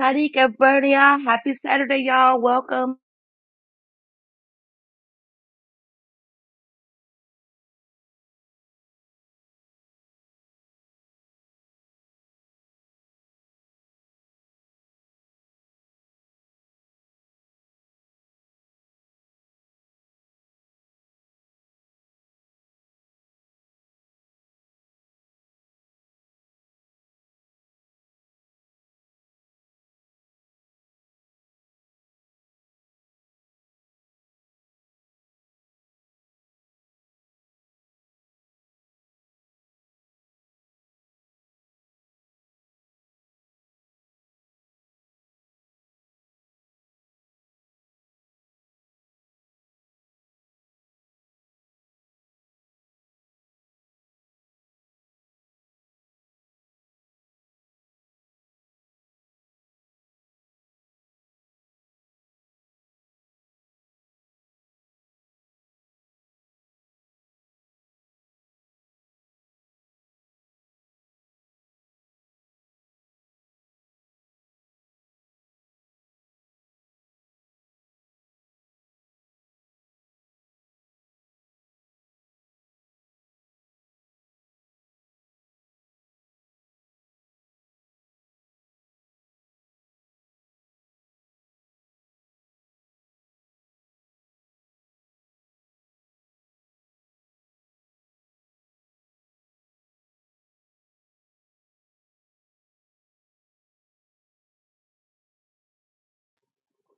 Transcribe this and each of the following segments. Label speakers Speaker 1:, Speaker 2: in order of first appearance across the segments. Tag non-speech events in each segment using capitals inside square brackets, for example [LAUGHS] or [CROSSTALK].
Speaker 1: Sadiq and Bernia, happy Saturday, y'all. Welcome.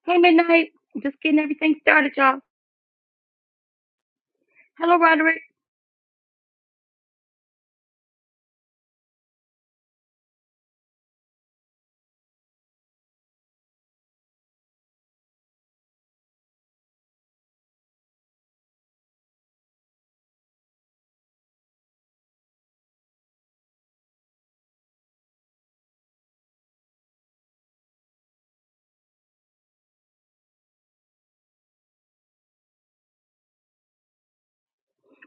Speaker 1: Hey, Midnight. I'm just getting everything started, y'all. Hello, Roderick.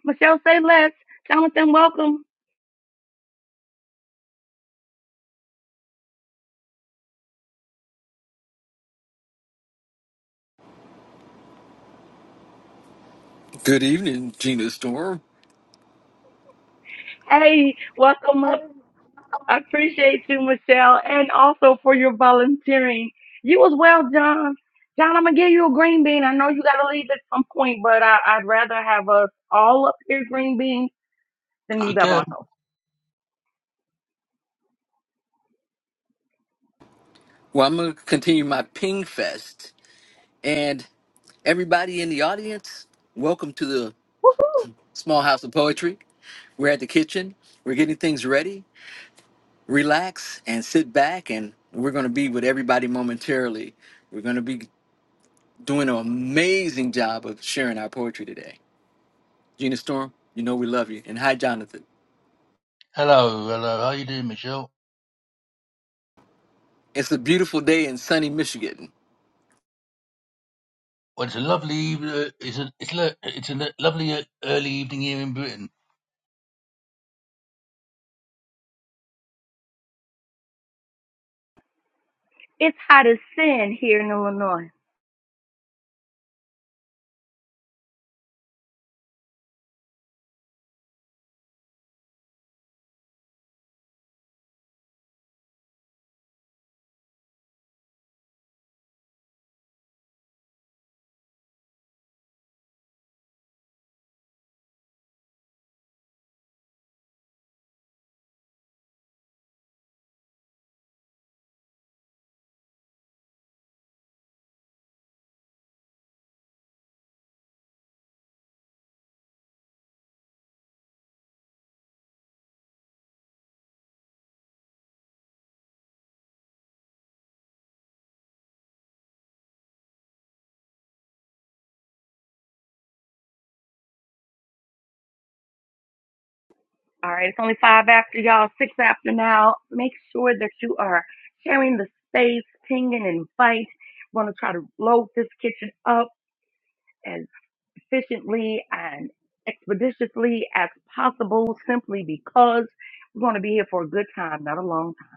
Speaker 1: Michelle, say less. Jonathan, welcome.
Speaker 2: Good evening, Gina Storm.
Speaker 1: Hey, welcome up. I appreciate you, Michelle, and also for your volunteering. You as well, John. John, I'm gonna give you a green bean. I know you gotta leave at some point, but I, I'd rather have us all up here green beans than me by
Speaker 3: Okay.
Speaker 1: myself.
Speaker 2: Well, I'm going to continue my ping fest. And everybody in the audience, welcome to the Small House of Poetry. We're at the kitchen, we're getting things ready. Relax and sit back, and we're going to be with everybody momentarily. We're going to be doing an amazing job of sharing our poetry today. Gina Storm, you know we love you. And hi, Jonathan.
Speaker 3: Hello, hello. How you doing, Michelle?
Speaker 2: It's a beautiful day in sunny Michigan.
Speaker 3: Well, it's a lovely evening. It's a it's lo- it's a lo- lovely uh, early evening here in Britain.
Speaker 1: It's hot as sin here in Illinois. All right, it's only five after y'all, six after now. Make sure that you are sharing the space, pinging, and invite. Want to try to load this kitchen up as efficiently and expeditiously as possible, simply because we're going to be here for a good time, not a long time.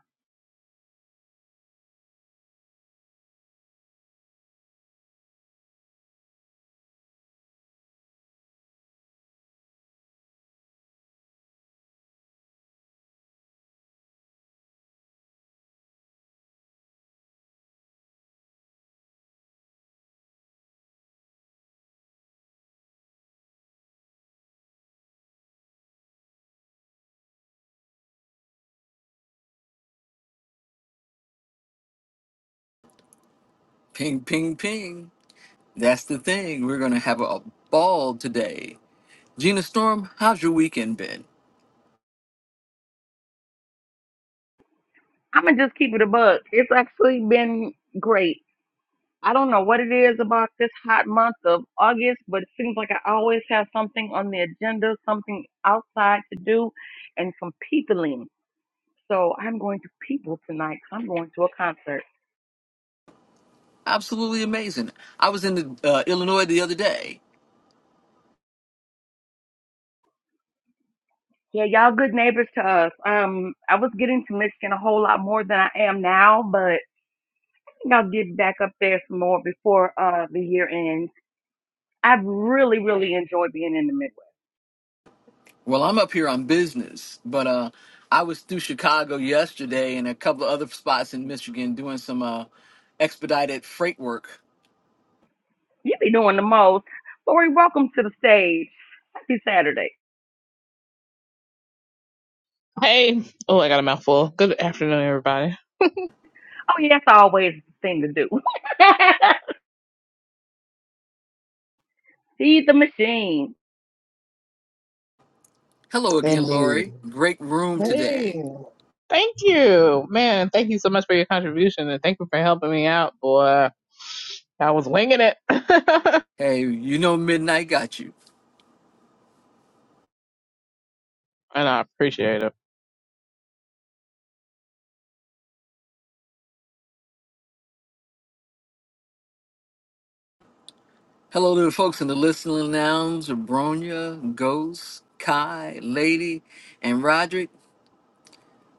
Speaker 2: Ping, ping, ping. That's the thing. We're going to have a ball today. Gina Storm, how's your weekend been?
Speaker 1: I'm gonna just keep it a bug. It's actually been great. I don't know what it is about this hot month of August, but it seems like I always have something on the agenda, something outside to do, and some peopling. So I'm going to people tonight. I'm going to a concert.
Speaker 2: Absolutely amazing. I was in the, uh, Illinois the other day.
Speaker 1: Yeah, y'all good neighbors to us. Um, I was getting to Michigan a whole lot more than I am now, but I think will get back up there some more before uh the year ends. I've really, really enjoyed being in the Midwest.
Speaker 2: Well, I'm up here on business, but uh, I was through Chicago yesterday and a couple of other spots in Michigan doing some uh, expedited freight work.
Speaker 1: You be doing the most. Lori, welcome to the stage. Happy Saturday.
Speaker 4: Hey. Oh, I got a mouthful. Good afternoon, everybody.
Speaker 1: Oh yeah, that's always the thing to do. [LAUGHS] Feed the machine.
Speaker 2: Hello again,
Speaker 4: Indeed.
Speaker 2: Lori. Great room today.
Speaker 4: Hey. Thank you. Man, thank you so much for your contribution and thank you for helping me out, boy. I was winging it. [LAUGHS] and
Speaker 2: Hey, you know Midnight got you.
Speaker 4: I appreciate it.
Speaker 2: Hello to the folks in the listening lounge, Abronia, Ghost, Kai, Lady, and Roderick.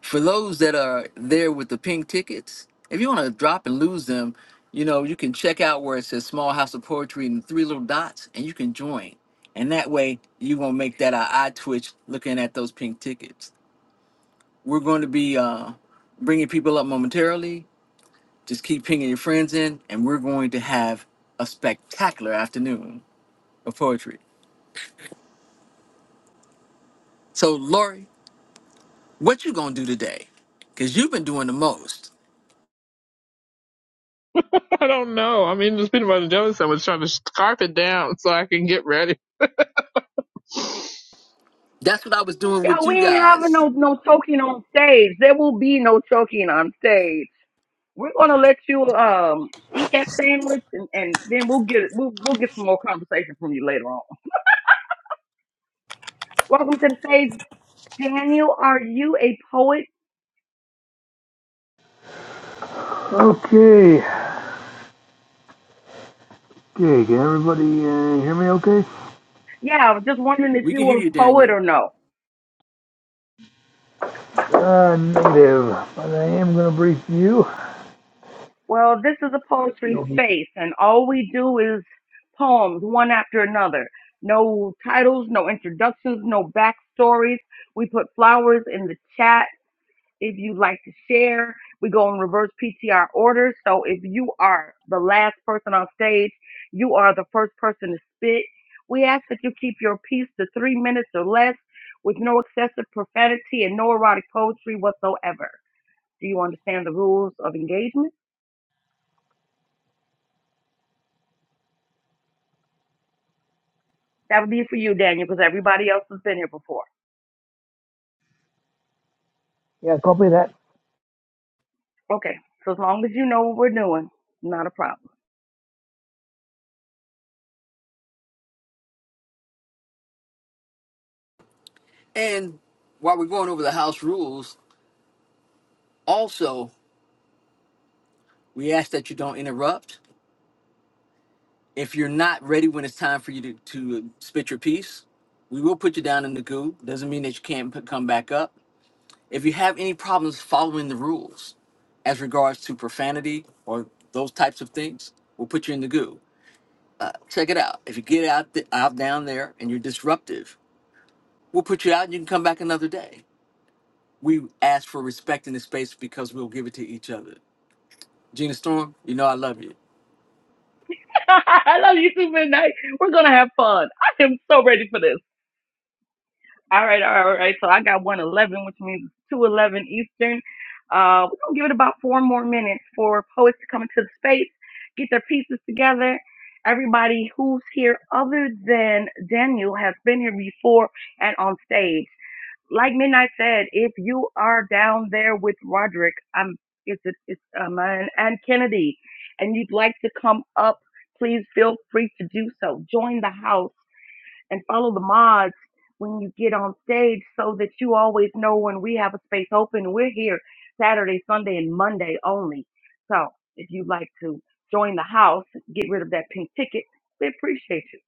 Speaker 2: for those that are there with the pink tickets, if you want to drop and lose them, you know, you can check out where it says Small House of Poetry and three little dots, and you can join. And that way, you won't make that our eye twitch looking at those pink tickets. We're going to be uh, bringing people up momentarily. Just keep pinging your friends in, and we're going to have a spectacular afternoon of poetry. So, Lori, what you gonna do today? Cause you've been doing the most.
Speaker 4: [LAUGHS] I don't know. I mean, this peanut butter jelly sandwich trying to scarf it down so I can get ready.
Speaker 2: That's what I was doing
Speaker 1: Yo,
Speaker 2: with
Speaker 1: we
Speaker 2: you
Speaker 1: ain't having
Speaker 2: guys.
Speaker 1: no no choking on stage. There will be no choking on stage. We're gonna let you um eat that sandwich, and, and then we'll get we'll we'll get some more conversation from you later on. Welcome to the stage, Daniel. Are you a poet?
Speaker 5: Okay. Okay, can everybody uh, hear me okay?
Speaker 1: Yeah, I was just wondering if
Speaker 2: We
Speaker 1: you
Speaker 2: can hear
Speaker 1: were
Speaker 2: you,
Speaker 1: a poet
Speaker 2: Daniel.
Speaker 1: or no.
Speaker 5: Uh, negative. But I am going to brief you.
Speaker 1: Well, this is a poetry space, and all we do is poems one after another. No titles, no introductions, no backstories. We put flowers in the chat If you'd like to share, we go in reverse PTR order. So if you are the last person on stage, you are the first person to spit. We ask that you keep your piece to three minutes or less with no excessive profanity and no erotic poetry whatsoever. Do you understand the rules of engagement? That would be for you, Daniel, because everybody else has been here before.
Speaker 5: Yeah, copy that.
Speaker 1: Okay, so as long as you know what we're doing, not a problem.
Speaker 2: And while we're going over the house rules, also, we ask that you don't interrupt. If you're not ready when it's time for you to, to spit your piece, we will put you down in the goo. Doesn't mean that you can't p- come back up. If you have any problems following the rules as regards to profanity or those types of things, we'll put you in the goo. Check it out. If you get out, th- out down there and you're disruptive, we'll put you out and you can come back another day. We ask for respect in the space because we'll give it to each other. Gina Storm, you know I love you.
Speaker 1: [LAUGHS] I love you too, Midnight. We're going to have fun. I am so ready for this. All right, all right, all right. So I got 111, which means 211 Eastern. Uh, we're going to give it about four more minutes for poets to come into the space, get their pieces together. Everybody who's here other than Daniel has been here before and on stage. Like Midnight said, if you are down there with Roderick, um, it's, it's um, and and Kennedy, and you'd like to come up, please feel free to do so. Join the house and follow the mods when you get on stage so that you always know when we have a space open. We're here Saturday, Sunday, and Monday only. So if you'd like to join the house, get rid of that pink ticket. We appreciate you.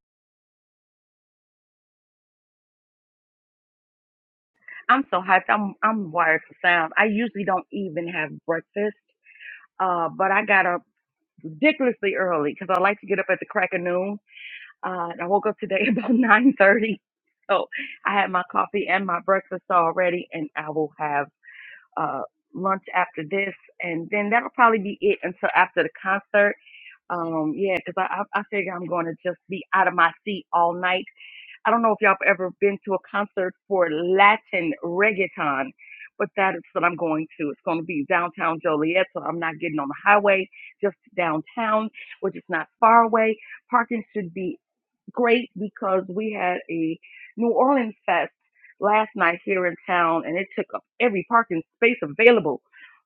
Speaker 1: I'm so hyped. I'm I'm wired for sound. I usually don't even have breakfast, uh, but I got up ridiculously early because I like to get up at the crack of noon. Uh, and I woke up today [LAUGHS] about nine thirty, so I had my coffee and my breakfast already, and I will have uh, lunch after this, and then that'll probably be it until after the concert. Um, yeah, because I, I I figure I'm going to just be out of my seat all night. I don't know if y'all have ever been to a concert for Latin reggaeton, but that is what I'm going to. It's going to be downtown Joliet, so I'm not getting on the highway, just downtown, which is not far away. Parking should be great because we had a New Orleans fest last night here in town, and it took up every parking space available.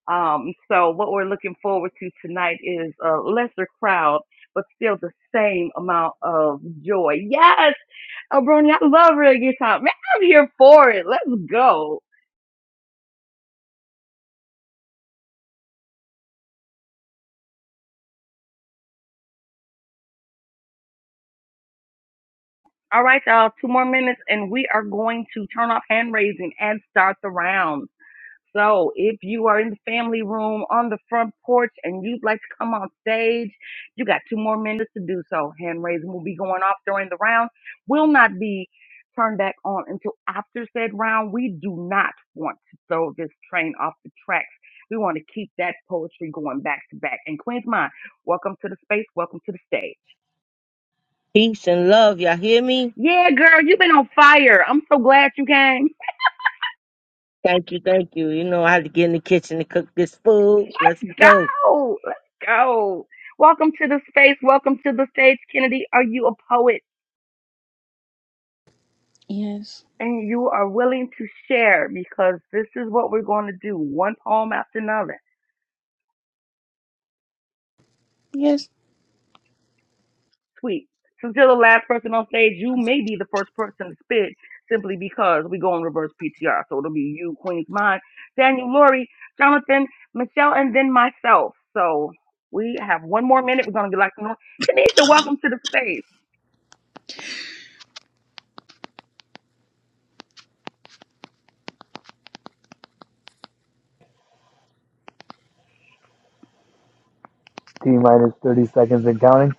Speaker 1: Um, so what we're looking forward to tonight is a lesser crowd, but still the same amount of joy. Yes, Abroni, I love real guitar. Man, I'm here for it. Let's go. All right, y'all, two more minutes, and we are going to turn off hand raising and start the round. So if you are in the family room on the front porch and you'd like to come on stage, you got two more minutes to do so. Hand raising will be going off during the round. Will not be turned back on until after said round. We do not want to throw this train off the tracks. We want to keep that poetry going back to back. And Queen's Mind, welcome to the space. Welcome to the stage.
Speaker 6: Peace and love. Y'all hear me?
Speaker 1: Yeah, girl, you've been on fire. I'm so glad you came.
Speaker 6: Thank you, thank you. You know, I had to get in the kitchen to cook this food. Let's
Speaker 1: Let's
Speaker 6: go.
Speaker 1: go. Let's go. Welcome to the space. Welcome to the stage, Kennedy. Are you a poet
Speaker 7: Yes.
Speaker 1: and you are willing to share? Because this is what we're going to do one poem after another.
Speaker 7: Yes,
Speaker 1: Sweet. Since you're the last person on stage, you may be the first person to spit simply because we go in reverse PTR. So it'll be you, Queen's Mind, Daniel, Lori, Jonathan, Michelle, and then myself. So we have one more minute. We're going to get like, Tanisha, welcome to the space.
Speaker 5: T minus 30 seconds and counting.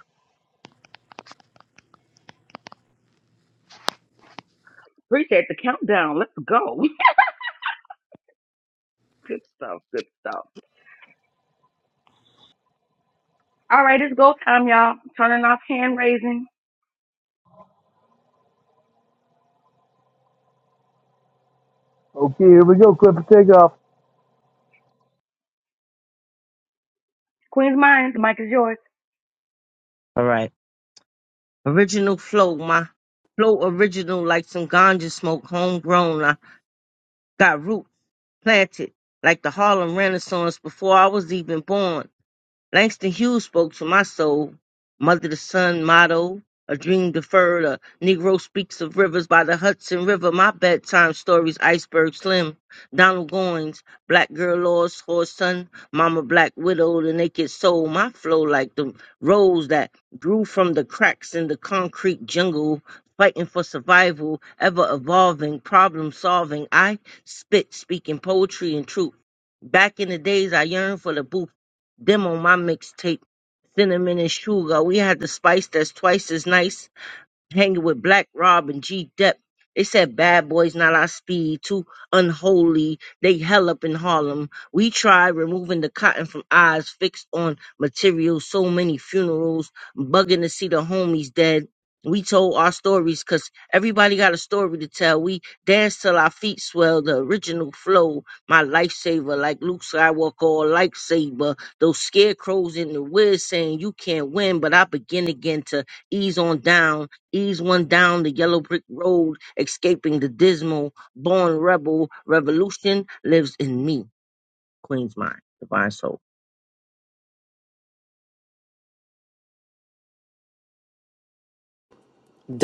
Speaker 1: Appreciate the countdown. Let's go. [LAUGHS] Good stuff. Good stuff. All right, it's go time, y'all. Turning off hand raising.
Speaker 5: Okay, here we go. Clip for takeoff.
Speaker 1: Queen's Mind, the mic is yours.
Speaker 6: All right. Original flow, my flow original like some ganja smoke, homegrown. I got roots planted like the Harlem Renaissance before I was even born. Langston Hughes spoke to my soul. Mother to son motto, a dream deferred, a Negro speaks of rivers by the Hudson River. My bedtime stories, iceberg slim. Donald Goins, black girl lost, horse son, mama black widow, the naked soul. My flow like the rose that grew from the cracks in the concrete jungle. Fighting for survival, ever evolving, problem solving. I spit, speaking poetry and truth. Back in the days, I yearned for the booth them on my mixtape, Cinnamon and Sugar. We had the spice that's twice as nice hanging with Black Rob and G Dep. They said bad boys not our speed, too unholy. They hell up in Harlem. We tried removing the cotton from eyes fixed on material, so many funerals, bugging to see the homies dead. We told our stories 'cause everybody got a story to tell. We danced till our feet swell, the original flow. My lifesaver, like Luke Skywalker or lightsaber. Those scarecrows in the wind saying you can't win, but I begin again to ease on down ease one down the yellow brick road, escaping the dismal, born rebel revolution lives in me. Queen's mind, divine soul.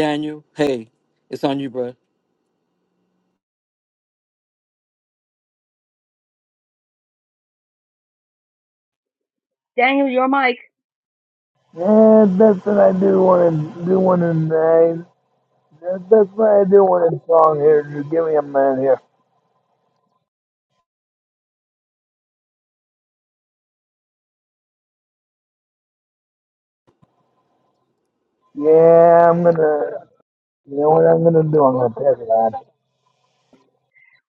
Speaker 2: Daniel, hey, it's on you, bro.
Speaker 1: Daniel, your mic.
Speaker 5: And that's what I do want to do one in uh, That's what I do one in song here. Just give me a minute here. Yeah, I'm going to. You know what I'm going to do? I'm going to pass it on.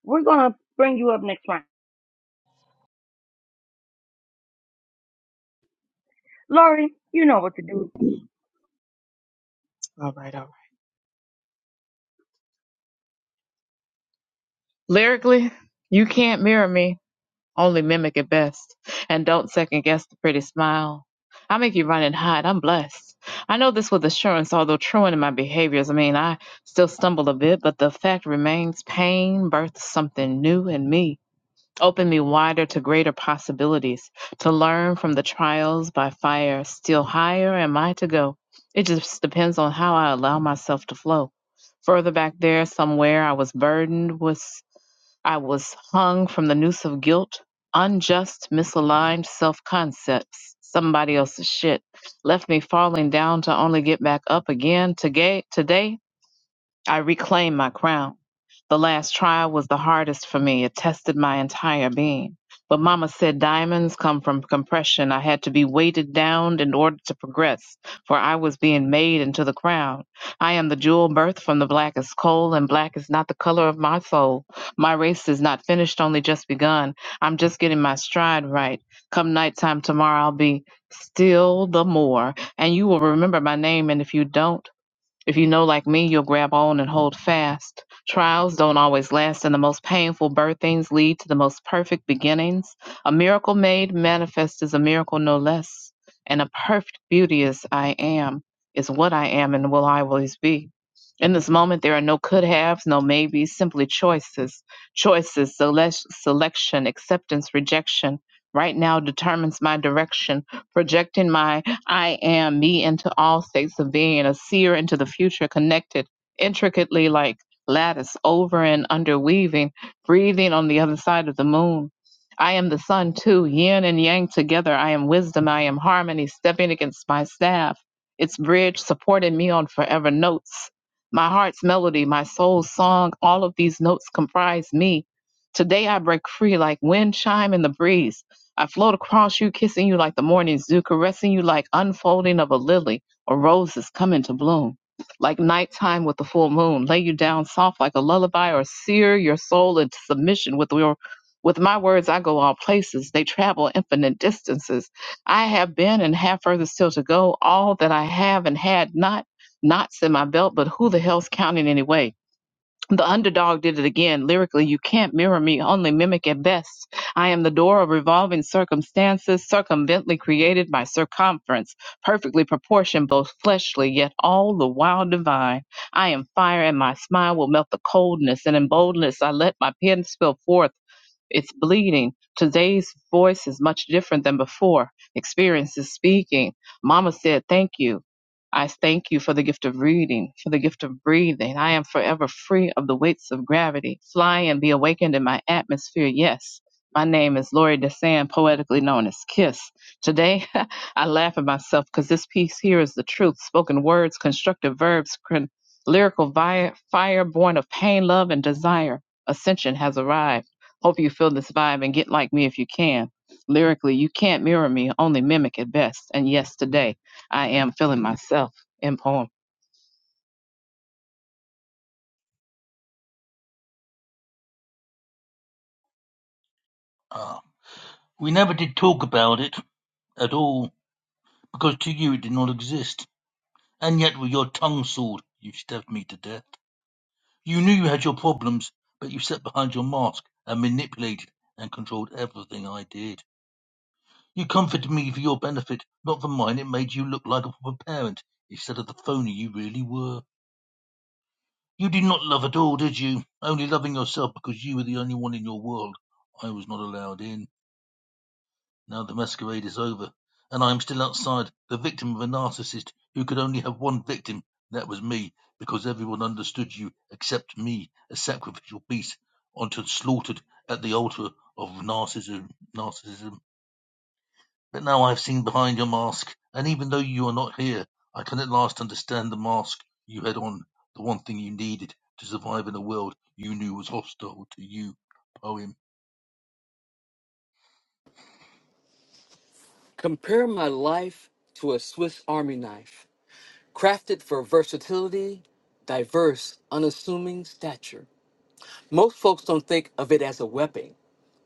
Speaker 1: We're going to bring you up next round. Lori, you know what to do.
Speaker 4: All right, all right. Lyrically, you can't mirror me. Only mimic at best. And don't second guess the pretty smile. I make you run and hide. I'm blessed. I know this with assurance, although truant in my behaviors. I mean, I still stumble a bit, but the fact remains pain birthed something new in me. Opened me wider to greater possibilities, to learn from the trials by fire. Still higher am I to go. It just depends on how I allow myself to flow. Further back there, somewhere, I was burdened with. I was hung from the noose of guilt, unjust, misaligned self concepts, somebody else's shit. Left me falling down to only get back up again. Today, today I reclaimed my crown. The last trial was the hardest for me. It tested my entire being. But Mama said diamonds come from compression. I had to be weighted down in order to progress, for I was being made into the crown. I am the jewel birth from the blackest coal, and black is not the color of my soul. My race is not finished, only just begun. I'm just getting my stride right. Come nighttime tomorrow, I'll be still the more, and you will remember my name. And if you don't, if you know, like me, you'll grab on and hold fast. Trials don't always last, and the most painful birthings lead to the most perfect beginnings. A miracle made manifest is a miracle no less, and a perfect beauty is I am, is what I am and will I always be. In this moment, there are no could haves, no maybes, simply choices. Choices, sele- selection, acceptance, rejection. Right now determines my direction, projecting my I am me into all states of being, a seer into the future, connected intricately like lattice, over and underweaving, breathing on the other side of the moon. I am the sun too, yin and yang together. I am wisdom, I am harmony, stepping against my staff. Its bridge supporting me on forever notes. My heart's melody, my soul's song, all of these notes comprise me. Today I break free like wind chime in the breeze I float across you, kissing you like the morning's dew, caressing you like unfolding of a lily or roses coming to bloom. Like nighttime with the full moon, lay you down soft like a lullaby, or sear your soul into submission with your with my words. I go all places; they travel infinite distances. I have been and have further still to go. All that I have and had not, knots in my belt, but who the hell's counting anyway? the underdog did it again. Lyrically, you can't mirror me, only mimic at best. I am the door of revolving circumstances, circumvently created by circumference, perfectly proportioned, both fleshly, yet all the while divine. I am fire, and my smile will melt the coldness, and in boldness I let my pen spill forth it's bleeding. Today's voice is much different than before. Experience is speaking. Mama said, Thank you. I thank you for the gift of reading, for the gift of breathing. I am forever free of the weights of gravity. Fly and be awakened in my atmosphere. Yes. My name is Lori DeSand, poetically known as Kiss. Today, [LAUGHS] I laugh at myself because this piece here is the truth. Spoken words, constructive verbs, cr- lyrical vi- fire born of pain, love, and desire. Ascension has arrived. Hope you feel this vibe and get like me if you can. Lyrically, you can't mirror me, only mimic at best. And yes, today I am feeling myself in poem.
Speaker 3: Ah, we never did talk about it at all because to you it did not exist, and yet with your tongue sword you stabbed me to death. You knew you had your problems, but you sat behind your mask and manipulated and controlled everything I did. You comforted me for your benefit, not for mine. It made you look like a proper parent instead of the phony you really were. You did not love at all, did you? Only loving yourself because you were the only one in your world. I was not allowed in. Now the masquerade is over, and I am still outside, the victim of a narcissist who could only have one victim. That was me, because everyone understood you except me, a sacrificial beast, unto slaughtered at the altar of narcissism. Narcissism. But now I have seen behind your mask, and even though you are not here, I can at last understand the mask you had on, the one thing you needed to survive in a world you knew was hostile to you. Poem.
Speaker 2: Compare my life to a Swiss Army knife, crafted for versatility, diverse, unassuming stature. Most folks don't think of it as a weapon,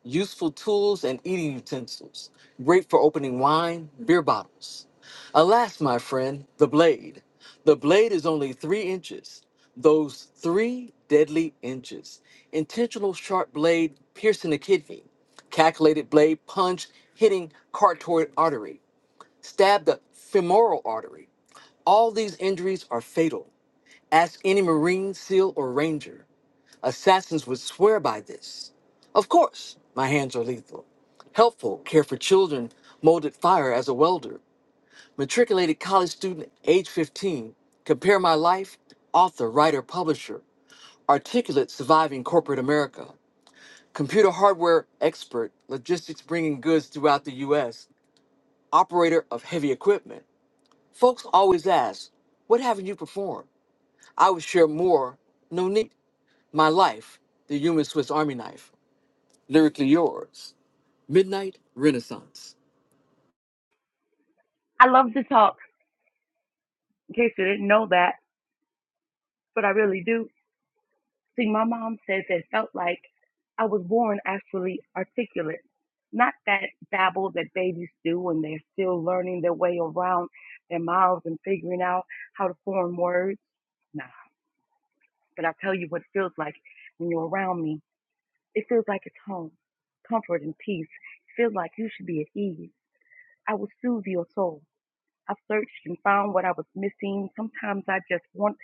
Speaker 2: useful tools and eating utensils, great for opening wine, beer bottles. Alas, my friend, the blade. The blade is only three inches. Those three deadly inches. Intentional sharp blade piercing the kidney. Calculated blade punch hitting carotid artery. Stab the femoral artery. All these injuries are fatal. Ask any Marine, SEAL, or Ranger. Assassins would swear by this. Of course, my hands are lethal. Helpful, care for children, molded fire as a welder, matriculated college student, age 15, compare my life, author, writer, publisher, articulate, surviving corporate America, computer hardware expert, logistics bringing goods throughout the U.S., operator of heavy equipment. Folks always ask, What haven't you performed? I would share more, no need, my life, the human Swiss Army knife. lyrically yours. Midnight Renaissance.
Speaker 1: I love to talk, in case you didn't know that, but I really do. See, my mom says it felt like I was born actually articulate. Not that babble that babies do when they're still learning their way around their mouths and figuring out how to form words. Nah, but I tell you what it feels like when you're around me. It feels like it's home, comfort and peace. It feels like you should be at ease. I will soothe your soul. I've searched and found what I was missing. Sometimes I just want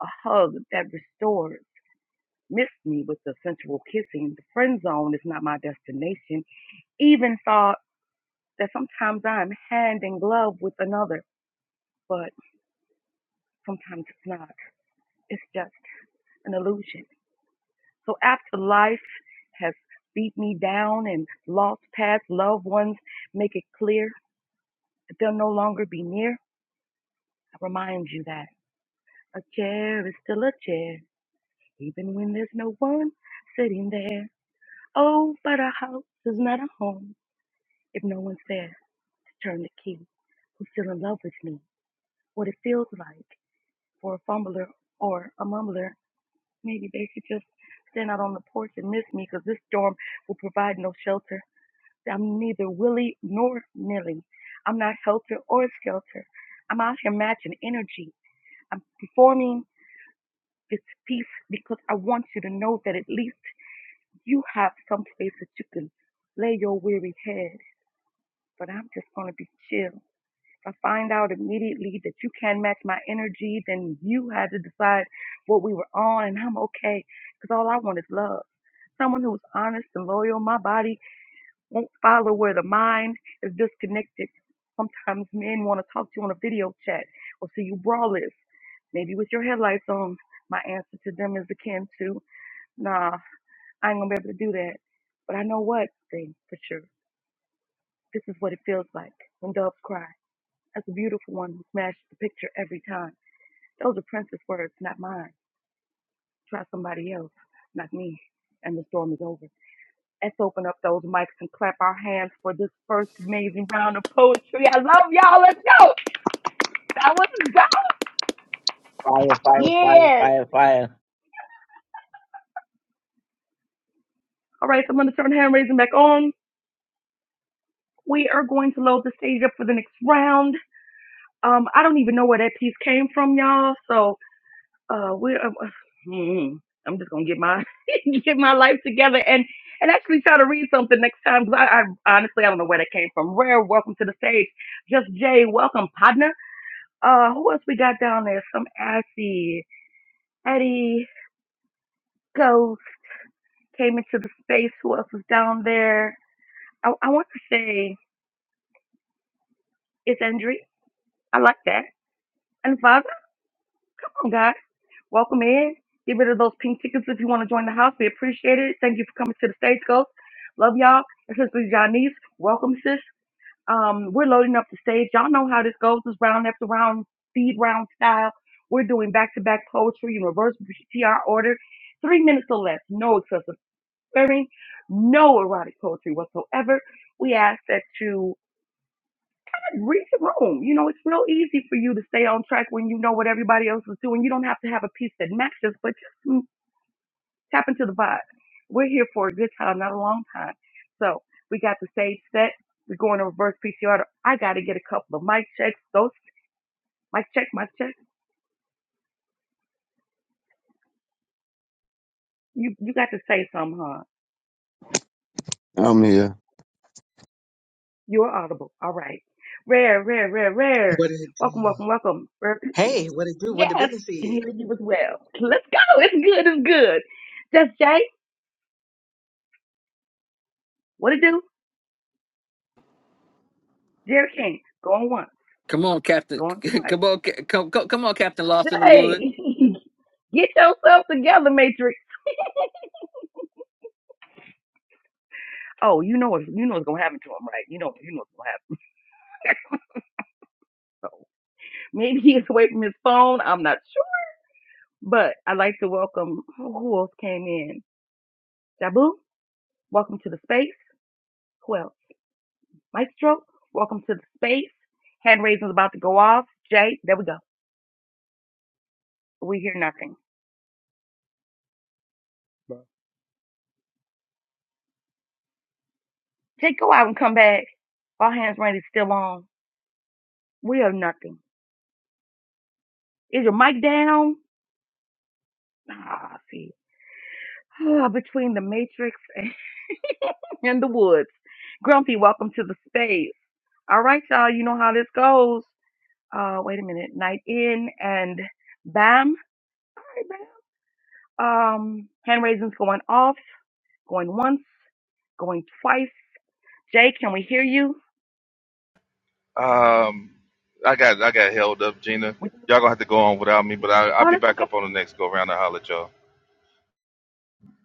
Speaker 1: a hug that restores. Miss me with the sensual kissing. The friend zone is not my destination. Even thought that sometimes I'm hand in glove with another, but sometimes it's not. It's just an illusion. So after life has beat me down and lost past loved ones make it clear They'll no longer be near. I remind you that a chair is still a chair, even when there's no one sitting there. Oh, but a house is not a home if no one's there to turn the key. Who's still in love with me? What it feels like for a fumbler or a mumbler. Maybe they should just stand out on the porch and miss me, 'cause this storm will provide no shelter. I'm neither willy nor nilly. I'm not helter or skelter. I'm out here matching energy. I'm performing this peace because I want you to know that at least you have some place that you can lay your weary head. But I'm just going to be chill. If I find out immediately that you can't match my energy, then you had to decide what we were on, and I'm okay because all I want is love. Someone who's honest and loyal. My body won't follow where the mind is disconnected. Sometimes men want to talk to you on a video chat or see you braless. maybe with your headlights on. My answer to them is akin to. Nah, I ain't gonna be able to do that. But I know one thing for sure. This is what it feels like when doves cry. That's a beautiful one who smashes the picture every time. Those are Prince's words, not mine. Try somebody else, not me. And the storm is over. Let's open up those mics and clap our hands for this first amazing round of poetry. I love y'all. Let's go. That was dope.
Speaker 6: Fire, fire, fire,
Speaker 1: Yes.
Speaker 6: fire, fire.
Speaker 1: All right, so I'm gonna turn hand raising back on. We are going to load the stage up for the next round. Um, I don't even know where that piece came from, y'all. So uh where am hmm, I'm just gonna get my [LAUGHS] get my life together and and actually try to read something next time because I, I honestly I don't know where that came from. Rare, welcome to the stage. Just Jay, welcome partner. Uh, who else we got down there? Some assy Eddie Ghost came into the space. Who else was down there? I, I want to say it's Andre. I like that. And Vava. guys. Welcome in. Get rid of those pink tickets if you want to join the house. We appreciate it. Thank you for coming to the stage, Ghost. Love y'all. And since this is y'all Janice. Welcome, sis. Um, we're loading up the stage. Y'all know how this goes. This round after round, speed round style. We're doing back to back poetry in reverse PTR order. Three minutes or less. No excessive swearing. No erotic poetry whatsoever. We ask that you read the room. You know, it's real easy for you to stay on track when you know what everybody else is doing. You don't have to have a piece that matches, but just mm, tap into the vibe. We're here for a good time, not a long time. So we got the stage set. We're going to reverse PCR. I got to get a couple of mic checks. Those mic check, mic check. You you got to say something, huh?
Speaker 8: I'm here.
Speaker 1: You're audible. All right. Rare, rare, rare, rare.
Speaker 9: What it
Speaker 1: Welcome,
Speaker 9: do?
Speaker 1: welcome, welcome. Rare Tiffany.
Speaker 9: Hey, what it do? What
Speaker 1: Yes,
Speaker 9: the
Speaker 1: I
Speaker 9: business
Speaker 1: can
Speaker 9: is?
Speaker 1: hear you as well. Let's go. It's good. It's good. Just Jay. What it do? Jerry King, going once,
Speaker 2: Come on, Captain.
Speaker 1: going
Speaker 2: [LAUGHS]
Speaker 1: twice.
Speaker 2: Come on, Ca- come, come, come on, Captain Lost in the Wood.
Speaker 1: Jay, [LAUGHS] get yourself together, Matrix. [LAUGHS] Oh, you know what you know what's gonna happen to him, right? You know you know what's gonna happen. [LAUGHS] So maybe he's away from his phone. I'm not sure, but I'd like to welcome who else came in. Jabu, welcome to the space. Who else? Maestro, welcome to the space. Hand raising's about to go off. Jay, there we go. We hear nothing. Bye. Jay, go out and come back. All hands raised is still on. We have nothing. Is your mic down? Ah, see. [SIGHS] Ah, between the Matrix and [LAUGHS] and the Woods. Grumpy, welcome to the space. All right, y'all. You know how this goes. Uh, wait a minute. Night in and bam. All right, bam. Um, hand raising's going off, going once, going twice. Jay, can we hear you?
Speaker 10: Um, I got I got held up, Gina.
Speaker 1: We,
Speaker 10: Y'all gonna have to go on without me, but I, I'll
Speaker 1: oh,
Speaker 10: be
Speaker 1: that's
Speaker 10: back
Speaker 1: okay.
Speaker 10: up on the next go round and holler at y'all.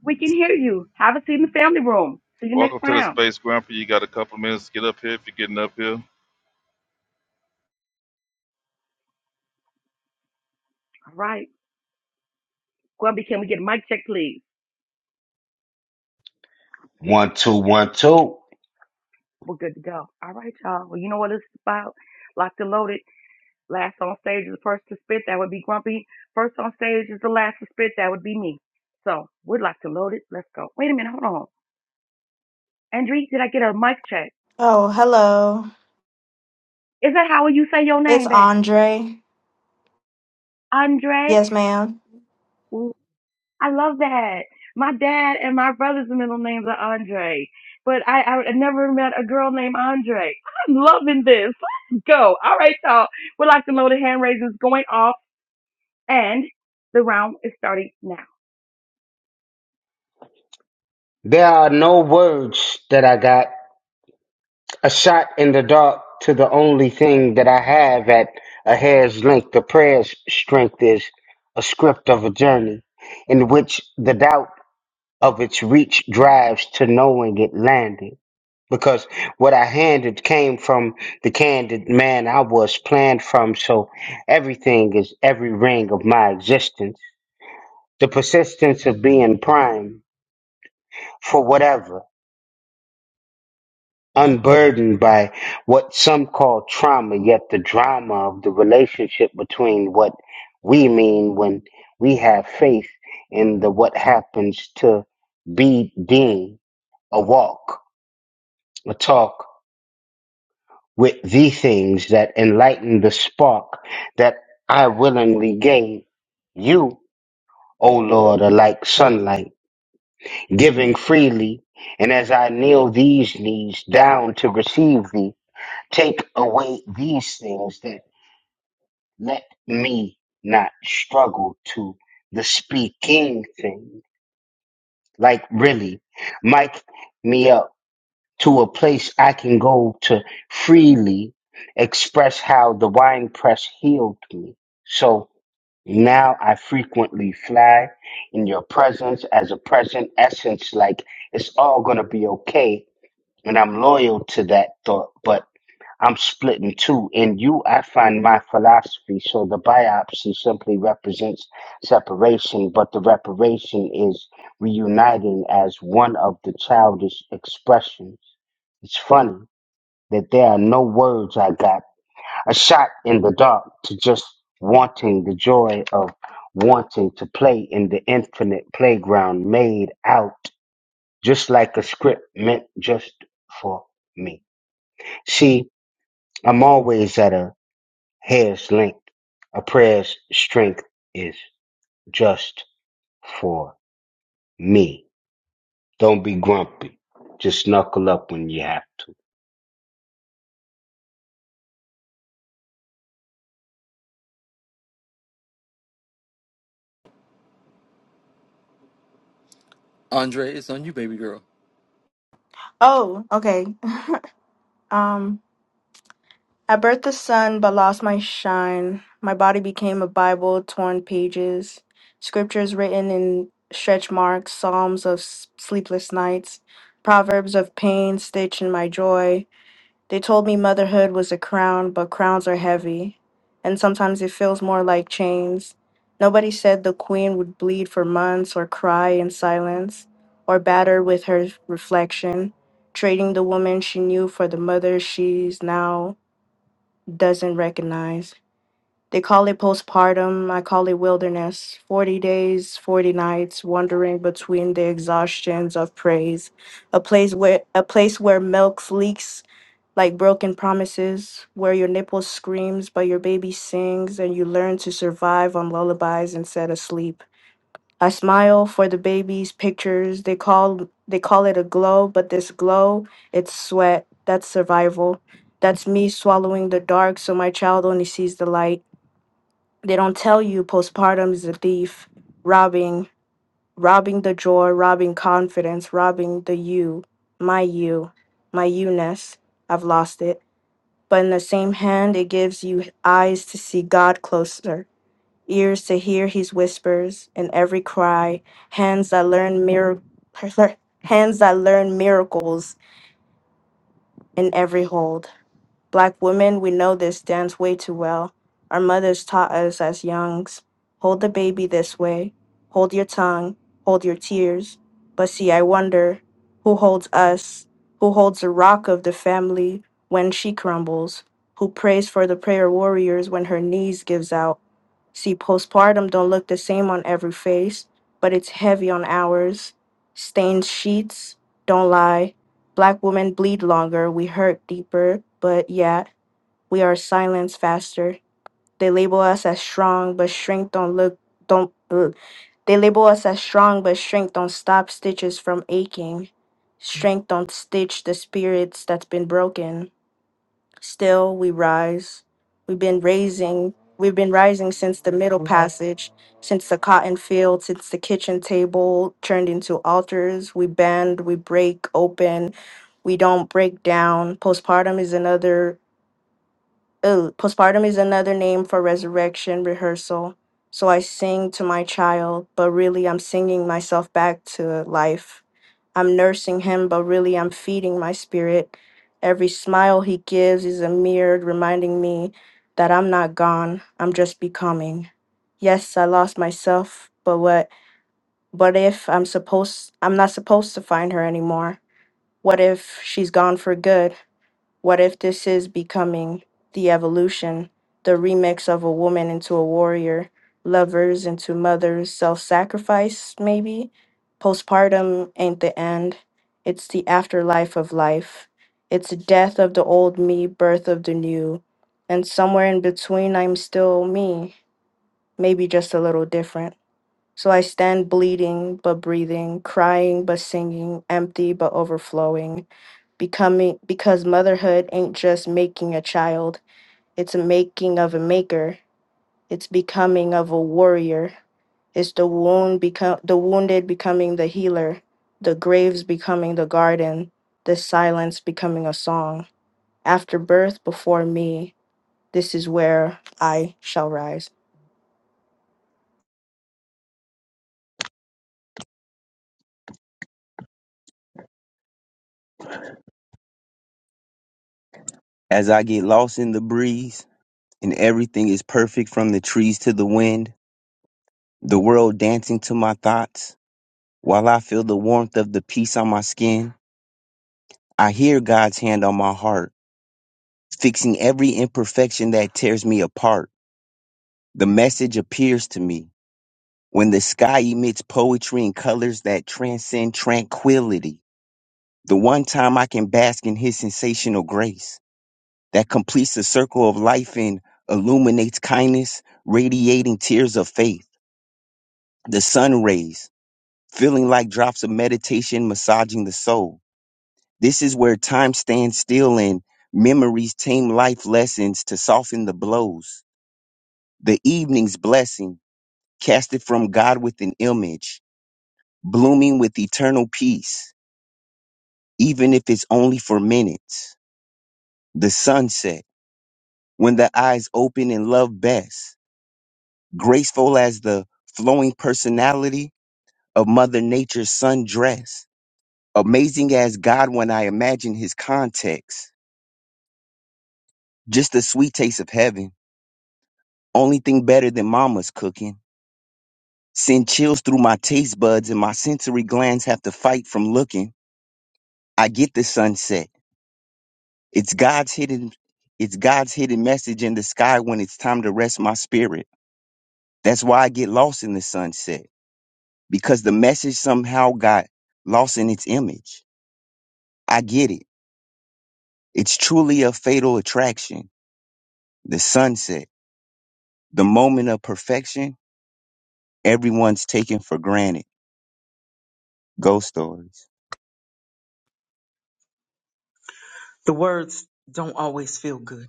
Speaker 1: We can hear you. Have a seat in the family room. See you next
Speaker 10: Welcome to the
Speaker 1: round.
Speaker 10: space, Grandpa. You got a couple minutes to get up here if you're getting up here.
Speaker 1: All right. Grumpy, can we get a mic check, please?
Speaker 11: One, two, one, two.
Speaker 1: We're good to go. All right, y'all. Well, you know what it's about. Locked and loaded. Last on stage is the first to spit. That would be Grumpy. First on stage is the last to spit. That would be me. So we'd like to load it. Let's go. Wait a minute. Hold on. Andre, did I get a mic check?
Speaker 12: Oh, hello.
Speaker 1: Is that how you say your
Speaker 12: It's
Speaker 1: name, baby?
Speaker 12: Andre.
Speaker 1: Andre?
Speaker 12: Yes, ma'am.
Speaker 1: Ooh, I love that. My dad and my brother's middle names are Andre. But I, I never met a girl named Andre. I'm loving this. Let's go. All right, y'all. We'd like to load the hand raisins going off and the round is starting now.
Speaker 11: There are no words that I got. A shot in the dark to the only thing that I have at a hair's length. The prayer's strength is a script of a journey in which the doubt of its reach drives to knowing it landed. Because what I handed came from the candid man I was planned from, so everything is every ring of my existence. The persistence of being prime for whatever. unburdened by what some call trauma, yet the drama of the relationship between what we mean when we have faith in the what happens to be being a walk, a talk with the things that enlighten the spark that I willingly gave you, O Lord, are like sunlight, giving freely, and as I kneel these knees down to receive thee. Take away these things that let me not struggle to the speaking thing. Like, really, mic me up to a place I can go to freely express how the wine press healed me. So now I frequently fly in your presence as a present essence, like it's all going to be okay. And I'm loyal to that thought, but I'm split in two. In you, I find my philosophy. So the biopsy simply represents separation, but the reparation is reuniting as one of the childish expressions. It's funny that there are no words I got. A shot in the dark to just wanting the joy of wanting to play in the infinite playground made out just like a script meant just for me. See, I'm always at a Hair's length, a prayer's strength is just for me. Don't be grumpy. Just knuckle up when you have to.
Speaker 2: Andre, it's on you, baby girl.
Speaker 12: Oh, okay. Um, I birthed the sun but lost my shine. My body became a Bible, torn pages, scriptures written in stretch marks, psalms of s- sleepless nights, proverbs of pain stitched in my joy. They told me motherhood was a crown, but crowns are heavy, and sometimes it feels more like chains. Nobody said the queen would bleed for months or cry in silence or batter with her reflection, trading the woman she knew for the mother she's now doesn't recognize. They call it postpartum, I call it wilderness. 40 days, 40 nights, wandering between the exhaustions of praise, a place where a place where milk leaks like broken promises, where your nipple screams but your baby sings, and you learn to survive on lullabies instead of sleep. I smile for the baby's pictures. They call they call it a glow, but this glow, it's sweat. That's survival. That's me swallowing the dark so my child only sees the light. They don't tell you postpartum is a thief, robbing, robbing the joy, robbing confidence, robbing the you, my you, my you-ness. I've lost it. But in the same hand, it gives you eyes to see God closer, ears to hear his whispers in every cry, hands that learn mir- [LAUGHS] hands that learn miracles in every hold. Black women, we know this dance way too well. Our mothers taught us as youngs hold the baby this way, hold your tongue, hold your tears. But see, I wonder who holds us, who holds the rock of the family when she crumbles, who prays for the prayer warriors when her knees gives out. See, postpartum don't look the same on every face, but it's heavy on ours. Stained sheets don't lie Black women bleed longer, we hurt deeper, but yet we are silenced faster. They label us as strong, but shrink don't look don't ugh. they label us as strong, but shrink don't stop stitches from aching. Strength don't stitch the spirits that's been broken. Still, we rise. We've been raising. We've been rising since the Middle Mhm. Passage, since the cotton field, since the kitchen table turned into altars. We bend, we break open, we don't break down. Postpartum is another uh, postpartum is another name for resurrection rehearsal. So I sing to my child, but really I'm singing myself back to life. I'm nursing him, but really I'm feeding my spirit. Every smile he gives is a mirror reminding me that I'm not gone, I'm just becoming. Yes, I lost myself, but what what if I'm supposed I'm not supposed to find her anymore? What if she's gone for good? What if this is becoming the evolution, the remix of a woman into a warrior, lovers into mothers, self sacrifice, maybe? Postpartum ain't the end, it's the afterlife of life. It's death of the old me, birth of the new. And somewhere in between, I'm still me, maybe just a little different. So I stand bleeding but breathing, crying but singing, empty but overflowing, becoming because motherhood ain't just making a child, it's a making of a maker, it's becoming of a warrior, it's the wound become the wounded becoming the healer, the graves becoming the garden, the silence becoming a song. After birth before me, this is where I shall rise.
Speaker 8: As I get lost in the breeze, and everything is perfect from the trees to the wind, the world dancing to my thoughts, while I feel the warmth of the peace on my skin, I hear God's hand on my heart, fixing every imperfection that tears me apart. The message appears to me when the sky emits poetry in colors that transcend tranquility. The one time I can bask in His sensational grace. that completes the circle of life and illuminates kindness, radiating tears of faith. The sun rays, feeling like drops of meditation massaging the soul. This is where time stands still and memories tame life lessons to soften the blows. The evening's blessing, casted from God with an image, blooming with eternal peace, even if it's only for minutes. The sunset, when the eyes open and love best graceful as the flowing personality of Mother Nature's sundress, amazing as God when I imagine his context, just a sweet taste of heaven, only thing better than mama's cooking. Send chills through my taste buds and my sensory glands have to fight from looking. I get the sunset. It's God's hidden it's God's hidden message in the sky when it's time to rest my spirit. That's why I get lost in the sunset because the message somehow got lost in its image. I get it. It's truly a fatal attraction. The sunset, the moment of perfection, everyone's taken for granted. Ghost stories.
Speaker 9: The words don't always feel good.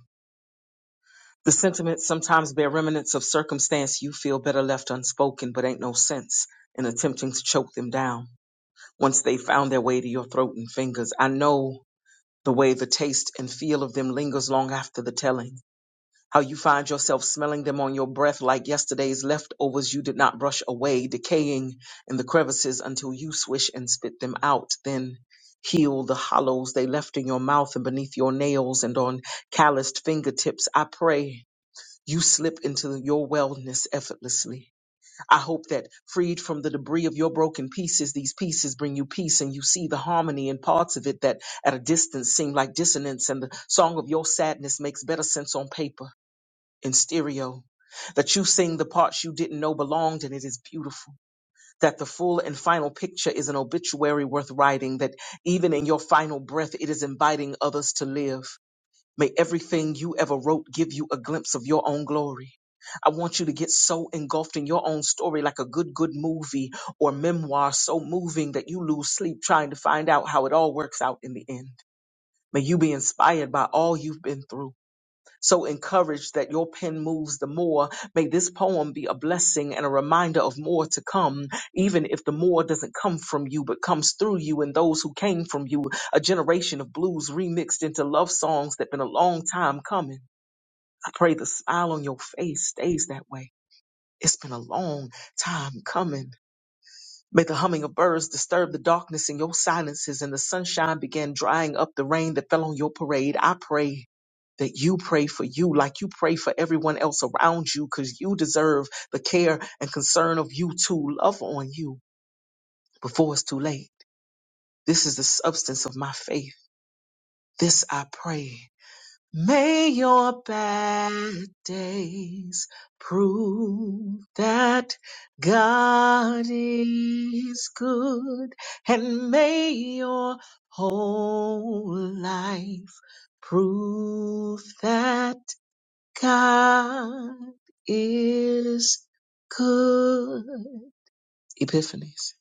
Speaker 9: The sentiments sometimes bear remnants of circumstance you feel better left unspoken, but ain't no sense in attempting to choke them down. Once they found their way to your throat and fingers, I know the way the taste and feel of them lingers long after the telling. how you find yourself smelling them on your breath like yesterday's leftovers you did not brush away, decaying in the crevices until you swish and spit them out. Then heal the hollows they left in your mouth and beneath your nails and on calloused fingertips. I pray you slip into your wellness effortlessly. I hope that freed from the debris of your broken pieces, these pieces bring you peace and you see the harmony in parts of it that at a distance seem like dissonance and the song of your sadness makes better sense on paper in stereo, that you sing the parts you didn't know belonged, and it is beautiful. That the full and final picture is an obituary worth writing, that even in your final breath, it is inviting others to live. May everything you ever wrote give you a glimpse of your own glory. I want you to get so engulfed in your own story like a good, good movie or memoir so moving that you lose sleep trying to find out how it all works out in the end. May you be inspired by all you've been through. So encouraged that your pen moves the more, may this poem be a blessing and a reminder of more to come, even if the more doesn't come from you but comes through you and those who came from you, a generation of blues remixed into love songs that been a long time coming. I pray the smile on your face stays that way. It's been a long time coming. May the humming of birds disturb the darkness in your silences and the sunshine begin drying up the rain that fell on your parade. I pray that you pray for you like you pray for everyone else around you because you deserve the care and concern of you too. Love on you before it's too late. This is the substance of my faith. This I pray. May your bad days prove that God is good, and may your whole life prove that God is good. Epiphanies.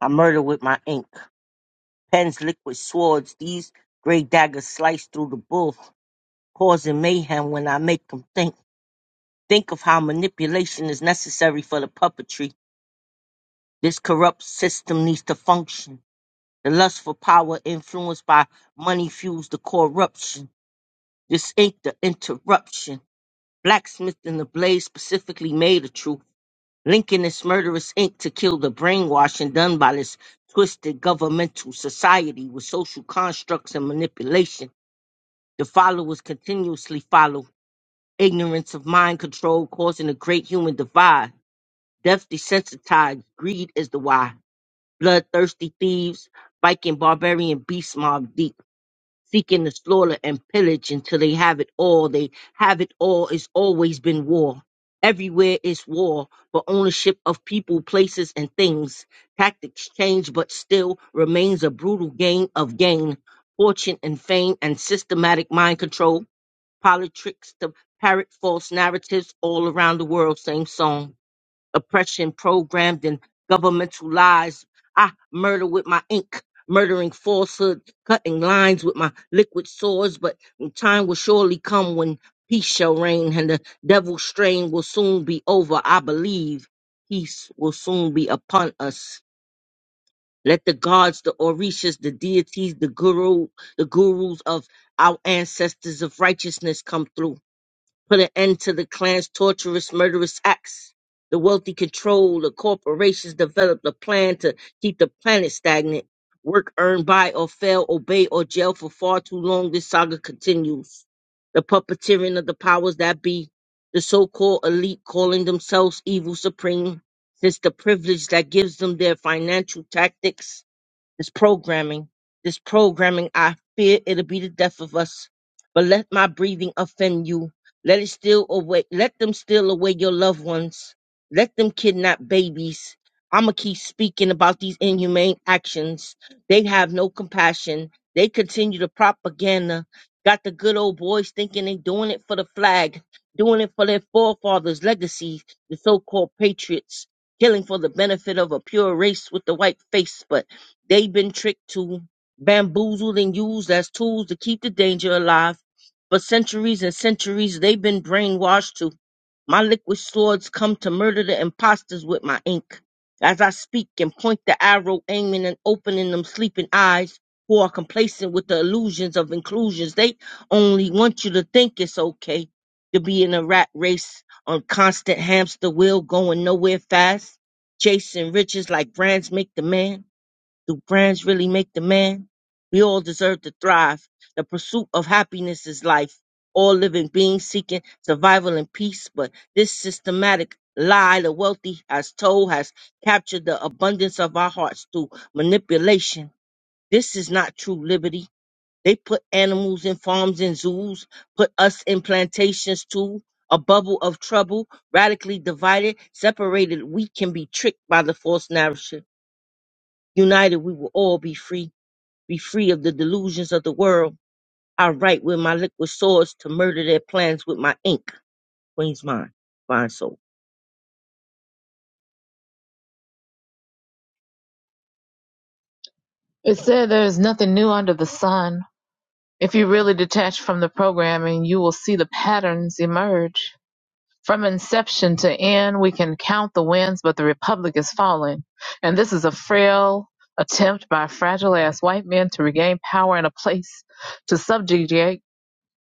Speaker 6: I murder with my ink. Pens, liquid swords, these gray daggers slice through the bull, causing mayhem when I make them think. Think of how manipulation is necessary for the puppetry. This corrupt system needs to function. The lust for power influenced by money fuels the corruption. This ain't the interruption. Blacksmithing the blade specifically made of truth, linking this murderous ink to kill the brainwashing done by this twisted governmental society with social constructs and manipulation. The followers continuously follow ignorance of mind control, causing a great human divide. Death desensitized, greed is the why. Bloodthirsty thieves, Viking barbarian beast mob deep. seeking to slaughter and pillage until they have it all. They have it all. It's always been war. Everywhere is war for ownership of people, places, and things. Tactics change, but still remains a brutal game of gain, fortune and fame, and systematic mind control, politics to parrot false narratives all around the world. Same song oppression programmed in governmental lies. I murder with my ink, murdering falsehood, cutting lines with my liquid swords. But time will surely come when peace shall reign and the devil's strain will soon be over. I believe peace will soon be upon us. Let the gods, the orishas, the deities, the guru, the gurus of our ancestors of righteousness come through put an end to the clan's torturous, murderous acts. The wealthy control the corporations developed a plan to keep the planet stagnant. Work earned by or fail, obey or jail for far too long. This saga continues. The puppeteering of the powers that be, the so-called elite calling themselves evil supreme, since the privilege that gives them their financial tactics this programming, this programming, I fear it'll be the death of us. But let my breathing offend you. Let it steal away. Let them steal away your loved ones. Let them kidnap babies. I'ma keep speaking about these inhumane actions. They have no compassion. They continue the propaganda. Got the good old boys thinking they doing it for the flag, doing it for their forefathers' legacy, the so-called patriots, killing for the benefit of a pure race with the white face. But They've been tricked to, bamboozled, and used as tools to keep the danger alive. For centuries and centuries, they've been brainwashed to. My liquid swords come to murder the imposters with my ink. As I speak and point the arrow, aiming and opening them sleeping eyes who are complacent with the illusions of inclusions. They only want you to think it's okay to be in a rat race on constant hamster wheel, going nowhere fast, chasing riches like brands make the man do brands really make the man? We all deserve to thrive. The pursuit of happiness is life. All living beings seeking survival and peace, but this systematic lie the wealthy has told has captured the abundance of our hearts through manipulation. This is not true liberty. They put animals in farms and zoos, put us in plantations too. A bubble of trouble, radically divided, separated, we can be tricked by the false narrative. United, we will all be free be free of the delusions of the world. I write with my liquid swords to murder their plans with my ink. Queen's mind, fine soul.
Speaker 4: It said there is nothing new under the sun. If you really detach from the programming, you will see the patterns emerge. From inception to end, we can count the wins, but the republic is falling. And this is a frail attempt by fragile ass white men to regain power and a place to subjugate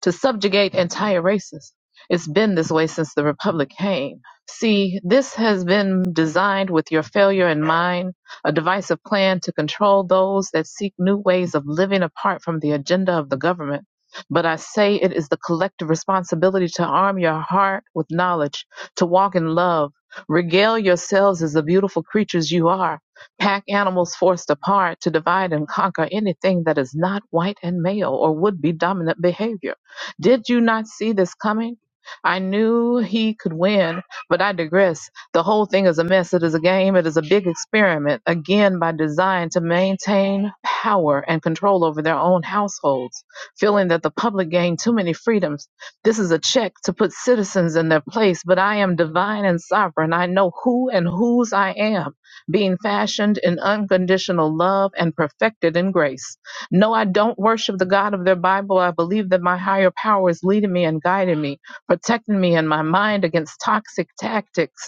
Speaker 4: to subjugate entire races. It's been this way since the Republic came. See, this has been designed with your failure in mind, a divisive plan to control those that seek new ways of living apart from the agenda of the government. But I say it is the collective responsibility to arm your heart with knowledge, to walk in love. Regale yourselves as the beautiful creatures you are. Pack animals forced apart to divide and conquer anything that is not white and male or would be dominant behavior. Did you not see this coming? I knew he could win, but I digress. The whole thing is a mess. It is a game. It is a big experiment, again by design to maintain power and control over their own households, feeling that the public gained too many freedoms. This is a check to put citizens in their place, but I am divine and sovereign. I know who and whose I am, being fashioned in unconditional love and perfected in grace. No, I don't worship the God of their Bible. I believe that my higher power is leading me and guiding me, protecting me and my mind against toxic tactics.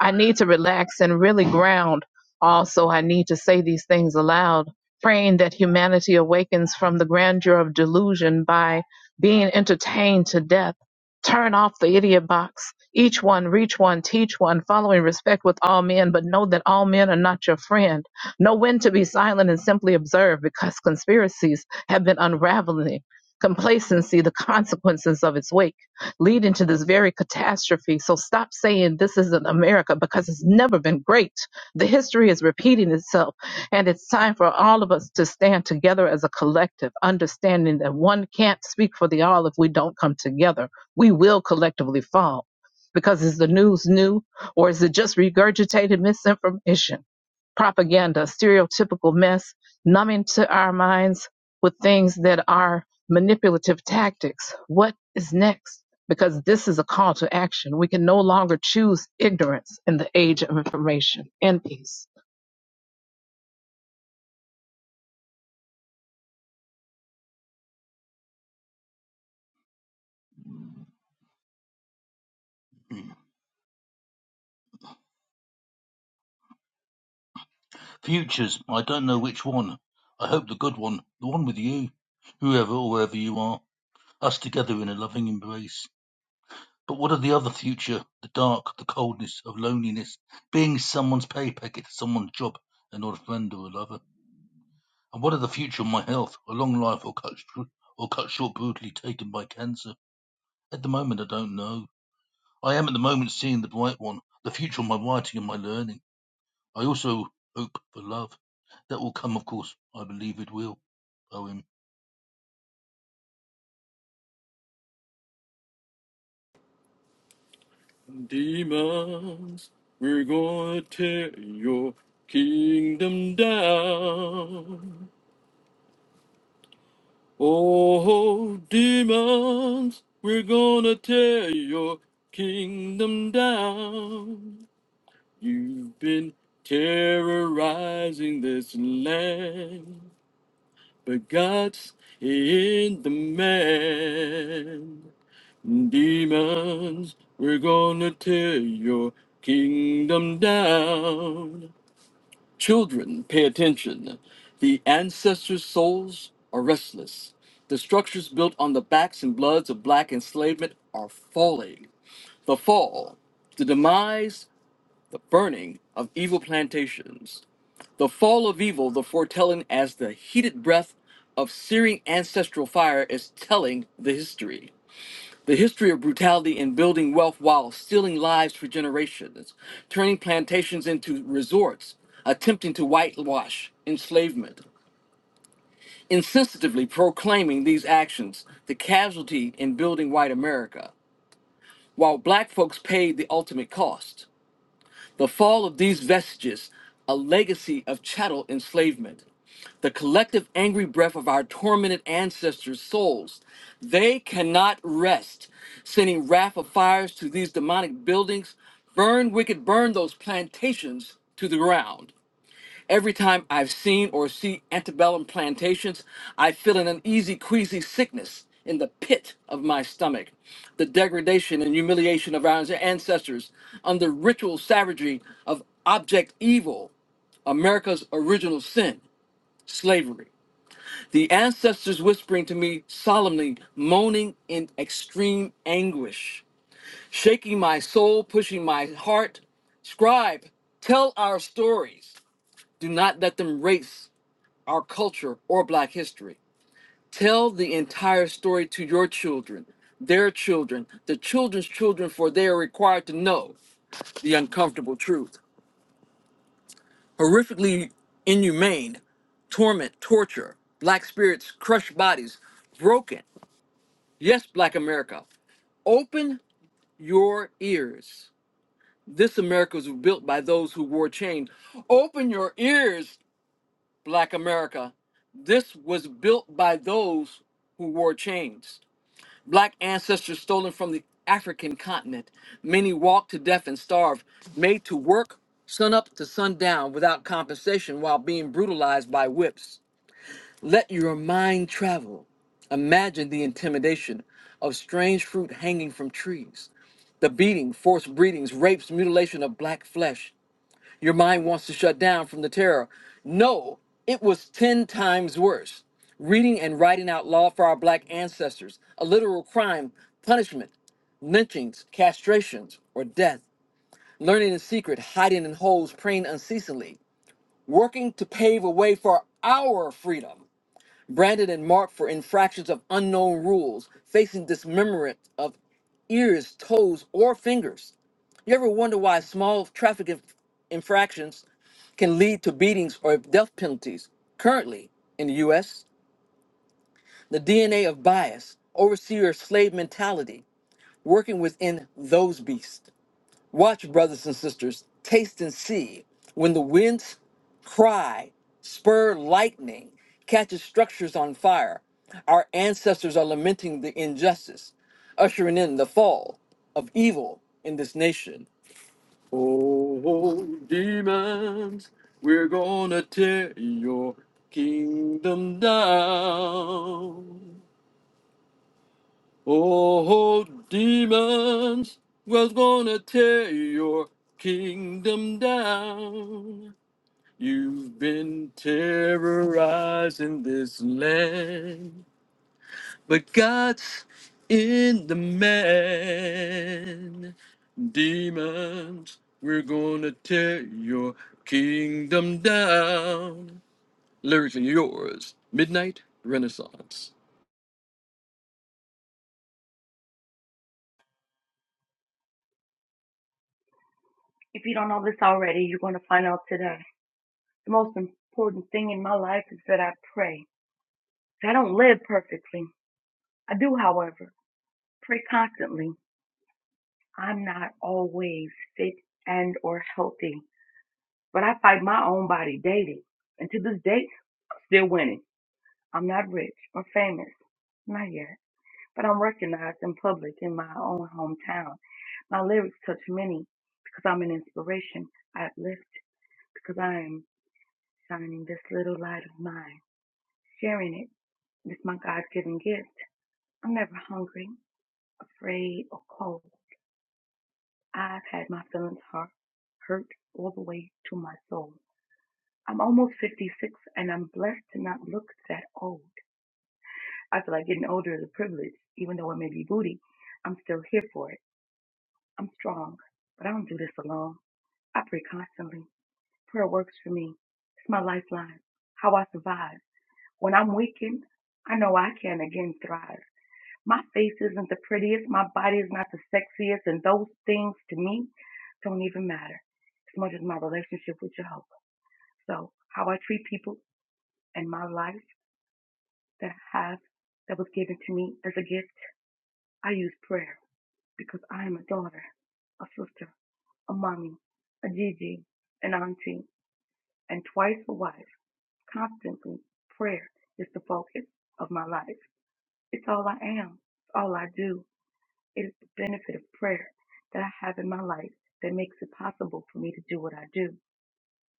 Speaker 4: I need to relax and really ground. Also, I need to say these things aloud, praying that humanity awakens from the grandeur of delusion by being entertained to death. Turn off the idiot box. Each one, reach one, teach one, following respect with all men, but know that all men are not your friend. Know when to be silent and simply observe because conspiracies have been unraveling complacency, the consequences of its weight leading to this very catastrophe. So stop saying this isn't America because it's never been great. The history is repeating itself, and it's time for all of us to stand together as a collective, understanding that one can't speak for the all if we don't come together. We will collectively fall. Because is the news new or is it just regurgitated misinformation, propaganda, stereotypical mess, numbing to our minds with things that are manipulative tactics? What is next? because this is a call to action. We can no longer choose ignorance in the age of information and peace.
Speaker 3: Hmm. Futures, I don't know which one. I hope the good one, the one with you, whoever or wherever you are, us together in a loving embrace. But what of the other future, the dark, the coldness of loneliness, being someone's pay packet, someone's job, and not a friend or a lover? And what of the future of my health? A long life or cut, sh- or cut short brutally taken by cancer? At the moment, I don't know. I am at the moment seeing the bright one, the future of my writing and my learning. I also hope for love. That will come, of course. I believe it will. Poem.
Speaker 2: Demons, we're gonna tear your kingdom down. Oh, demons, we're gonna tear your kingdom down. You've been terrorizing this land. But God's in the man. Demons, we're gonna tear your kingdom down. Children, pay attention. The ancestors' souls are restless. The structures built on the backs and bloods of black enslavement are falling. The fall, the demise, the burning of evil plantations. The fall of evil, the foretelling as the heated breath of searing ancestral fire, is telling the history. The history of brutality in building wealth while stealing lives for generations, turning plantations into resorts, attempting to whitewash enslavement, insensitively proclaiming these actions the casualty in building white America, while black folks paid the ultimate cost. The fall of these vestiges, a legacy of chattel enslavement, the collective angry breath of our tormented ancestors' souls. They cannot rest, sending wrath of fires to these demonic buildings. Burn, wicked, burn those plantations to the ground. Every time I've seen or see antebellum plantations, I feel an uneasy, queasy sickness in the pit of my stomach. The degradation and humiliation of our ancestors under ritual savagery of object evil, America's original sin, slavery. The ancestors whispering to me solemnly, moaning in extreme anguish, shaking my soul, pushing my heart. Scribe, tell our stories. Do not let them race our culture, or Black history. Tell the entire story to your children, their children, the children's children, for they are required to know the uncomfortable truth. Horrifically inhumane, torment, torture, Black spirits, crushed bodies, broken. Yes, Black America, Open your ears. This America was built by those who wore chains. Open your ears, Black America. This was built by those who wore chains. Black ancestors stolen from the African continent. Many walked to death and starved, made to work sunup to sundown without compensation while being brutalized by whips. Let your mind travel. Imagine the intimidation of strange fruit hanging from trees, the beating, forced breedings, rapes, mutilation of black flesh, your mind wants to shut down from the terror. No, it was 10 times worse. Reading and writing out law for our black ancestors, a literal crime, punishment, lynchings, castrations, or death, learning in secret, hiding in holes, praying unceasingly, working to pave a way for our freedom, branded and marked for infractions of unknown rules, facing dismemberment of ears, toes, or fingers. You ever wonder why small traffic inf- infractions can lead to beatings or death penalties. Currently, in the U.S., the DNA of bias, overseer of slave mentality, working within those beasts. Watch, brothers and sisters, taste and see. When the winds cry, spur lightning, catches structures on fire, our ancestors are lamenting the injustice, ushering in the fall of evil in this nation. Oh, demons, we're gonna tear your kingdom down. Oh, demons, we're gonna tear your kingdom down. You've been terrorizing this land. But God's in the man. Demons, we're gonna tear your kingdom down. Lyrics are yours. Midnight Renaissance.
Speaker 1: If you don't know this already, you're going to find out today. The most important thing in my life is that I pray. I don't live perfectly. I do, however, pray constantly. I'm not always fit and or healthy, but I fight my own body daily. And to this day, I'm still winning. I'm not rich or famous. Not yet. But I'm recognized in public in my own hometown. My lyrics touch many because I'm an inspiration. I uplift because I am shining this little light of mine, sharing it. It's my God given gift. I'm never hungry, afraid, or cold. I've had my feelings hurt, hurt all the way to my soul. I'm almost 56 and I'm blessed to not look that old. I feel like getting older is a privilege, even though it may be booty. I'm still here for it. I'm strong, but I don't do this alone. I pray constantly. Prayer works for me. It's my lifeline, how I survive. When I'm weakened, I know I can again thrive. My face isn't the prettiest. My body is not the sexiest. And those things to me don't even matter as much as my relationship with Jehovah. So how I treat people and my life that I have that was given to me as a gift, I use prayer because I am a daughter, a sister, a mommy, a Gigi, an auntie, and twice a wife. Constantly, prayer is the focus of my life. It's all I am. It's all I do. It is the benefit of prayer that I have in my life that makes it possible for me to do what I do.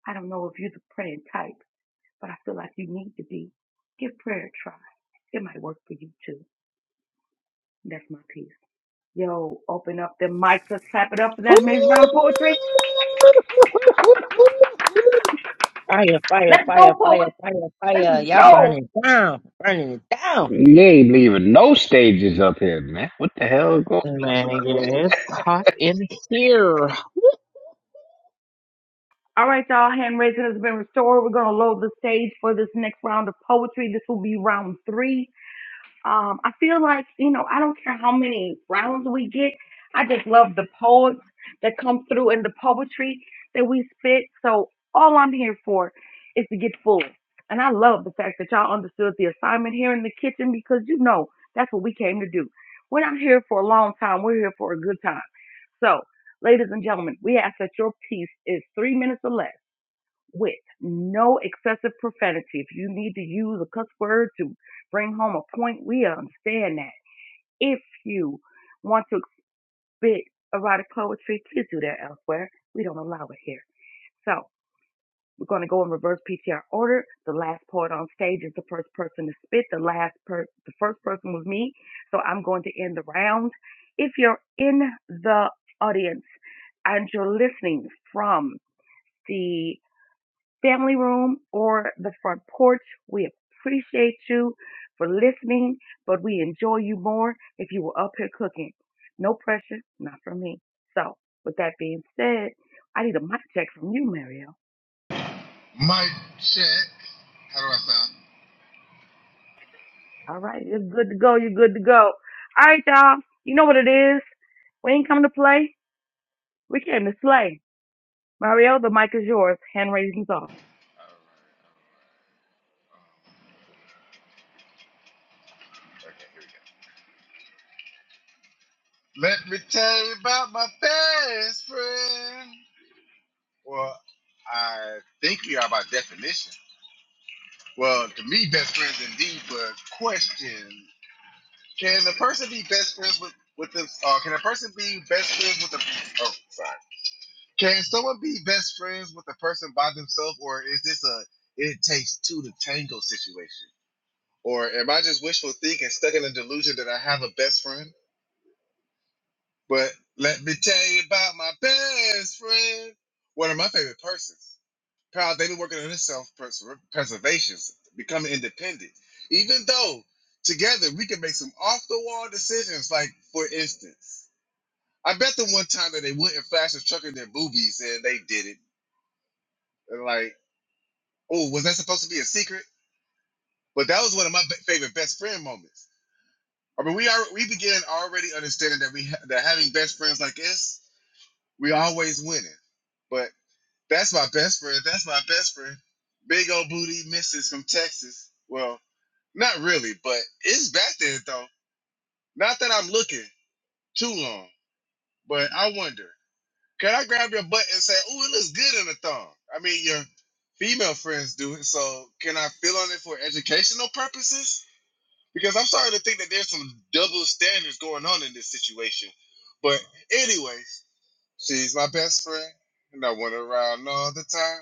Speaker 1: I don't know if you're the praying type, but I feel like you need to be. Give prayer a try. It might work for you too. That's my piece. Yo, open up the mic. Let's clap it up for that amazing round of poetry.
Speaker 6: Fire, fire,
Speaker 1: Let's go,
Speaker 6: fire, fire,
Speaker 1: poets.
Speaker 6: fire,
Speaker 1: Let's
Speaker 6: fire. Y'all
Speaker 1: go.
Speaker 6: burning down, burning it down.
Speaker 11: You ain't leaving no stages up here, man. What the hell is going on?
Speaker 4: Man, it is hot in here.
Speaker 1: All right, y'all. Hand raising has been restored. We're going to load the stage for this next round of poetry. This will be round three. Um, I feel like, you know, I don't care how many rounds we get. I just love the poets that come through and the poetry that we spit. So all I'm here for is to get full. And I love the fact that y'all understood the assignment here in the kitchen because you know that's what we came to do. We're not here for a long time. We're here for a good time. So, ladies and gentlemen, we ask that your piece is three minutes or less with no excessive profanity. If you need to use a cuss word to bring home a point, we understand that. If you want to spit erotic poetry, please do that elsewhere. We don't allow it here. So we're going to go in reverse PTR order. The last poet on stage is the first person to spit. The last per- the first person was me. So I'm going to end the round. If you're in the audience and you're listening from the family room or the front porch. We appreciate you for listening, but we enjoy you more if you were up here cooking. No pressure, not from me. So, with that being said, I need a mic check from you, Mario.
Speaker 13: Mic check. How do I sound?
Speaker 1: All right, you're good to go. You're good to go. All right, y'all. You know what it is. We ain't come to play. We came to slay. Mario, the mic is yours. Hand raising's off.
Speaker 13: All right. Um, Okay, here we go. Let me tell you about my best friend. Well, I think we are by definition. Well, to me, best friends indeed, but question. Can a person be best friends with, with them? Uh, can a person be best friends with a, oh, sorry. Can someone be best friends with a person by themselves, or is this a it takes two to tango situation? Or am I just wishful thinking, stuck in a delusion that I have a best friend? But let me tell you about my best friend, one of my favorite persons. Proud they've been working on their self preservation, becoming independent. Even though together we can make some off the wall decisions, like for instance, I bet them one time that they wouldn't flash a truck in their boobies and they did it. And like, oh, was that supposed to be a secret? But that was one of my favorite best friend moments I mean, we are we begin already understanding that we ha- that having best friends like this, we always winning. But that's my best friend. That's my best friend. Big old booty misses from Texas. Well, not really, but it's back there though. Not that I'm looking too long, but I wonder, can I grab your butt and say, "Ooh, it looks good in a thong"? I mean, your female friends do it, so can I feel on it for educational purposes? because I'm starting to think that there's some double standards going on in this situation. But anyways, she's my best friend, and I went around all the time.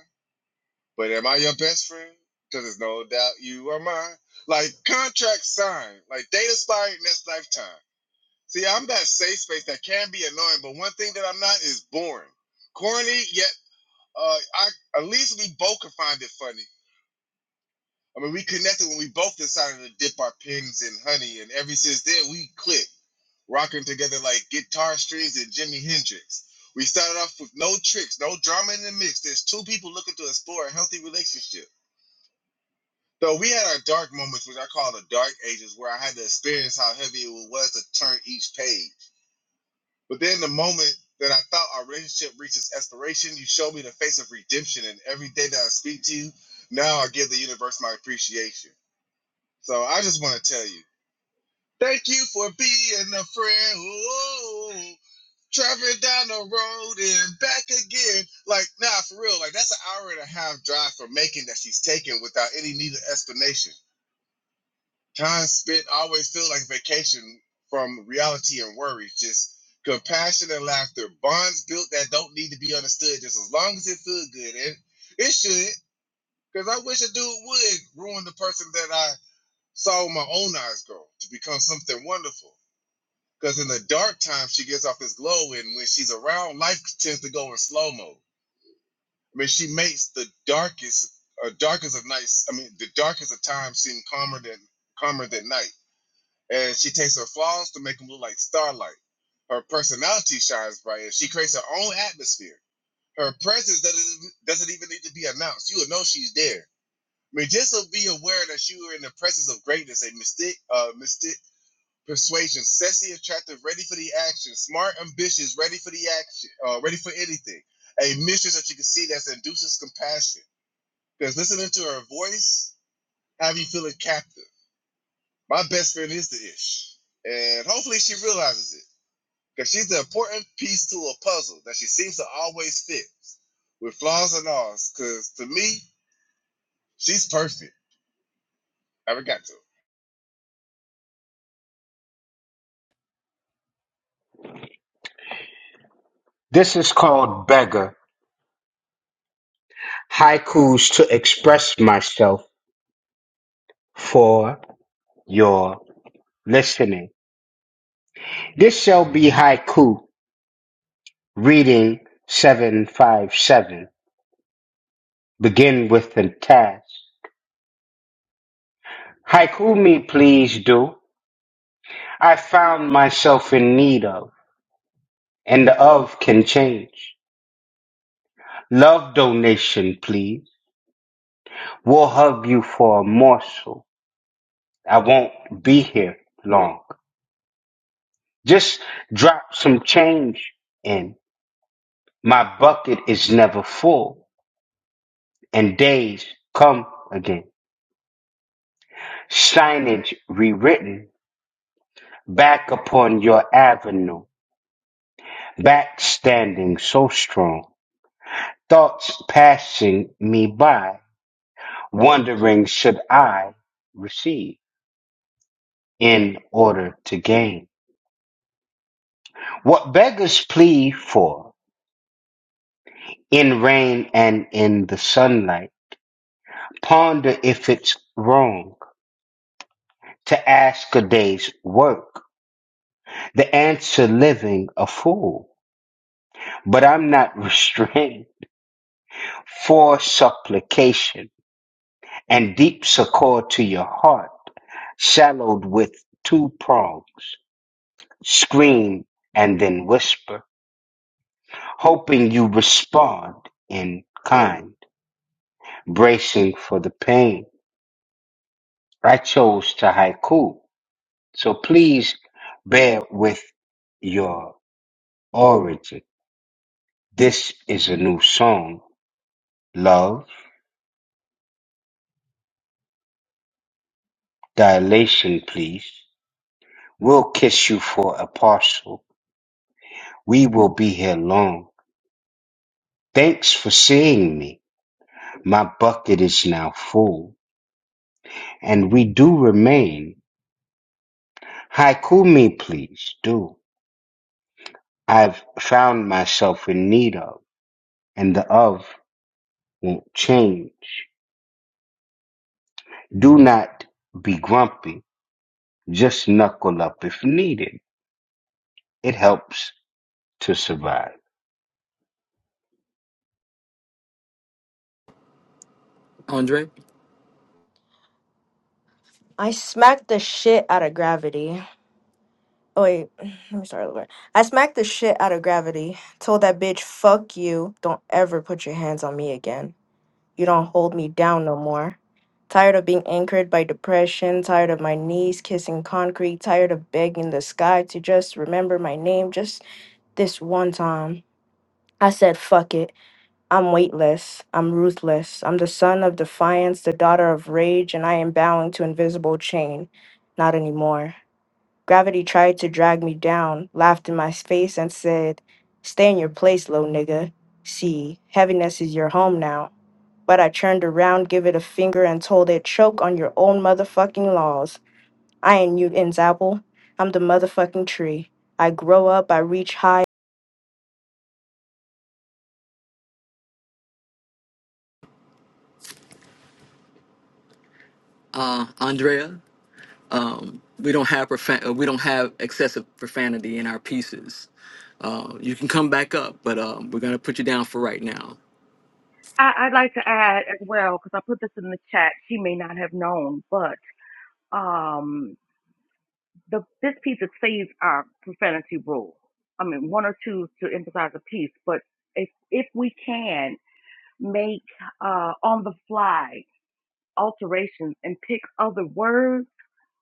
Speaker 13: But am I your best friend? Because there's no doubt you are mine. Like contract signed, like date expired next lifetime. See, I'm that safe space that can be annoying, but one thing that I'm not is boring, corny. Yet, uh, I at least we both can find it funny. I mean, we connected when we both decided to dip our pins in honey, and ever since then we click. rocking together like guitar strings and Jimi Hendrix. We started off with no tricks, no drama in the mix. There's two people looking to explore a healthy relationship. So we had our dark moments, which I call the dark ages, where I had to experience how heavy it was to turn each page. But then the moment that I thought our relationship reached its aspiration, you showed me the face of redemption. And every day that I speak to you, now I give the universe my appreciation. So I just want to tell you, thank you for being a friend. Whoa. Traveling down the road and back again. Like, nah, for real. Like, that's an hour and a half drive for Macon that she's taking without any needed explanation. Time spent always feels like vacation from reality and worries. Just compassion and laughter. Bonds built that don't need to be understood just as long as it feels good. And it should. Because I wish a dude would ruin the person that I saw with my own eyes grow to become something wonderful. Because in the dark time, she gets off this glow, and when she's around, life tends to go in slow mo. I mean, she makes the darkest, uh, darkest of nights. I mean, the darkest of times seem calmer than calmer than night. And she takes her flaws to make them look like starlight. Her personality shines bright, and she creates her own atmosphere. Her presence doesn't doesn't even need to be announced. You will know she's there. I mean, just to be aware that you are in the presence of greatness, a mystic, uh, mystic. Persuasion, sassy, attractive, ready for the action, smart, ambitious, ready for the action, uh, ready for anything. A mistress that you can see that induces compassion. Because listening to her voice, have you feeling captive. My best friend is the ish. And hopefully she realizes it. Because she's the important piece to a puzzle that she seems to always fit with flaws and alls. Because to me, she's perfect. I forgot to.
Speaker 11: This is called beggar. Haikus to express myself for your listening. This shall be haiku reading 757. Begin with the task. Haiku me, please do. I found myself in need of, and the of can change. Love donation, please. We'll hug you for a morsel. I won't be here long. Just drop some change in. My bucket is never full, and days come again. Signage rewritten back upon your avenue. Back standing so strong. Thoughts passing me by wondering should I receive in order to gain? What beggars plead for in rain and in the sunlight, ponder if it's wrong to ask a day's work, the answer living a fool. But I'm not [LAUGHS] restrained for supplication and deep succor to your heart, shallowed with two prongs, scream and then whisper. hoping you respond in kind, bracing for the pain. I chose to haiku, so please bear with your origin. This is a new song. Love, dilation, please. We'll kiss you for a parcel. We will be here long. Thanks for seeing me. My bucket is now full, and we do remain. Haiku me, please, do. I've found myself in need of, and the of won't change. Do not be grumpy, just knuckle up if needed. It helps to survive.
Speaker 2: Andre,
Speaker 12: I smacked the shit out of gravity. Oh, wait, [SIGHS] let me start over. I smacked the shit out of gravity. Told that bitch, fuck you. Don't ever put your hands on me again. You don't hold me down no more. Tired of being anchored by depression. Tired of my knees kissing concrete. Tired of begging the sky to just remember my name just this one time. I said, fuck it. I'm weightless. I'm ruthless. I'm the son of defiance, the daughter of rage, and I am bowing to invisible chain. Not anymore. Gravity tried to drag me down, laughed in my face, and said, Stay in your place, low nigga. See, heaviness is your home now. But I turned around, give it a finger, and told it, Choke on your own motherfucking laws. I ain't Newton's apple. I'm the motherfucking tree. I grow up, I reach high.
Speaker 2: uh, Andrea, um, we don't have profan- uh, we don't have excessive profanity in our pieces. Uh, you can come back up, but um, we're gonna put you down for right now.
Speaker 1: I, I'd like to add as well, because I put this in the chat. She may not have known, but um, the, this piece it saves our profanity rule. I mean, one or two to emphasize a piece, but if if we can make uh, on the fly alterations and pick other words,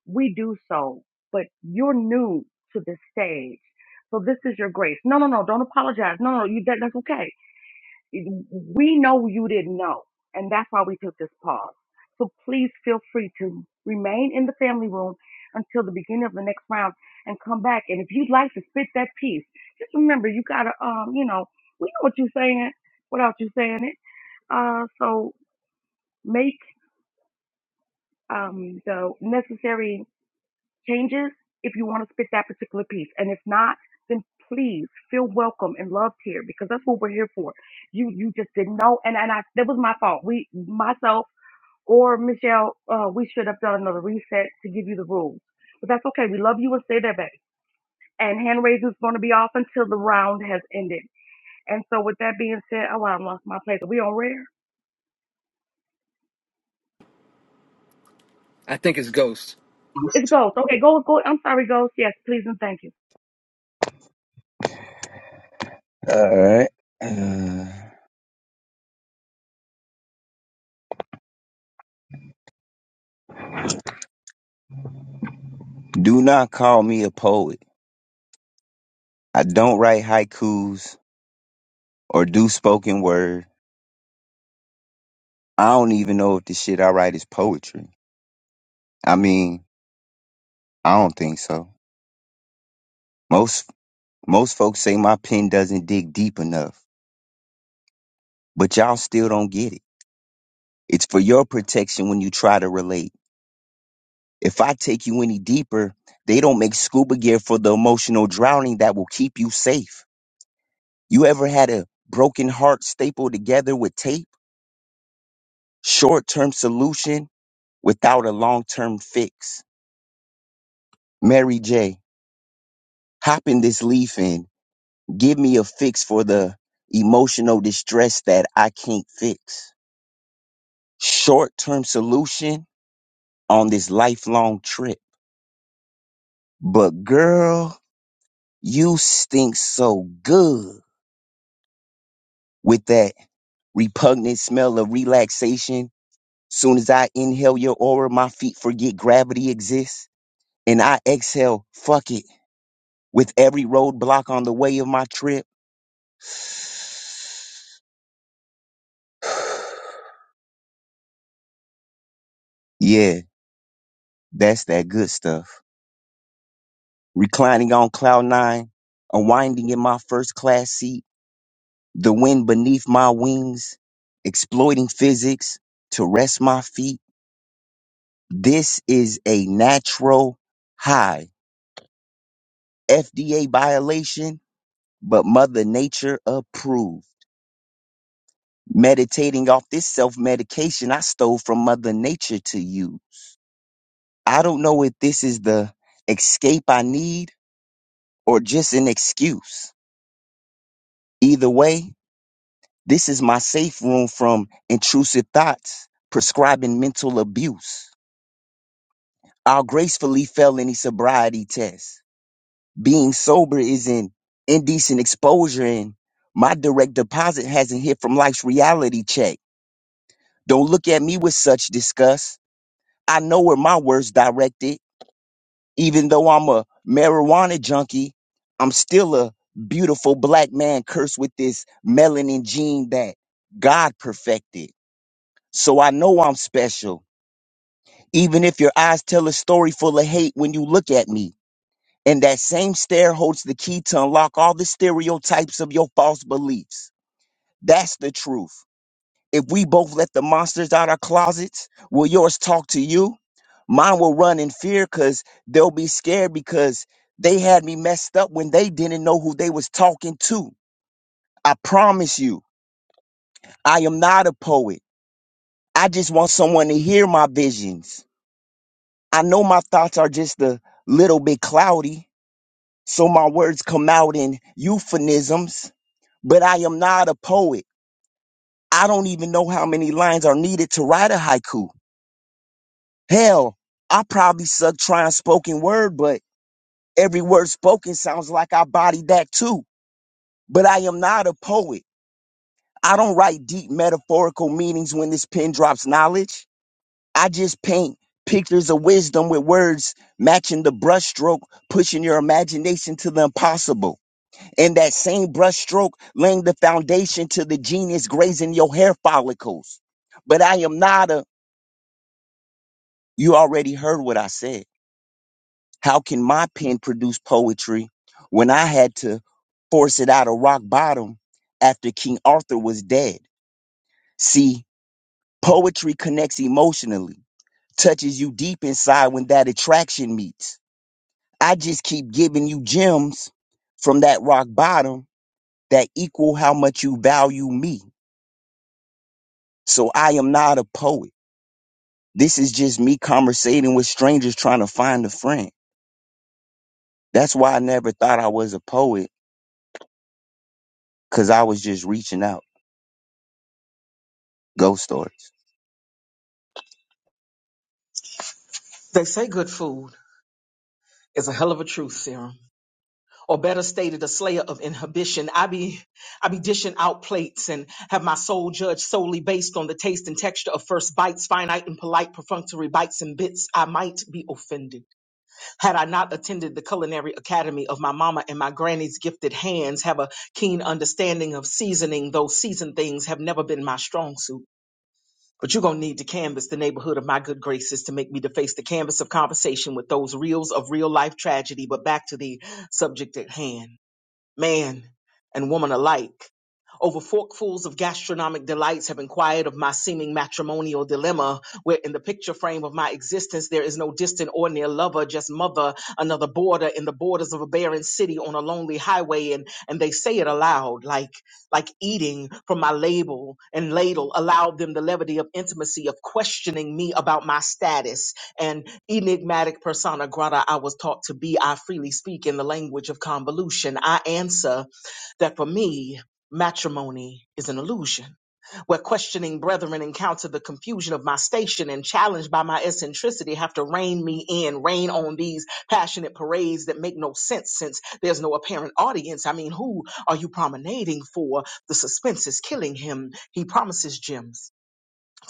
Speaker 1: we do so. But you're new to this stage, so this is your grace. No, no, no, don't apologize. No, no, you that, that's okay we know you didn't know, and that's why we took this pause. So please feel free to remain in the family room until the beginning of the next round and come back. And if you'd like to spit that piece, just remember you gotta, um, you know, we know what you're saying without you saying it. Uh, so make um the necessary changes if you want to spit that particular piece. And if not, then please feel welcome and loved here because that's what we're here for. You you just didn't know, and and I that was my fault. We myself or Michelle, uh, we should have done another reset to give you the rules, but that's okay. We love you and stay there, baby. And hand raising is going to be off until the round has ended. And so with that being said, oh, I lost my place. Are we on rare?
Speaker 2: I think it's Ghost.
Speaker 1: It's Ghost. Okay, Ghost, Ghost. I'm sorry, Ghost. Yes, please and thank you.
Speaker 8: All right. Uh, do not call me a poet. I don't write haikus or do spoken word. I don't even know if the shit I write is poetry. I mean, I don't think so. Most most folks say my pen doesn't dig deep enough, but y'all still don't get it. It's for your protection when you try to relate. If I take you any deeper, they don't make scuba gear for the emotional drowning that will keep you safe. You ever had a broken heart stapled together with tape? Short term solution without a long term fix. Mary J., hop in this leaf and give me a fix for the emotional distress that I can't fix. Short term solution on this lifelong trip. But girl, you stink so good with that repugnant smell of relaxation. Soon as I inhale your aura, my feet forget gravity exists. And I exhale, fuck it. With every roadblock on the way of my trip. [SIGHS] Yeah, that's that good stuff. Reclining on cloud nine, unwinding in my first class seat, the wind beneath my wings, exploiting physics to rest my feet. This is a natural high. FDA violation but Mother Nature approved. Meditating off this self medication I stole from Mother Nature to use. I don't know if this is the escape I need or just an excuse. Either way, this is my safe room from intrusive thoughts prescribing mental abuse. I'll gracefully fail any sobriety test. Being sober is an indecent exposure, and my direct deposit hasn't hit from life's reality check. Don't look at me with such disgust. I know where my words directed. Even though I'm a marijuana junkie, I'm still a beautiful black man cursed with this melanin gene that God perfected. So I know I'm special. Even if your eyes tell a story full of hate when you look at me. And that same stare holds the key to unlock all the stereotypes of your false beliefs. That's the truth. If we both let the monsters out our closets, will yours talk to you? Mine will run in fear because they'll be scared because they had me messed up when they didn't know who they was talking to. I promise you, I am not a poet. I just want someone to hear my visions. I know my thoughts are just a little bit cloudy, so my words come out in euphemisms, but I am not a poet. I don't even know how many lines are needed to write a haiku. Hell, I probably suck trying spoken word, but every word spoken sounds like I body that too. But I am not a poet. I don't write deep metaphorical meanings when this pen drops knowledge. I just paint pictures of wisdom with words matching the brushstroke, pushing your imagination to the impossible. And that same brushstroke laying the foundation to the genius grazing your hair follicles. But I am not a, you already heard what I said. How can my pen produce poetry when I had to force it out of rock bottom after King Arthur was dead? See, poetry connects emotionally, touches you deep inside when that attraction meets. I just keep giving you gems from that rock bottom that equal how much you value me. So I am not a poet. This is just me conversating with strangers trying to find a friend. That's why I never thought I was a poet, because I was just reaching out. Ghost stories.
Speaker 9: They say good food is a hell of a truth serum. or better stated, a slayer of inhibition. I be, I be dishing out plates and have my soul judged solely based on the taste and texture of first bites, finite and polite, perfunctory bites and bits. I might be offended had I not attended the culinary academy of my mama and my granny's gifted hands. Have a keen understanding of seasoning, though seasoned things have never been my strong suit. But you're gonna need to canvas the neighborhood of my good graces to make me deface the canvas of conversation with those reels of real life tragedy. But back to the subject at hand man and woman alike. Over forkfuls of gastronomic delights have inquired of my seeming matrimonial dilemma, where in the picture frame of my existence there is no distant or near lover, just mother, another border in the borders of a barren city on a lonely highway, and and they say it aloud, like like eating from my label and ladle allowed them the levity of intimacy of questioning me about my status enigmatic persona grata I was taught to be, I freely speak in the language of convolution. I answer that for me, matrimony is an illusion. Where questioning brethren encounter the confusion of my station and challenged by my eccentricity have to rein me in, rein on these passionate parades that make no sense since there's no apparent audience. I mean, who are you promenading for? The suspense is killing him. He promises gems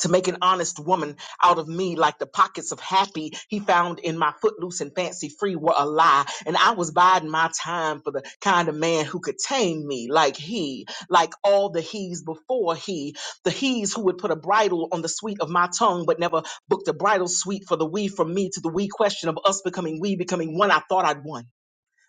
Speaker 9: to make an honest woman out of me like the pockets of happy he found in my footloose and fancy free were a lie and i was biding my time for the kind of man who could tame me like he like all the he's before he the he's who would put a bridle on the sweet of my tongue but never booked a bridal suite for the we from me to the we question of us becoming we becoming one i thought i'd won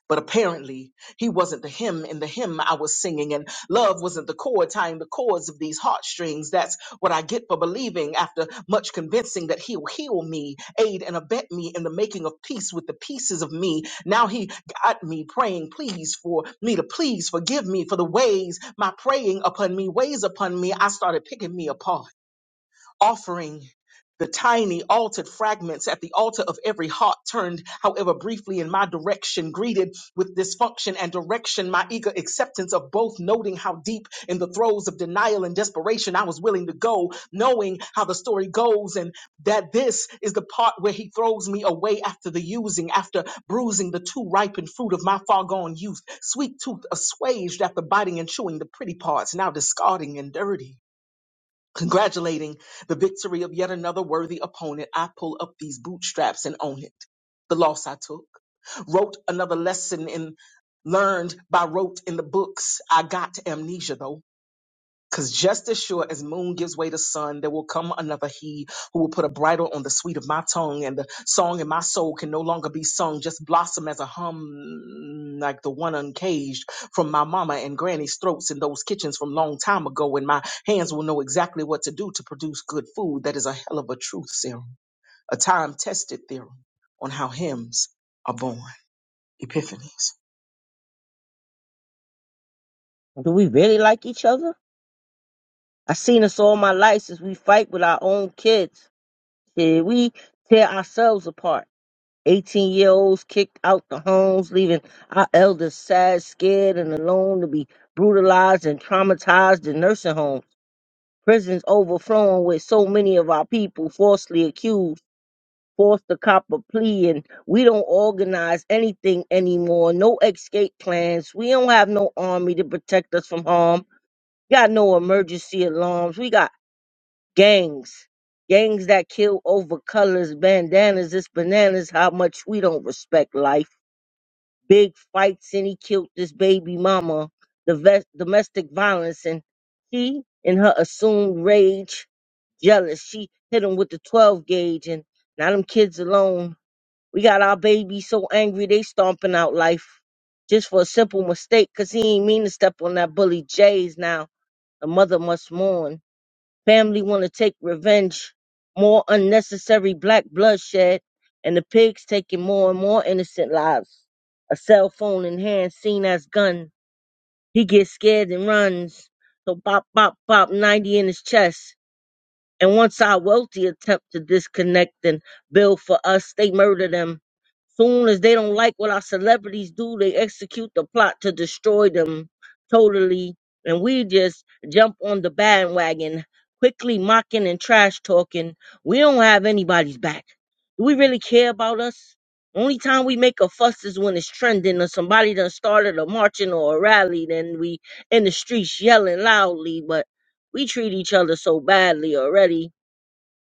Speaker 9: but apparently, he wasn't the hymn in the hymn I was singing, and love wasn't the chord tying the chords of these heartstrings. That's what I get for believing after much convincing that he'll heal me, aid and abet me in the making of peace with the pieces of me. Now he got me praying, please, for me to please forgive me for the ways my praying upon me weighs upon me. I started picking me apart offering the tiny altered fragments at the altar of every heart turned, however briefly, in my direction, greeted with dysfunction and direction, my eager acceptance of both, noting how deep in the throes of denial and desperation I was willing to go, knowing how the story goes, and that this is the part where he throws me away after the using, after bruising the too ripened fruit of my far gone youth, sweet tooth assuaged after biting and chewing the pretty parts, now discarding and dirty. Congratulating the victory of yet another worthy opponent, I pull up these bootstraps and own it. The loss I took, wrote another lesson and learned by rote in the books. I got amnesia though. Because just as sure as moon gives way to sun, there will come another he who will put a bridle on the sweet of my tongue, and the song in my soul can no longer be sung, just blossom as a hum like the one uncaged from my mama and granny's throats in those kitchens from long time ago, and my hands will know exactly what to do to produce good food. That is a hell of a truth serum, a time tested theorem on how hymns are born. Epiphanies.
Speaker 6: Do we really like each other? I seen us all my life since we fight with our own kids. Did we tear ourselves apart? 18 year olds kicked out the homes, leaving our elders sad, scared, and alone to be brutalized and traumatized in nursing homes. prisons overflowing with so many of our people falsely accused, forced to cop a plea, and we don't organize anything anymore. No escape plans. We don't have no army to protect us from harm. got no emergency alarms. We got gangs. Gangs that kill over colors, bandanas, it's bananas, how much we don't respect life. Big fights, and he killed this baby mama. The vet, domestic violence, and she, in her assumed rage, jealous. She hit him with the 12 gauge and now them kids alone. We got our babies so angry they stomping out life just for a simple mistake, 'cause he ain't mean to step on that bully Jay's now. The mother must mourn. Family want to take revenge. More unnecessary black bloodshed and the pigs taking more and more innocent lives. A cell phone in hand seen as gun. He gets scared and runs. So bop, bop, bop, 90 in his chest. And once our wealthy attempt to disconnect and build for us, they murder them. Soon as they don't like what our celebrities do, they execute the plot to destroy them totally. And we just jump on the bandwagon, quickly mocking and trash talking. We don't have anybody's back. Do we really care about us? Only time we make a fuss is when it's trending or somebody done started a marching or a rally, then we in the streets yelling loudly, but we treat each other so badly already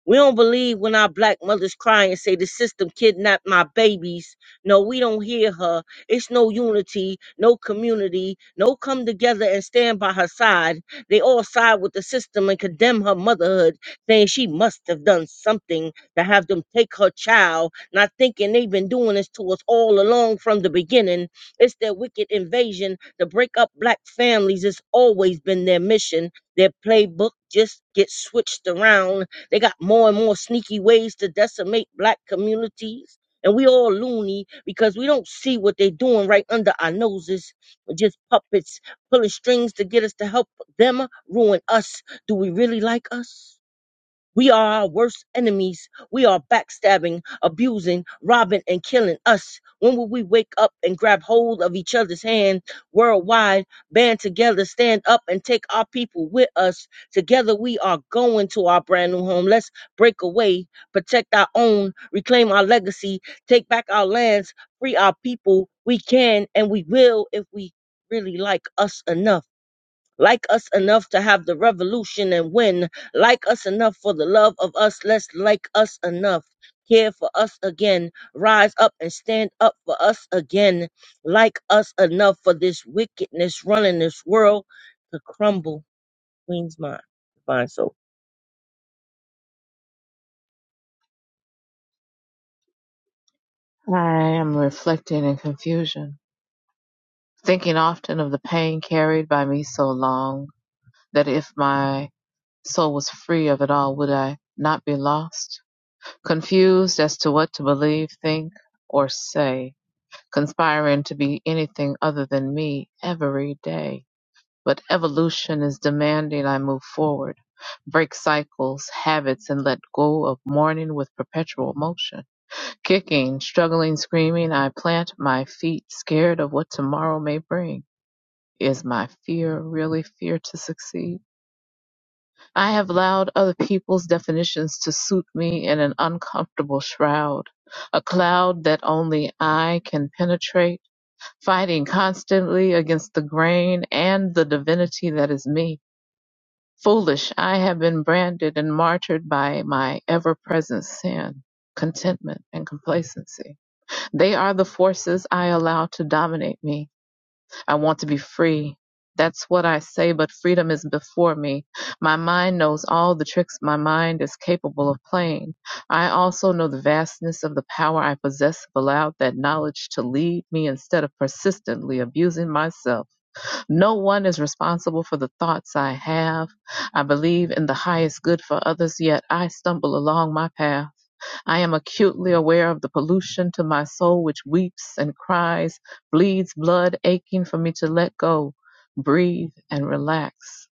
Speaker 6: we don't believe when our black mothers cry and say the system kidnapped my babies. No, we don't hear her. It's no unity, no community, no come together and stand by her side. They all side with the system and condemn her motherhood, saying she must have done something to have them take her child, not thinking they've been doing this to us all along from the beginning. It's their wicked invasion to break up black families. It's always been their mission. Their playbook just gets switched around they got more and more sneaky ways to decimate black communities. And we all loony because we don't see what they're doing right under our noses. We're just puppets pulling strings to get us to help them ruin us. Do we really like us? We are our worst enemies. We are backstabbing, abusing, robbing, and killing us. When will we wake up and grab hold of each other's hand worldwide, band together, stand up, and take our people with us? Together we are going to our brand new home. Let's break away, protect our own, reclaim our legacy, take back our lands, free our people. We can and we will if we really like us enough like us enough to have the revolution and win, like us enough for the love of us, let's like us enough. Care for us again, rise up and stand up for us again, like us enough for this wickedness running this world to crumble. Queen's mind, divine soul.
Speaker 4: I am reflecting in confusion, thinking often of the pain carried by me so long that if my soul was free of it all, would I not be lost? Confused as to what to believe, think, or say, conspiring to be anything other than me every day But evolution is demanding I move forward, break cycles, habits, and let go of mourning with perpetual motion. Kicking, struggling, screaming, I plant my feet, scared of what tomorrow may bring. Is my fear really fear to succeed? I have allowed other people's definitions to suit me in an uncomfortable shroud, a cloud that only I can penetrate, fighting constantly against the grain and the divinity that is me. Foolish, I have been branded and martyred by my ever-present sin, contentment, and complacency. They are the forces I allow to dominate me. I want to be free. That's what I say, but freedom is before me. My mind knows all the tricks my mind is capable of playing. I also know the vastness of the power I possess, have allowed that knowledge to lead me instead of persistently abusing myself. No one is responsible for the thoughts I have. I believe in the highest good for others, yet I stumble along my path. I am acutely aware of the pollution to my soul which weeps and cries, bleeds blood, aching for me to let go, breathe, and relax.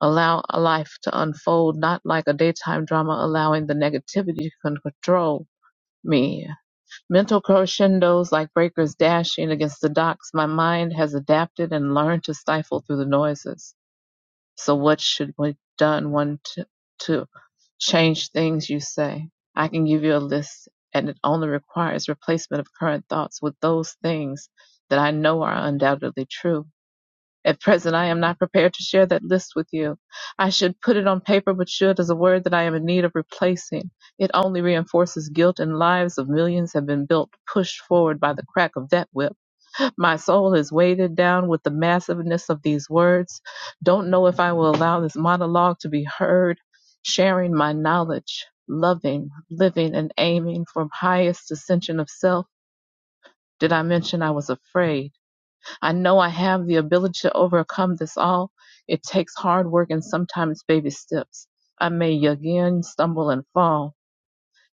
Speaker 4: Allow a life to unfold, not like a daytime drama, allowing the negativity to control me Mental crescendos like breakers dashing against the docks, my mind has adapted and learned to stifle through the noises. So what should be done one to, to change things you say? I can give you a list and it only requires replacement of current thoughts with those things that I know are undoubtedly true at present, I am not prepared to share that list with you. I should put it on paper, but should is a word that I am in need of replacing. It only reinforces guilt, and lives of millions have been built, pushed forward by the crack of that whip. My soul is weighted down with the massiveness of these words. Don't know if I will allow this monologue to be heard, sharing my knowledge, loving, living, and aiming for highest ascension of self. Did I mention I was afraid? I know I have the ability to overcome this all. It takes hard work and sometimes baby steps. I may again stumble and fall.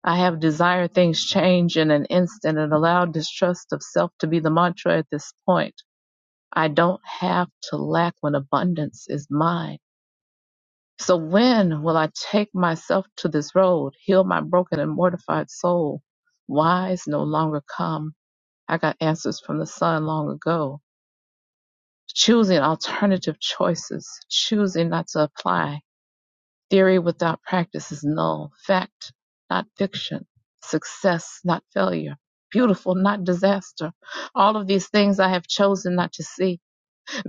Speaker 4: I have desired things change in an instant and allowed distrust of self to be the mantra at this point. I don't have to lack when abundance is mine. So when will I take myself to this road, heal my broken and mortified soul? Whys no longer come. I got answers from the sun long ago. Choosing alternative choices, choosing not to apply, theory without practice is null, fact not fiction, success not failure, beautiful not disaster. All of these things I have chosen not to see.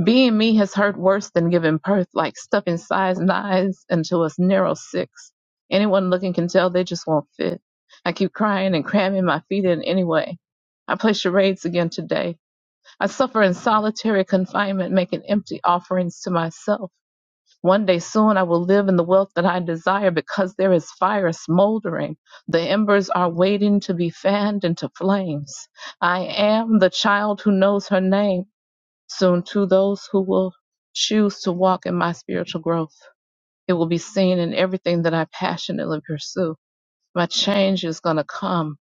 Speaker 4: Being me has hurt worse than giving birth, like stuffing size nines into a narrow six. Anyone looking can tell they just won't fit. I keep crying and cramming my feet in anyway. I play charades again today I suffer in solitary confinement, making empty offerings to myself. One day soon I will live in the wealth that I desire because there is fire smoldering. The embers are waiting to be fanned into flames. I am the child who knows her name. Soon, too, those who will choose to walk in my spiritual growth. It will be seen in everything that I passionately pursue. My change is going to come.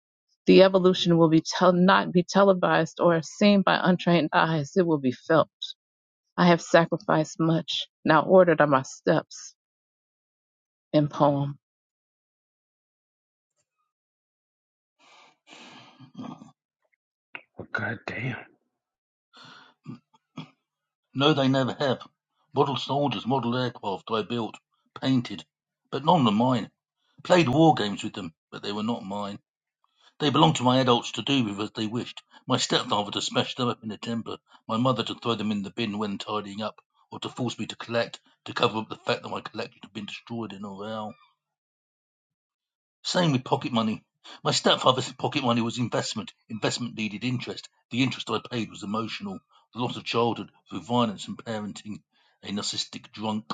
Speaker 4: The evolution will be tel- not be televised or seen by untrained eyes. It will be felt. I have sacrificed much. Now ordered are my steps in poem.
Speaker 11: Oh, God damn.
Speaker 3: No, they never have. Model soldiers, model aircraft I built, painted, but none are mine. Played war games with them, but they were not mine. They belonged to my adults to do with as they wished, my stepfather to smash them up in a temper, my mother to throw them in the bin when tidying up, or to force me to collect, to cover up the fact that my collection had been destroyed in a row. Same with pocket money. My stepfather's pocket money was investment. Investment needed interest. The interest I paid was emotional. The loss of childhood through violence and parenting. A narcissistic drunk.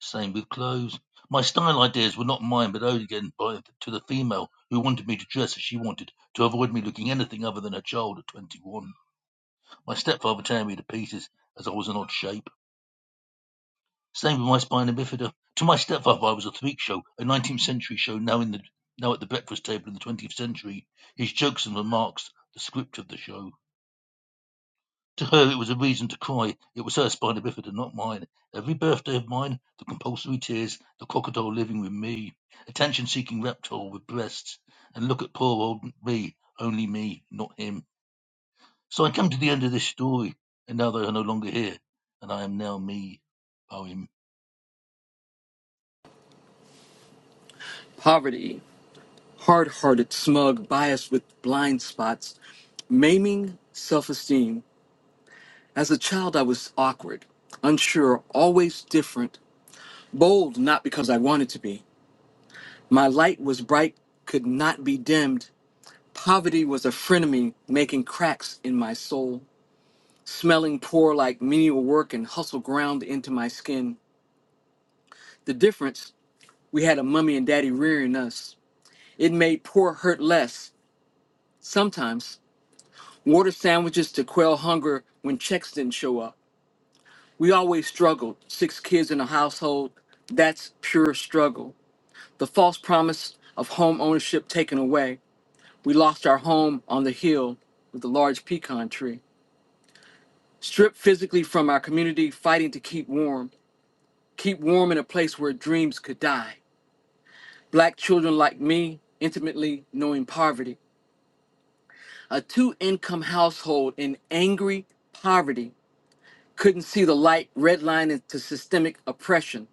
Speaker 3: Same with clothes. My style ideas were not mine, but owed again by, to the female who wanted me to dress as she wanted, to avoid me looking anything other than a child at 21. My stepfather tear me to pieces, as I was an odd shape. Same with my spina bifida. To my stepfather, I was a freak show, a 19th century show now in the now at the breakfast table in the 20th century. His jokes and remarks, the script of the show. To her it was a reason to cry. It was her spina bifida, not mine. Every birthday of mine, the compulsory tears, the crocodile living with me, attention seeking reptile with breasts, and look at poor old me, only me, not him. So I come to the end of this story, and now they are no longer here, and I am now me. poem.
Speaker 2: Poverty, hard-hearted, smug, biased with blind spots, Maiming self esteem. As a child, I was awkward, unsure, always different, bold not because I wanted to be. My light was bright, could not be dimmed. Poverty was a frenemy, making cracks in my soul, smelling poor like menial work and hustle ground into my skin. The difference we had a mummy and daddy rearing us. It made poor hurt less. Sometimes, water sandwiches to quell hunger when checks didn't show up We always struggled. Six kids in a household, that's pure struggle. The false promise of home ownership taken away. We lost our home on the hill with a large pecan tree. Stripped physically from our community, fighting to keep warm. Keep warm in a place where dreams could die. Black children like me, intimately knowing poverty. A two income household in angry poverty couldn't see the light red line into systemic oppression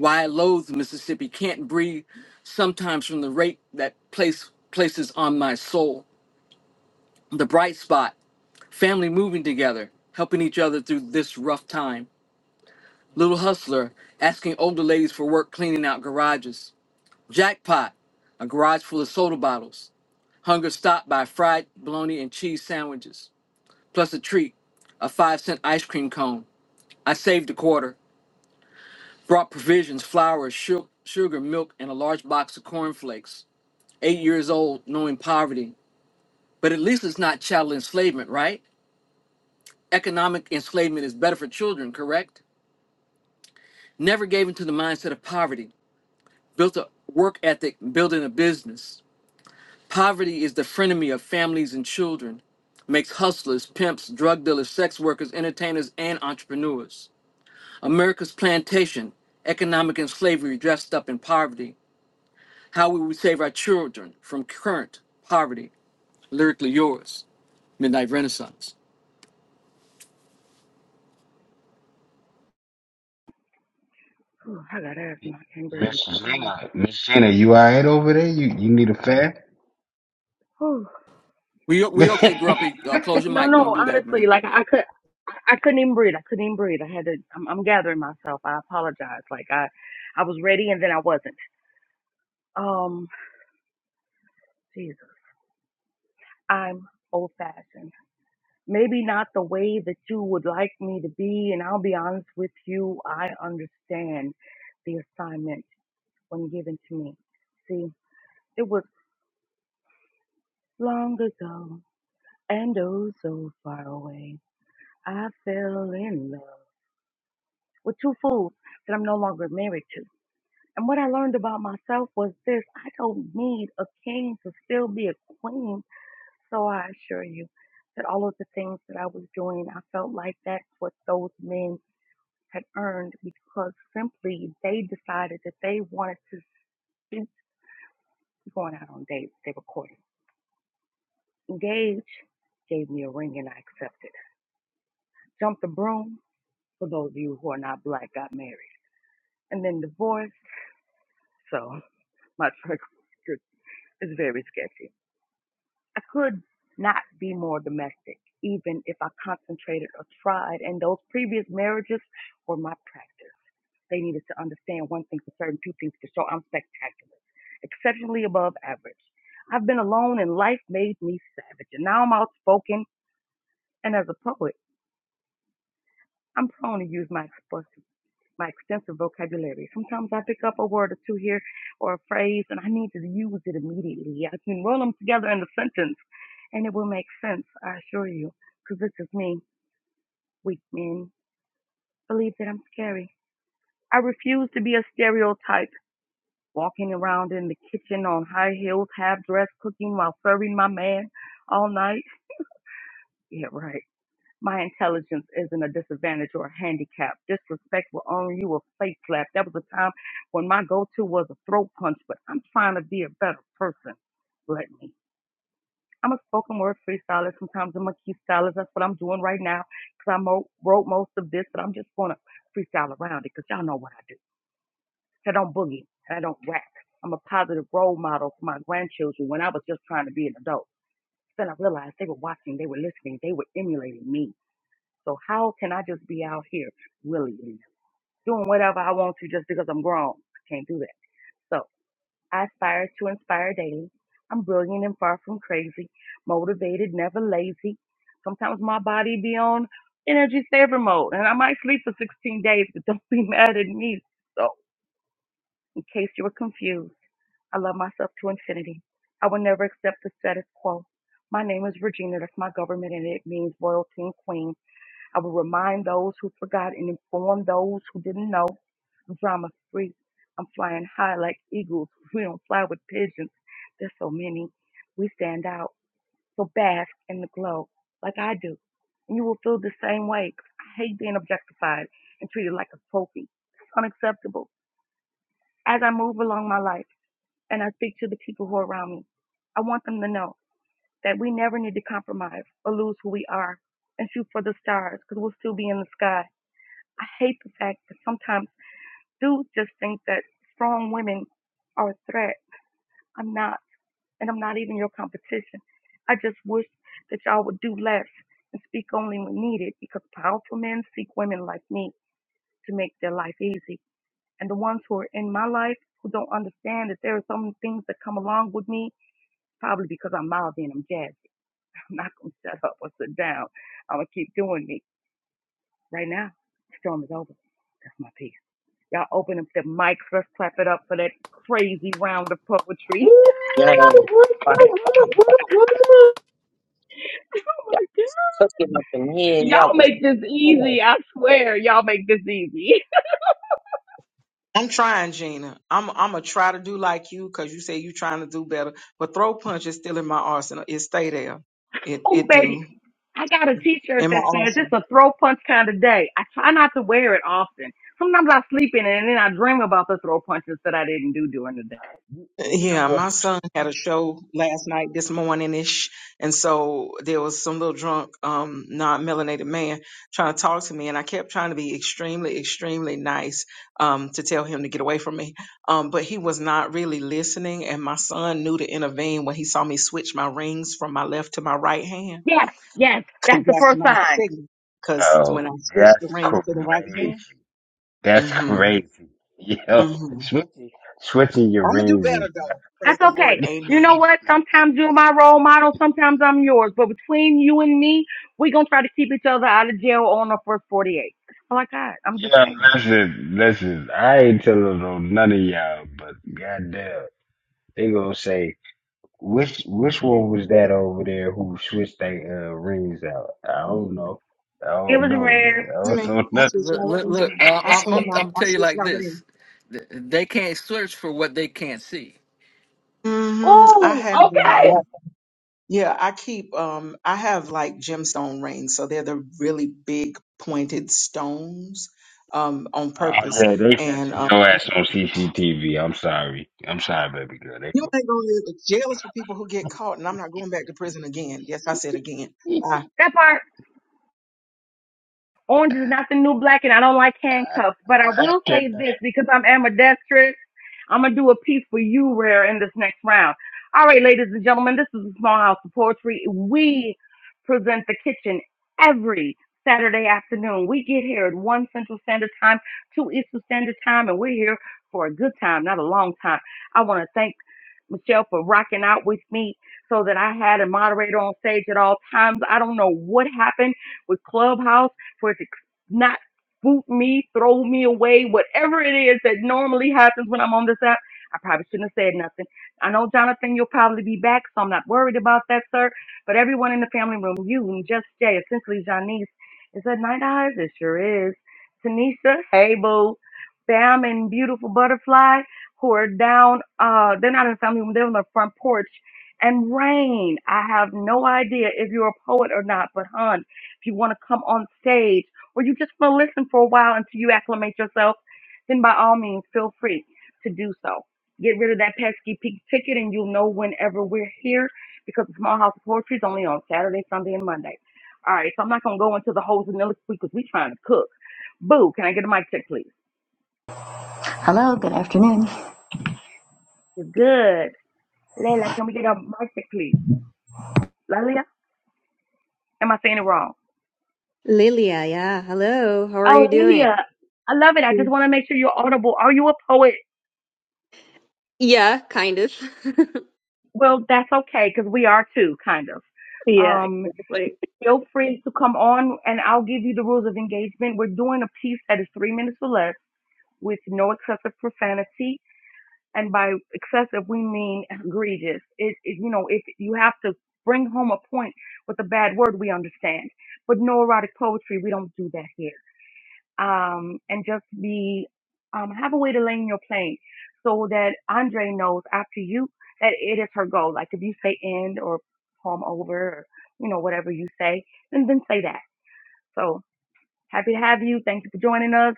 Speaker 2: Why I loathe Mississippi, can't breathe sometimes from the rape that place places on my soul. The bright spot, family moving together, helping each other through this rough time. Little hustler, asking older ladies for work cleaning out garages. Jackpot, a garage full of soda bottles. Hunger stopped by fried bologna and cheese sandwiches, plus a treat, a five cent ice cream cone. I saved a quarter, brought provisions, flour, su- sugar, milk, and a large box of cornflakes. eight years old knowing poverty, but at least it's not child enslavement, right? Economic enslavement is better for children, correct? Never gave into the mindset of poverty, built a work ethic, building a business. Poverty is the frenemy of families and children, makes hustlers, pimps, drug dealers, sex workers, entertainers, and entrepreneurs. America's plantation, economic and slavery dressed up in poverty. How will we save our children from current poverty? Lyrically yours, Midnight Renaissance.
Speaker 1: Whew, I got asthma. I can't breathe.
Speaker 11: Miss
Speaker 1: Um,
Speaker 11: Gina, Miss Gina, you all right over there? You you need a fan?
Speaker 1: whew.
Speaker 2: We
Speaker 11: [LAUGHS]
Speaker 2: we okay, Grumpy? Uh, close your
Speaker 1: No,
Speaker 2: mic. Don't
Speaker 1: no,
Speaker 2: do that,
Speaker 1: honestly,
Speaker 2: man.
Speaker 1: like I could, I I couldn't even breathe. I couldn't even breathe. I had to. I'm, I'm gathering myself. I apologize. Like I, I was ready and then I wasn't. Um, Jesus, I'm old fashioned. Maybe not the way that you would like me to be, and I'll be honest with you. I understand the assignment when given to me. See, it was long ago and oh so far away. I fell in love with two fools that I'm no longer married to. And what I learned about myself was this I don't need a king to still be a queen. So I assure you that all of the things that I was doing, I felt like that's what those men had earned because simply they decided that they wanted to speak going out on dates. They were courting. Engage gave me a ring and I accepted. Jumped the broom, for those of you who are not black, got married. And then divorced. So [LAUGHS] my track record [LAUGHS] is very sketchy. I could not be more domestic, even if I concentrated or tried. And those previous marriages were my practice. They needed to understand one thing for certain, two things for sure. I'm spectacular, exceptionally above average. I've been alone, and life made me savage. And now I'm outspoken, and as a poet, I'm prone to use my expression my extensive vocabulary. Sometimes I pick up a word or two here or a phrase and I need to use it immediately. I can roll them together in a sentence and it will make sense, I assure you, because this is me. Weak men believe that I'm scary. I refuse to be a stereotype, walking around in the kitchen on high heels, half dressed, cooking while serving my man all night. Yeah, right. My intelligence isn't a disadvantage or a handicap. Disrespect will earn you a face slap. That was a time when my go-to was a throat punch, but I'm trying to be a better person. Let me. I'm a spoken word freestyler. Sometimes I'm a key stylist. That's what I'm doing right now because I mo- wrote most of this, but I'm just going to freestyle around it because y'all know what I do. I don't boogie and I don't rap. I'm a positive role model for my grandchildren when I was just trying to be an adult. Then I realized they were watching, they were listening, they were emulating me. So how can I just be out here willy-nilly doing whatever I want to just because I'm grown? I can't do that. So I aspire to inspire daily. I'm brilliant and far from crazy, motivated, never lazy. Sometimes my body be on energy saver mode and I might sleep for 16 days, but don't be [LAUGHS] mad at me. So in case you were confused, I love myself to infinity. I will never accept the status quo. My name is Regina. That's my government and it means royalty and queen. I will remind those who forgot and inform those who didn't know. I'm drama free. I'm flying high like eagles. [LAUGHS] We don't fly with pigeons. There's so many. We stand out. So bask in the glow like I do. And you will feel the same way. 'cause I hate being objectified and treated like a trophy. It's unacceptable. As I move along my life and I speak to the people who are around me, I want them to know that we never need to compromise or lose who we are and shoot for the stars because we'll still be in the sky I hate the fact that sometimes dudes just think that strong women are a threat. I'm not, and I'm not even your competition. I just wish that y'all would do less and speak only when needed because powerful men seek women like me to make their life easy. And the ones who are in my life who don't understand that there are some things that come along with me, probably because I'm mouthy and I'm jazzy. [LAUGHS] I'm not going to shut up or sit down. I'm going to keep doing me. Right now, the storm is over. That's my peace. Y'all open up the mics. Let's clap it up for that crazy round of poetry. [LAUGHS]
Speaker 6: Yeah, fire, fire, fire.
Speaker 1: Oh
Speaker 6: Y'all
Speaker 1: my God.
Speaker 6: cooking up in here. Y'all
Speaker 1: Y'all
Speaker 6: was.
Speaker 1: make this easy. I swear, y'all make this easy.
Speaker 9: I'm trying, Gina. I'm I'm gonna try to do like you because you say you trying to do better. But throw punch is still in my arsenal. It stay there.
Speaker 1: [LAUGHS]
Speaker 9: It
Speaker 1: oh,
Speaker 9: it
Speaker 1: baby.
Speaker 9: do
Speaker 1: I got a t-shirt
Speaker 9: in my
Speaker 1: that says it's
Speaker 9: arsenal.
Speaker 1: a throw punch kind of day. I try not to wear it often. Sometimes I sleep in it and then I dream about the throw punches that I didn't do during the day.
Speaker 11: you know
Speaker 9: Yeah, my
Speaker 11: what's
Speaker 9: son had a show last night, this morning ish, and so there was some little drunk, um, non-melanated man trying to talk to me, and I kept trying to be extremely, extremely nice, um, to tell him to get away from me, um, but he was not really listening, and my son knew to intervene when he saw me switch my rings from my left to my right hand
Speaker 1: Yes, yes,
Speaker 9: because
Speaker 1: that's the
Speaker 9: that's
Speaker 1: first
Speaker 9: my
Speaker 1: sign.
Speaker 9: signal. Because when I
Speaker 11: Oh,
Speaker 9: switch the
Speaker 11: that's
Speaker 9: reins to the right
Speaker 11: crazy.
Speaker 9: hand,
Speaker 11: That's
Speaker 9: hmm
Speaker 11: crazy. [LAUGHS]
Speaker 9: hmm I'm
Speaker 11: Yo,
Speaker 9: gonna
Speaker 11: switching switching your
Speaker 9: do
Speaker 11: rings is
Speaker 9: better though. Praise
Speaker 1: That's
Speaker 9: the Lord,
Speaker 1: okay.
Speaker 11: nuts.
Speaker 1: You
Speaker 11: [LAUGHS]
Speaker 1: know
Speaker 9: Amen.
Speaker 1: what? Sometimes you're my role model, sometimes I'm yours. But between you and me, we're going to try to keep each other out of jail on the first 48. That's all I got. I'm just
Speaker 11: Yeah,
Speaker 1: saying.
Speaker 11: listen, listen. I ain't telling on none of y'all, but goddamn, they gonna say which which one was that over there who switched their uh, rings out? I don't know. I
Speaker 1: It
Speaker 11: don't
Speaker 1: was
Speaker 11: know, man.
Speaker 1: rare.
Speaker 11: I don't
Speaker 9: Amen.
Speaker 11: know [LAUGHS]
Speaker 9: I
Speaker 11: nothing
Speaker 9: switch
Speaker 2: Look,
Speaker 11: about
Speaker 9: my
Speaker 2: look,
Speaker 9: reins.
Speaker 2: look
Speaker 9: and
Speaker 2: uh,
Speaker 9: I
Speaker 2: I'm,
Speaker 9: swing
Speaker 2: I'm
Speaker 9: my.
Speaker 11: it.
Speaker 2: I'm
Speaker 11: [LAUGHS]
Speaker 9: I
Speaker 2: tell you
Speaker 9: switch
Speaker 2: like
Speaker 9: my
Speaker 2: this:
Speaker 9: reins.
Speaker 2: Th- they can't search for what they can't see.
Speaker 9: hmm I
Speaker 1: Ooh,
Speaker 9: have. Uh,
Speaker 1: okay.
Speaker 6: Yeah.
Speaker 9: yeah, I keep. Um, I have like gemstone rings, so they're the really big pointed stones. Um, on
Speaker 11: Oh
Speaker 9: purpose,
Speaker 11: yeah, they
Speaker 9: and
Speaker 11: catching
Speaker 9: um,
Speaker 11: your ass on CCTV. I'm sorry. I'm sorry, baby girl. They
Speaker 9: you
Speaker 11: go,
Speaker 9: ain't gonna live. Jail is for people who get caught, and I'm not going back to prison again. Yes, I said again.
Speaker 1: That part. Orange is not the new black, and I don't like handcuffs. But I
Speaker 11: I
Speaker 1: will say
Speaker 11: cannot.
Speaker 1: this because I'm ambidextrous. I'm gonna do a piece for you, Rare, in this next round. All right, ladies and gentlemen, this is the Small House of Poetry. We present the kitchen every Saturday afternoon. We get here at one Central Standard Time, two Eastern Standard Time, and we're here for a good time, not a long time. I want to thank Michelle for rocking out with me so that I had a moderator on stage at all times. I don't know what happened with Clubhouse for it to not boot me, throw me away, whatever it is that normally happens when I'm on this app. I probably shouldn't have said nothing. I know, Jonathan, you'll probably be back, so I'm not worried about that, sir. But everyone in the family room, you and Just Jay, essentially Janice, is that Night Eyes? It sure is. Tanisha, hey, boo. Bam and Beautiful Butterfly, who are down, uh, they're not in the family room, they're on the front porch. And Rain, I have no idea if you're a poet or not, but hon, if you want to come on stage or you just want to listen for a while until you acclimate yourself, then by all means, feel free to do so. Get rid of that pesky pink ticket and you'll know whenever we're here because the Small House of Poetry is only on Saturday, Sunday, and Monday. All right, so I'm not going to go into the whole vanilla because we trying to cook. Boo, can I get a mic check, please?
Speaker 14: Hello, good afternoon.
Speaker 1: You're good. Layla, can we get a mic check, please? Lilia? Am I saying it wrong?
Speaker 15: Lilia, yeah. Hello. How are you
Speaker 1: Oh, Lilia,
Speaker 15: doing?
Speaker 1: I love it. I just
Speaker 15: Mm.
Speaker 1: want to make sure you're audible. Are you a poet?
Speaker 15: Yeah, kind of. [LAUGHS]
Speaker 1: Well, that's okay because we are too, kind of.
Speaker 15: Yeah,
Speaker 1: Um,
Speaker 15: exactly.
Speaker 1: feel free to come on and I'll give you the rules of engagement. We're doing a piece that is three minutes or less with no excessive profanity. And by excessive, we mean egregious. It, it, you know, if you have to bring home a point with a bad word, we understand. But no erotic poetry, we don't do that here um, and just be um, have a way to land your plane so that Andre knows after you that it is her goal. Like if you say end or poem over or you know whatever you say, then then say that. So happy to have you. Thank you for joining us,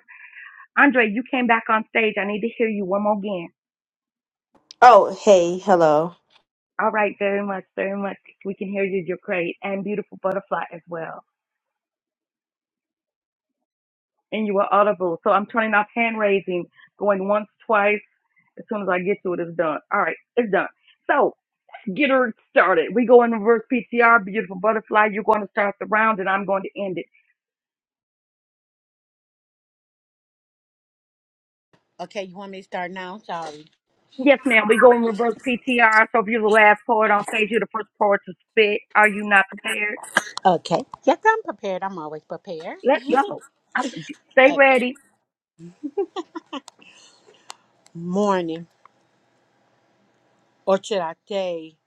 Speaker 1: Andre. You came back on stage. I need to hear you one more again.
Speaker 12: Oh, hey, hello.
Speaker 1: All right, very much, very much. We can hear you. You're great and beautiful butterfly as well. And you are audible. So I'm turning off hand raising, going once, twice. As soon as I get to it, it's done. All right, it's done. So get her started. We go in reverse PTR, beautiful butterfly. You're going to start the round and I'm going to end it.
Speaker 16: Okay, you want me to start now? Sorry.
Speaker 1: Yes, ma'am. We go in reverse PTR. So if you're the last poet on stage, you're the first poet to spit. Are you not prepared?
Speaker 16: Okay. Yes, I'm prepared. I'm always prepared.
Speaker 1: Let's
Speaker 16: [LAUGHS]
Speaker 1: go. i stay
Speaker 16: Okay.
Speaker 1: ready.
Speaker 16: Morning, or should I say,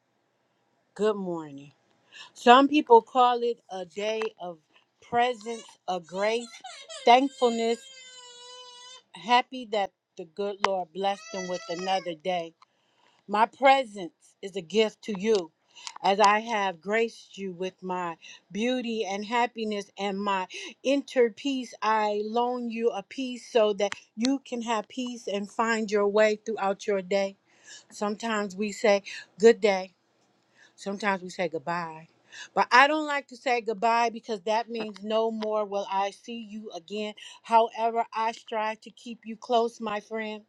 Speaker 16: good morning? Some people call it a day of presence, of grace, thankfulness, happy that the good Lord blessed them with another day. My presence is a gift to you as I have graced you with my beauty and happiness and my inner peace. I loan you a peace so that you can have peace and find your way throughout your day. Sometimes we say good day, sometimes we say goodbye. But I don't like to say goodbye because that means no more will I see you again. However, I strive to keep you close, my friend.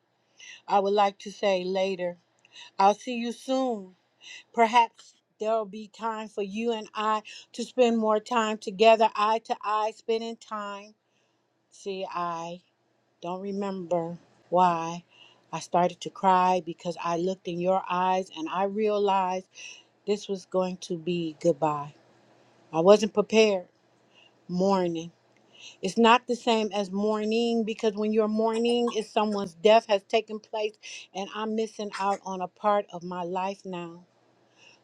Speaker 16: I would like to say later. I'll see you soon Perhaps there'll be time for you and I to spend more time together, eye to eye, spending time. See, I don't remember why I started to cry because I looked in your eyes and I realized this was going to be goodbye. I wasn't prepared. Mourning. It's not the same as mourning because when you're mourning, it's someone's death has taken place and I'm missing out on a part of my life now.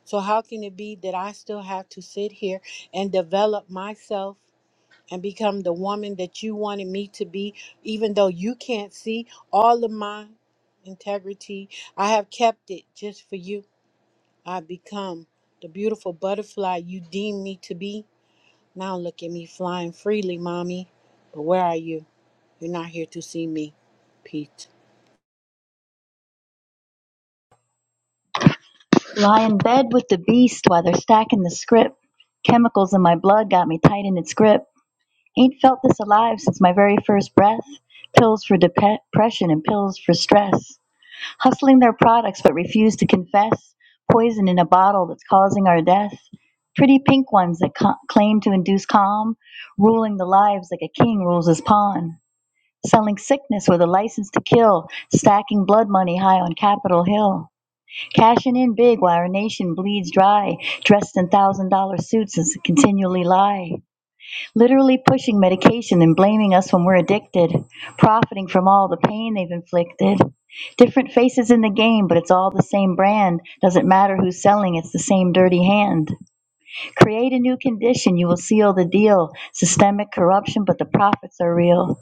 Speaker 16: So, how can it be that I still have to sit here and develop myself and become the woman that you wanted me to be, even though you can't see all of my integrity? I have kept it just for you. I've become the beautiful butterfly you deemed me to be. Now, look at me flying freely, mommy. But where are you? You're not here to see me, Pete.
Speaker 14: Lie in bed with the beast while they're stacking the script. Chemicals in my blood got me tight in its grip. Ain't felt this alive since my very first breath. Pills for depression and pills for stress. Hustling their products but refuse to confess. Poison in a bottle that's causing our death. Pretty pink ones that ca- claim to induce calm. Ruling the lives like a king rules his pawn. Selling sickness with a license to kill. Stacking blood money high on Capitol Hill Cashing in big while our nation bleeds dry, dressed in thousand dollar suits and continually lie. Literally pushing medication and blaming us when we're addicted, profiting from all the pain they've inflicted. Different faces in the game, but it's all the same brand. Doesn't matter who's selling, it's the same dirty hand. Create a new condition, you will seal the deal. Systemic corruption, but the profits are real.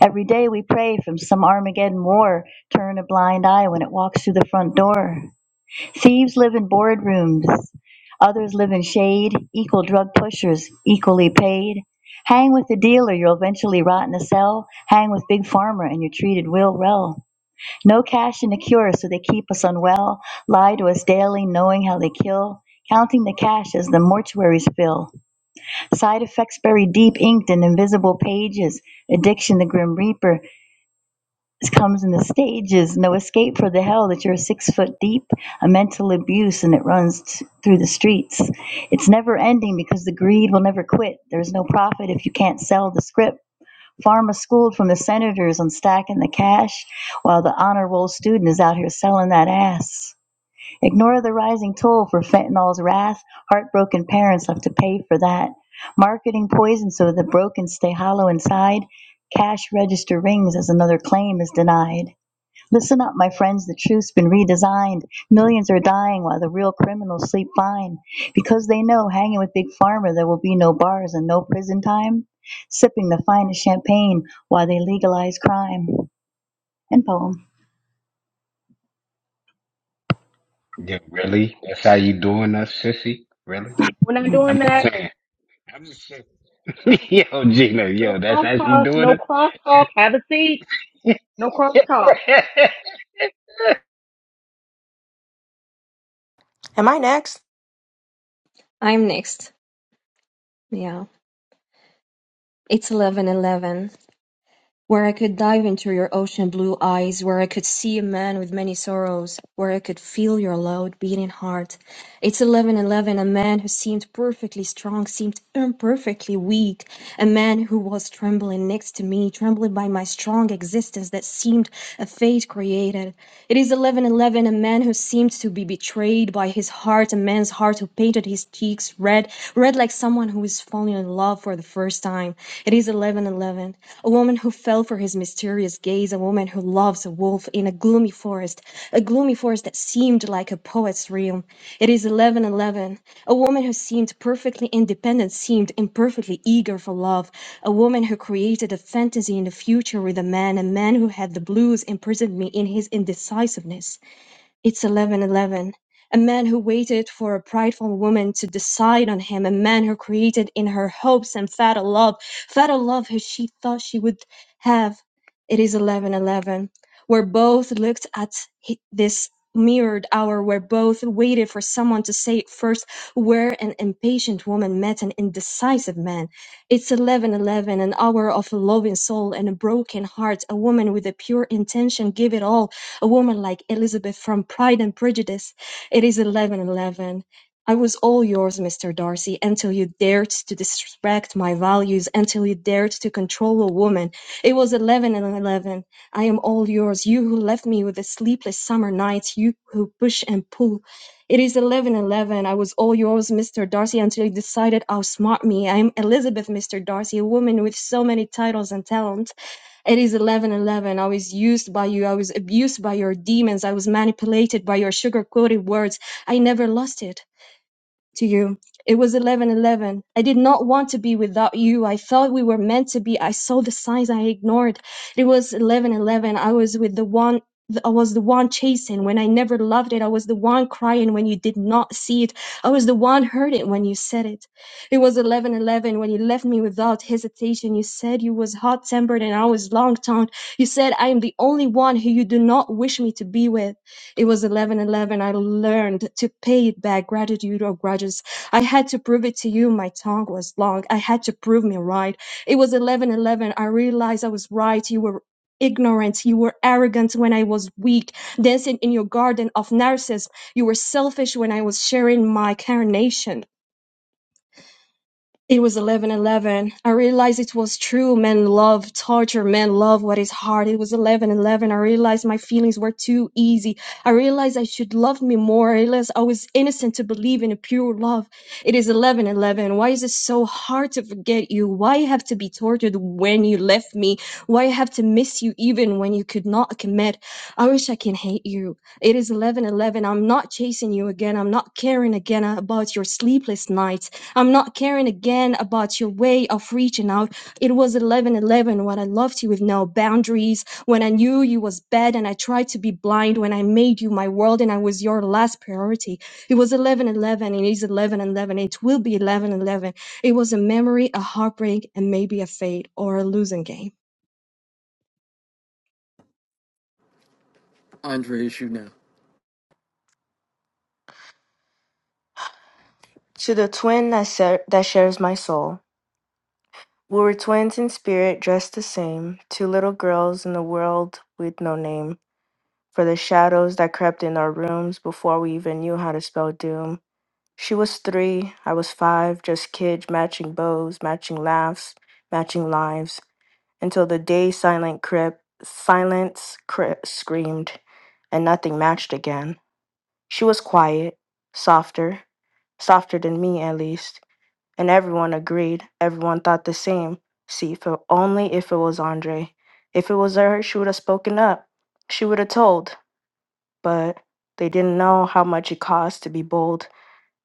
Speaker 14: Every day we pray from some Armageddon war. Turn a blind eye when it walks through the front door. Thieves live in boardrooms. Others live in shade. Equal drug pushers, equally paid. Hang with the dealer, you'll eventually rot in a cell. Hang with Big Pharma, and you're treated real well. No cash in the cure, so they keep us unwell. Lie to us daily, knowing how they kill. Counting the cash as the mortuaries fill. Side effects buried deep, inked in invisible pages. Addiction, the grim reaper comes in the stages. No escape for the hell that you're six foot deep, a mental abuse, and it runs t- through the streets. It's never ending because the greed will never quit. There's no profit if you can't sell the script. Pharma schooled from the senators on stacking the cash, while the honor roll student is out here selling that ass. Ignore the rising toll for fentanyl's wrath. Heartbroken parents have to pay for that. Marketing poison so the broken stay hollow inside. Cash register rings as another claim is denied. Listen up, my friends, the truth's been redesigned. Millions are dying while the real criminals sleep fine because they know hanging with Big Pharma there will be no bars and no prison time, sipping the finest champagne while they legalize crime. End poem.
Speaker 11: Yeah, really? That's how you doing us, sissy? Really?
Speaker 1: We're not
Speaker 11: I'm
Speaker 1: doing
Speaker 11: just
Speaker 1: that.
Speaker 11: saying. I'm just saying. [LAUGHS] yo, Gina,
Speaker 1: No
Speaker 11: yo, that's
Speaker 1: cross
Speaker 11: how she
Speaker 1: talk.
Speaker 11: doing
Speaker 1: No
Speaker 11: it?
Speaker 1: cross talk. Have a seat.
Speaker 11: [LAUGHS]
Speaker 1: No cross
Speaker 11: [LAUGHS]
Speaker 1: talk.
Speaker 11: Right
Speaker 12: Am I next?
Speaker 15: I'm next. Yeah. It's 11:11, where I could dive into your ocean blue eyes, where I could see a man with many sorrows, where I could feel your loud beating heart. It's 11:11, a man who seemed perfectly strong seemed imperfectly weak, a man who was trembling next to me, trembling by my strong existence that seemed a fate created. It is eleven eleven, a man who seemed to be betrayed by his heart, a man's heart who painted his cheeks red, red like someone who is falling in love for the first time. It is eleven eleven, a woman who fell for his mysterious gaze, a woman who loves a wolf in a gloomy forest, a gloomy forest that seemed like a poet's realm. It is eleven eleven, a woman who seemed perfectly independent, seemed imperfectly eager for love a woman who created a fantasy in the future with a man, a man who had the blues imprisoned me in his indecisiveness. It's 11:11. A man who waited for a prideful woman to decide on him, a man who created in her hopes and fatal love, fatal love who she thought she would have. It is 11:11, where both looked at he- this mirrored hour, where both waited for someone to say it first, where an impatient woman met an indecisive man. It's 11:11, an hour of a loving soul and a broken heart, a woman with a pure intention, give it all a woman like Elizabeth from Pride and Prejudice. It is 11:11. I was all yours, Mr. Darcy, until you dared to disrespect my values, until you dared to control a woman. It was 11 and 11. I am all yours, you who left me with the sleepless summer nights, you who push and pull. It is 11 11. I was all yours, Mr. Darcy, until you decided to smart me. I am Elizabeth, Mr. Darcy, a woman with so many titles and talents. It is 11, 11. I was used by you. I was abused by your demons. I was manipulated by your sugar coated words. I never lost it to you. It was 11:11. I did not want to be without you. I thought we were meant to be. I saw the signs I ignored. It was 11:11. I was with the one I was the one chasing when I never loved it. I was the one crying when you did not see it. I was the one hurting when you said it. It was 11:11 when you left me without hesitation. You said you was hot-tempered and I was long-tongued. You said I am the only one who you do not wish me to be with. It was 11:11. I learned to pay it back gratitude or grudges. I had to prove it to you. My tongue was long. I had to prove me right. It was 11:11. I realized I was right. You were ignorant. You were arrogant when I was weak, dancing in your garden of narcissism. You were selfish when I was sharing my carnation it was 11:11. I realized it was true. Men love torture. Men love what is hard. It was 11:11. I realized my feelings were too easy. I realized I should love me more. I realized I was innocent to believe in a pure love. It is 11:11. Why is it so hard to forget you? Why have to be tortured when you left me? Why have to miss you even when you could not commit? I wish I can hate you. It is 11:11. I'm not chasing you again. I'm not caring again about your sleepless nights. I'm not caring again about your way of reaching out. It was 11:11 when I loved you with no boundaries, when I knew you was bad and I tried to be blind when I made you my world and I was your last priority. It was 11:11 and it is 11:11. It will be 11:11. It was a memory, a heartbreak and maybe a fate or a losing game.
Speaker 2: Andre issue now.
Speaker 12: To the twin that, ser- that shares my soul. We were twins in spirit, dressed the same, two little girls in a world with no name. for the shadows that crept in our rooms before we even knew how to spell doom. She was three, I was five, just kids matching bows, matching laughs, matching lives, until the day silent crib, silence cri- screamed, and nothing matched again. She was quiet, softer, softer than me at least, and everyone agreed, everyone thought the same. See, if it, only if it was Andre. If it was her, she would have spoken up. She would have told but they didn't know how much it cost to be bold.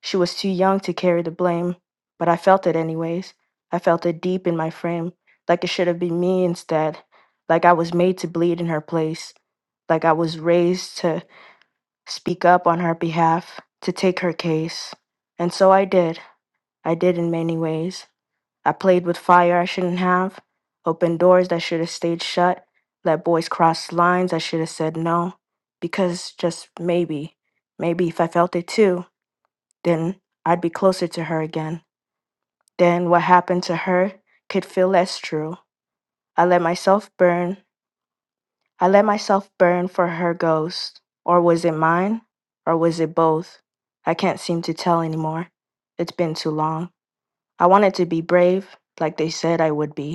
Speaker 12: She was too young to carry the blame, but I felt it anyways. I felt it deep in my frame, like it should have been me instead, like I was made to bleed in her place, like I was raised to speak up on her behalf, to take her case. And so I did. I did in many ways. I played with fire I shouldn't have, opened doors that should have stayed shut, let boys cross lines I should have said no. Because just maybe, maybe if I felt it too, then I'd be closer to her again. Then what happened to her could feel less true. I let myself burn. I let myself burn for her ghost. Or was it mine? Or was it both? I can't seem to tell anymore. It's been too long. I wanted to be brave, like they said I would be.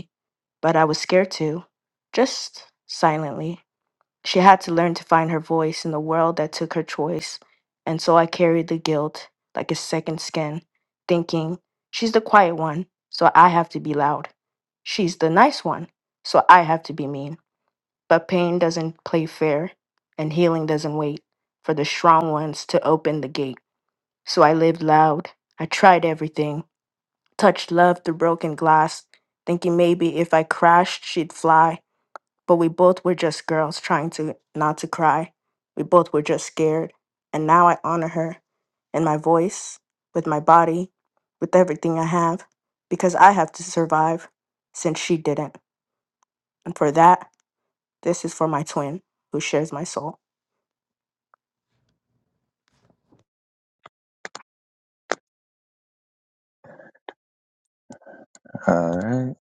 Speaker 12: but I was scared too, just silently. She had to learn to find her voice in the world that took her choice, and so I carried the guilt like a second skin, thinking, she's the quiet one, so I have to be loud. She's the nice one, so I have to be mean. But pain doesn't play fair, and healing doesn't wait for the strong ones to open the gate. So I lived loud. I tried everything, touched love through broken glass, thinking maybe if I crashed, she'd fly but we both were just girls trying to not to cry. We both were just scared. And now I honor her in my voice, with my body, with everything I have, because I have to survive since she didn't. And for that, this is for my twin who shares my soul.
Speaker 8: All right.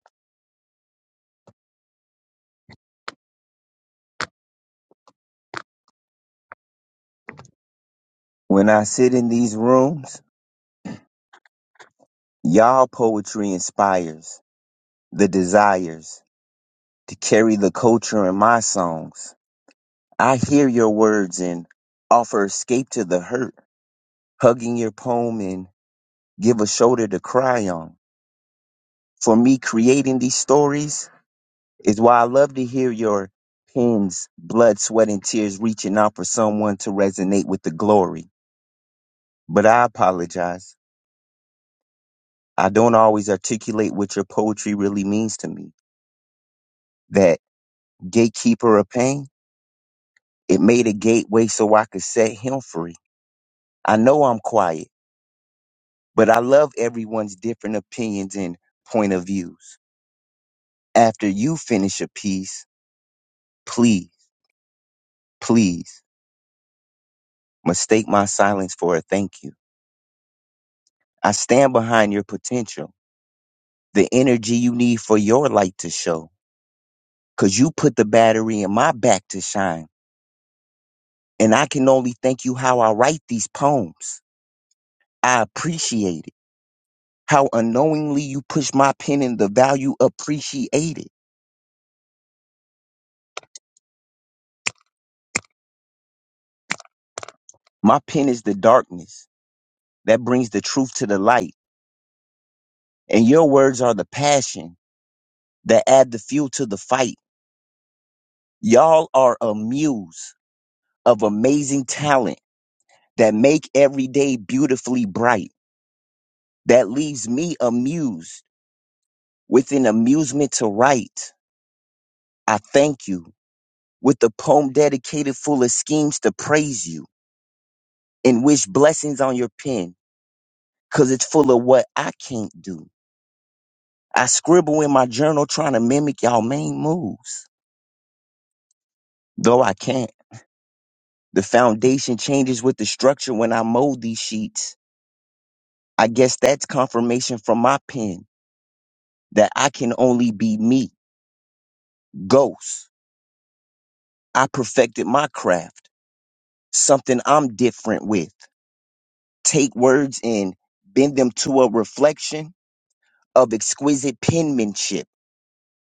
Speaker 8: When I sit in these rooms, y'all poetry inspires the desires to carry the culture in my songs. I hear your words and offer escape to the hurt, hugging your poem and give a shoulder to cry on. For me, creating these stories is why I love to hear your pens, blood, sweat, and tears reaching out for someone to resonate with the glory. But I apologize. I don't always articulate what your poetry really means to me. That gatekeeper of pain, it made a gateway so I could set him free. I know I'm quiet, but I love everyone's different opinions and point of views. After you finish a piece, please, please mistake my silence for a thank you. I stand behind your potential, the energy you need for your light to show, cause you put the battery in my back to shine. And I can only thank you how I write these poems. I appreciate it. How unknowingly you push my pen in the value appreciated. My pen is the darkness that brings the truth to the light. And your words are the passion that add the fuel to the fight. Y'all are a muse of amazing talent that make every day beautifully bright. That leaves me amused with an amusement to write. I thank you with a poem dedicated full of schemes to praise you and wish blessings on your pen. because it's full of what I can't do. I scribble in my journal trying to mimic y'all main moves, though I can't. The foundation changes with the structure when I mold these sheets. I guess that's confirmation from my pen that I can only be me, ghost. I perfected my craft, something I'm different with. Take words and bend them to a reflection of exquisite penmanship.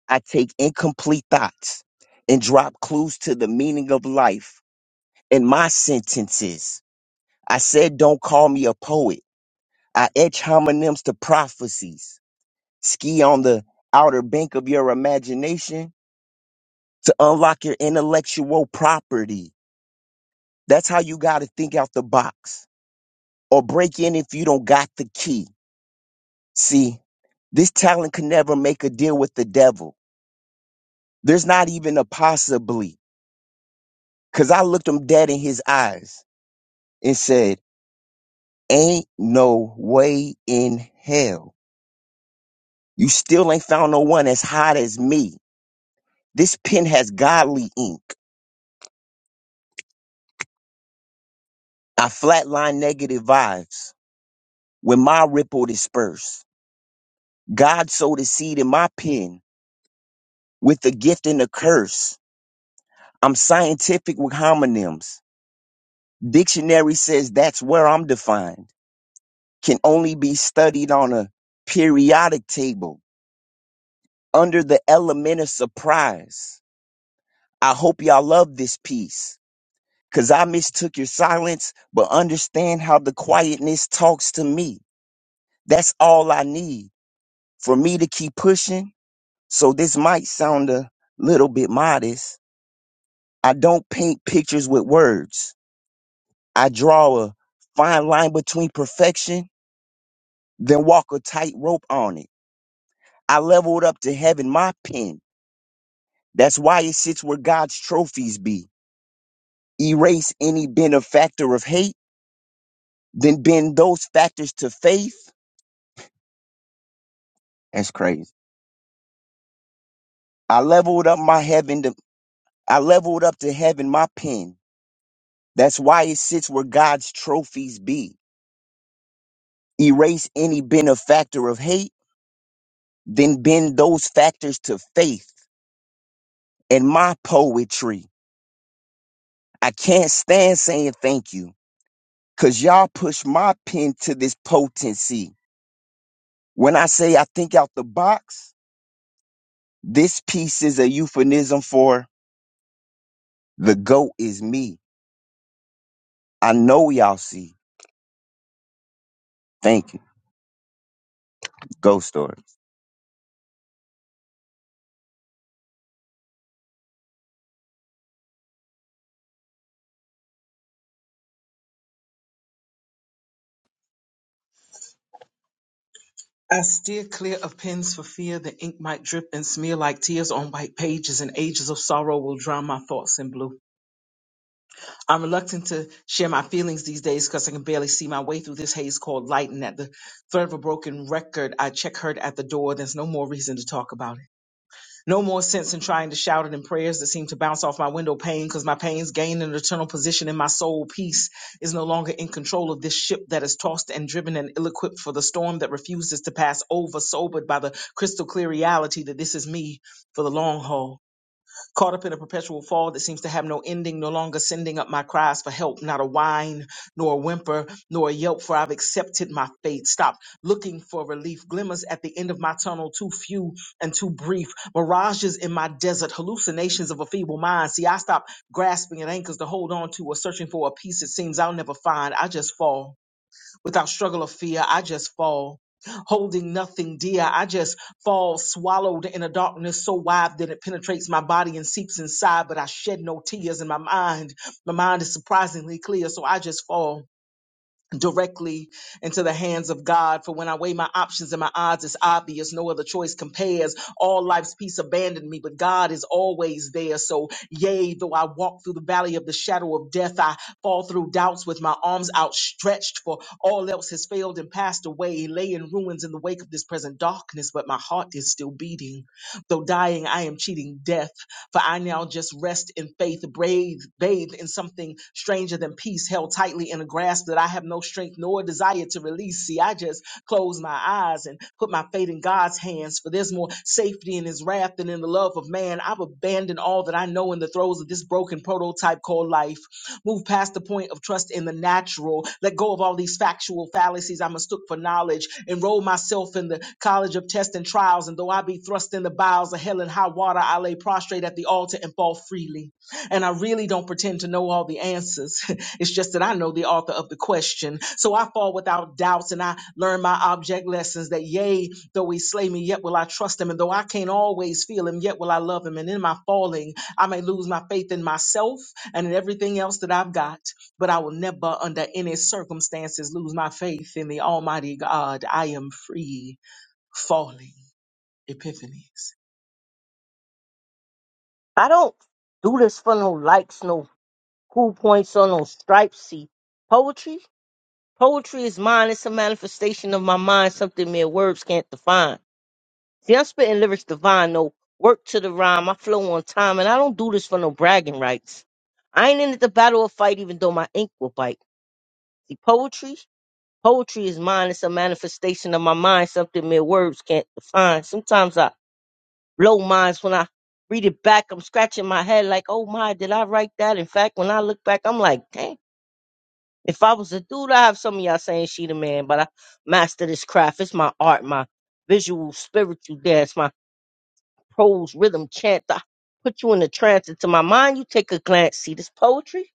Speaker 8: I take incomplete thoughts and drop clues to the meaning of life in my sentences. I said, don't call me a poet. I etch homonyms to prophecies. Ski on the outer bank of your imagination to unlock your intellectual property. That's how you got to think out the box or break in if you don't got the key. See, this talent can never make a deal with the devil. There's not even a possibly. Cause I looked him dead in his eyes and said, ain't no way in hell You still ain't found no one as hot as me. This pen has godly ink. I flatline negative vibes when my ripple disperse. God sowed a seed in my pen with a gift and a curse. I'm scientific with homonyms. Dictionary says that's where I'm defined. Can only be studied on a periodic table under the element of surprise. I hope y'all love this piece. because I mistook your silence, but understand how the quietness talks to me. That's all I need for me to keep pushing. So this might sound a little bit modest. I don't paint pictures with words. I draw a fine line between perfection, then walk a tightrope on it. I leveled up to heaven my pen. That's why it sits where God's trophies be. Erase any benefactor of hate, then bend those factors to faith. That's crazy I leveled up my heaven to I leveled up to heaven my pen. That's why it sits where God's trophies be. Erase any benefactor of hate, then bend those factors to faith and my poetry. I can't stand saying thank you, cause y'all push my pen to this potency. When I say I think out the box, this piece is a euphemism for the goat is me. I know y'all see. Thank you. Ghost story.
Speaker 9: I steer clear of pens for fear the ink might drip and smear like tears on white pages, and ages of sorrow will drown my thoughts in blue. I'm reluctant to share my feelings these days because I can barely see my way through this haze called light, and at the threat of a broken record, I check her at the door. There's no more reason to talk about it. No more sense in trying to shout it in prayers that seem to bounce off my window pane because my pains gain an eternal position in my soul. Peace is no longer in control of this ship that is tossed and driven and ill equipped for the storm that refuses to pass over, sobered by the crystal clear reality that this is me for the long haul caught up in a perpetual fall that seems to have no ending, no longer sending up my cries for help, not a whine, nor a whimper, nor a yelp, for I've accepted my fate. Stop looking for relief, glimmers at the end of my tunnel, too few and too brief, mirages in my desert, hallucinations of a feeble mind. See, I stop grasping at anchors to hold on to or searching for a peace it seems I'll never find. I just fall. Without struggle or fear, I just fall. Holding nothing dear, I just fall swallowed in a darkness so wide that it penetrates my body and seeps inside, but I shed no tears in my mind. My mind is surprisingly clear, so I just fall directly into the hands of God. For when I weigh my options and my odds, it's obvious. No other choice compares. All life's peace abandoned me, but God is always there. So, yea, though I walk through the valley of the shadow of death, I fall through doubts with my arms outstretched, for all else has failed and passed away, lay in ruins in the wake of this present darkness, but my heart is still beating. Though dying, I am cheating death, for I now just rest in faith, brave, bathed in something stranger than peace, held tightly in a grasp that I have no strength nor desire to release. See, I just close my eyes and put my fate in God's hands, for there's more safety in his wrath than in the love of man. I've abandoned all that I know in the throes of this broken prototype called life. Move past the point of trust in the natural. Let go of all the these factual fallacies. I mistook for knowledge, enroll myself in the college of tests and trials, and though I be thrust in the bowels of hell and high water, I lay prostrate at the altar and fall freely. And I really don't pretend to know all the answers. [LAUGHS] it's just that I know the author of the question. So I fall without doubts and I learn my object lessons that yea, though he slay me, yet will I trust him. And though I can't always feel him, yet will I love him. And in my falling, I may lose my faith in myself and in everything else that I've got but I will never, under any circumstances, lose my faith in the Almighty God. I am free falling epiphanies.
Speaker 6: I don't do this for no likes, no cool points, or no stripes. See, poetry. Poetry is mine. It's a manifestation of my mind, something mere words can't define. See, I'm spitting lyrics divine, no work to the rhyme. I flow on time, and I don't do this for no bragging rights. I ain't in it to battle or fight, even though my ink will bite. See, poetry, poetry is mine. It's a manifestation of my mind, something mere words can't define. Sometimes I blow minds when I read it back. I'm scratching my head like, oh my, did I write that? In fact, when I look back, I'm like, damn. If I was a dude, I have some of y'all saying she the man, but I master this craft. It's my art, my visual, spiritual dance, my prose, rhythm, chant. I put you in a trance into my mind. You take a glance. See this poetry?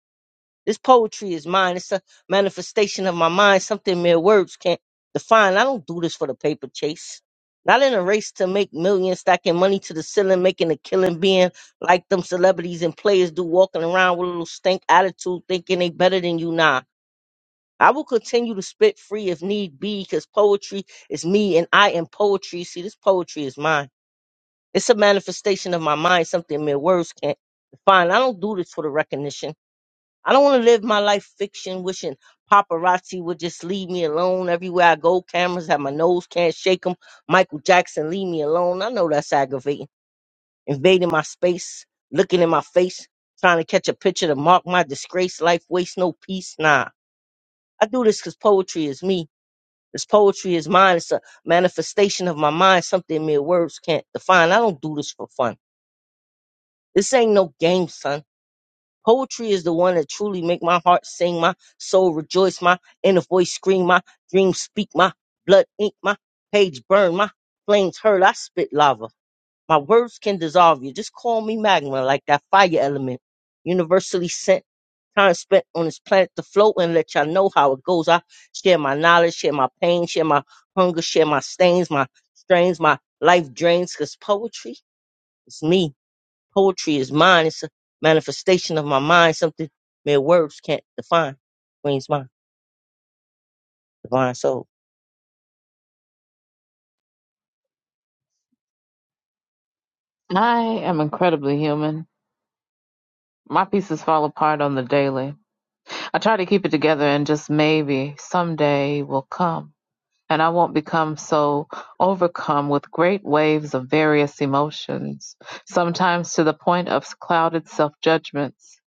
Speaker 6: This poetry is mine. It's a manifestation of my mind, something mere words can't define. I don't do this for the paper chase. Not in a race to make millions, stacking money to the ceiling, making a killing, being like them celebrities and players do, walking around with a little stink attitude, thinking they better than you. Nah, I will continue to spit free if need be, because poetry is me and I am poetry. See, this poetry is mine. It's a manifestation of my mind, something mere words can't define. I don't do this for the recognition. I don't want to live my life fiction, wishing paparazzi would just leave me alone. Everywhere I go, cameras have my nose, can't shake 'em. Michael Jackson, leave me alone. I know that's aggravating. Invading my space, looking in my face, trying to catch a picture to mark my disgrace. Life waste no peace. Nah, I do this because poetry is me. This poetry is mine. It's a manifestation of my mind, something mere words can't define. I don't do this for fun. This ain't no game, son. Poetry is the one that truly make my heart sing, my soul rejoice, my inner voice scream, my dreams speak, my blood ink, my page burn, my flames hurt. I spit lava. My words can dissolve you. Just call me magma, like that fire element, universally sent. Time spent on this planet to float and let y'all know how it goes. I share my knowledge, share my pain, share my hunger, share my stains, my strains, my life drains. Cause poetry is me. Poetry is mine. It's a manifestation of my mind, something mere words can't define. Queen's mind, divine soul.
Speaker 4: I am incredibly human. My pieces fall apart on the daily. I try to keep it together and just maybe someday will come. And I won't become so overcome with great waves of various emotions, sometimes to the point of clouded self judgments.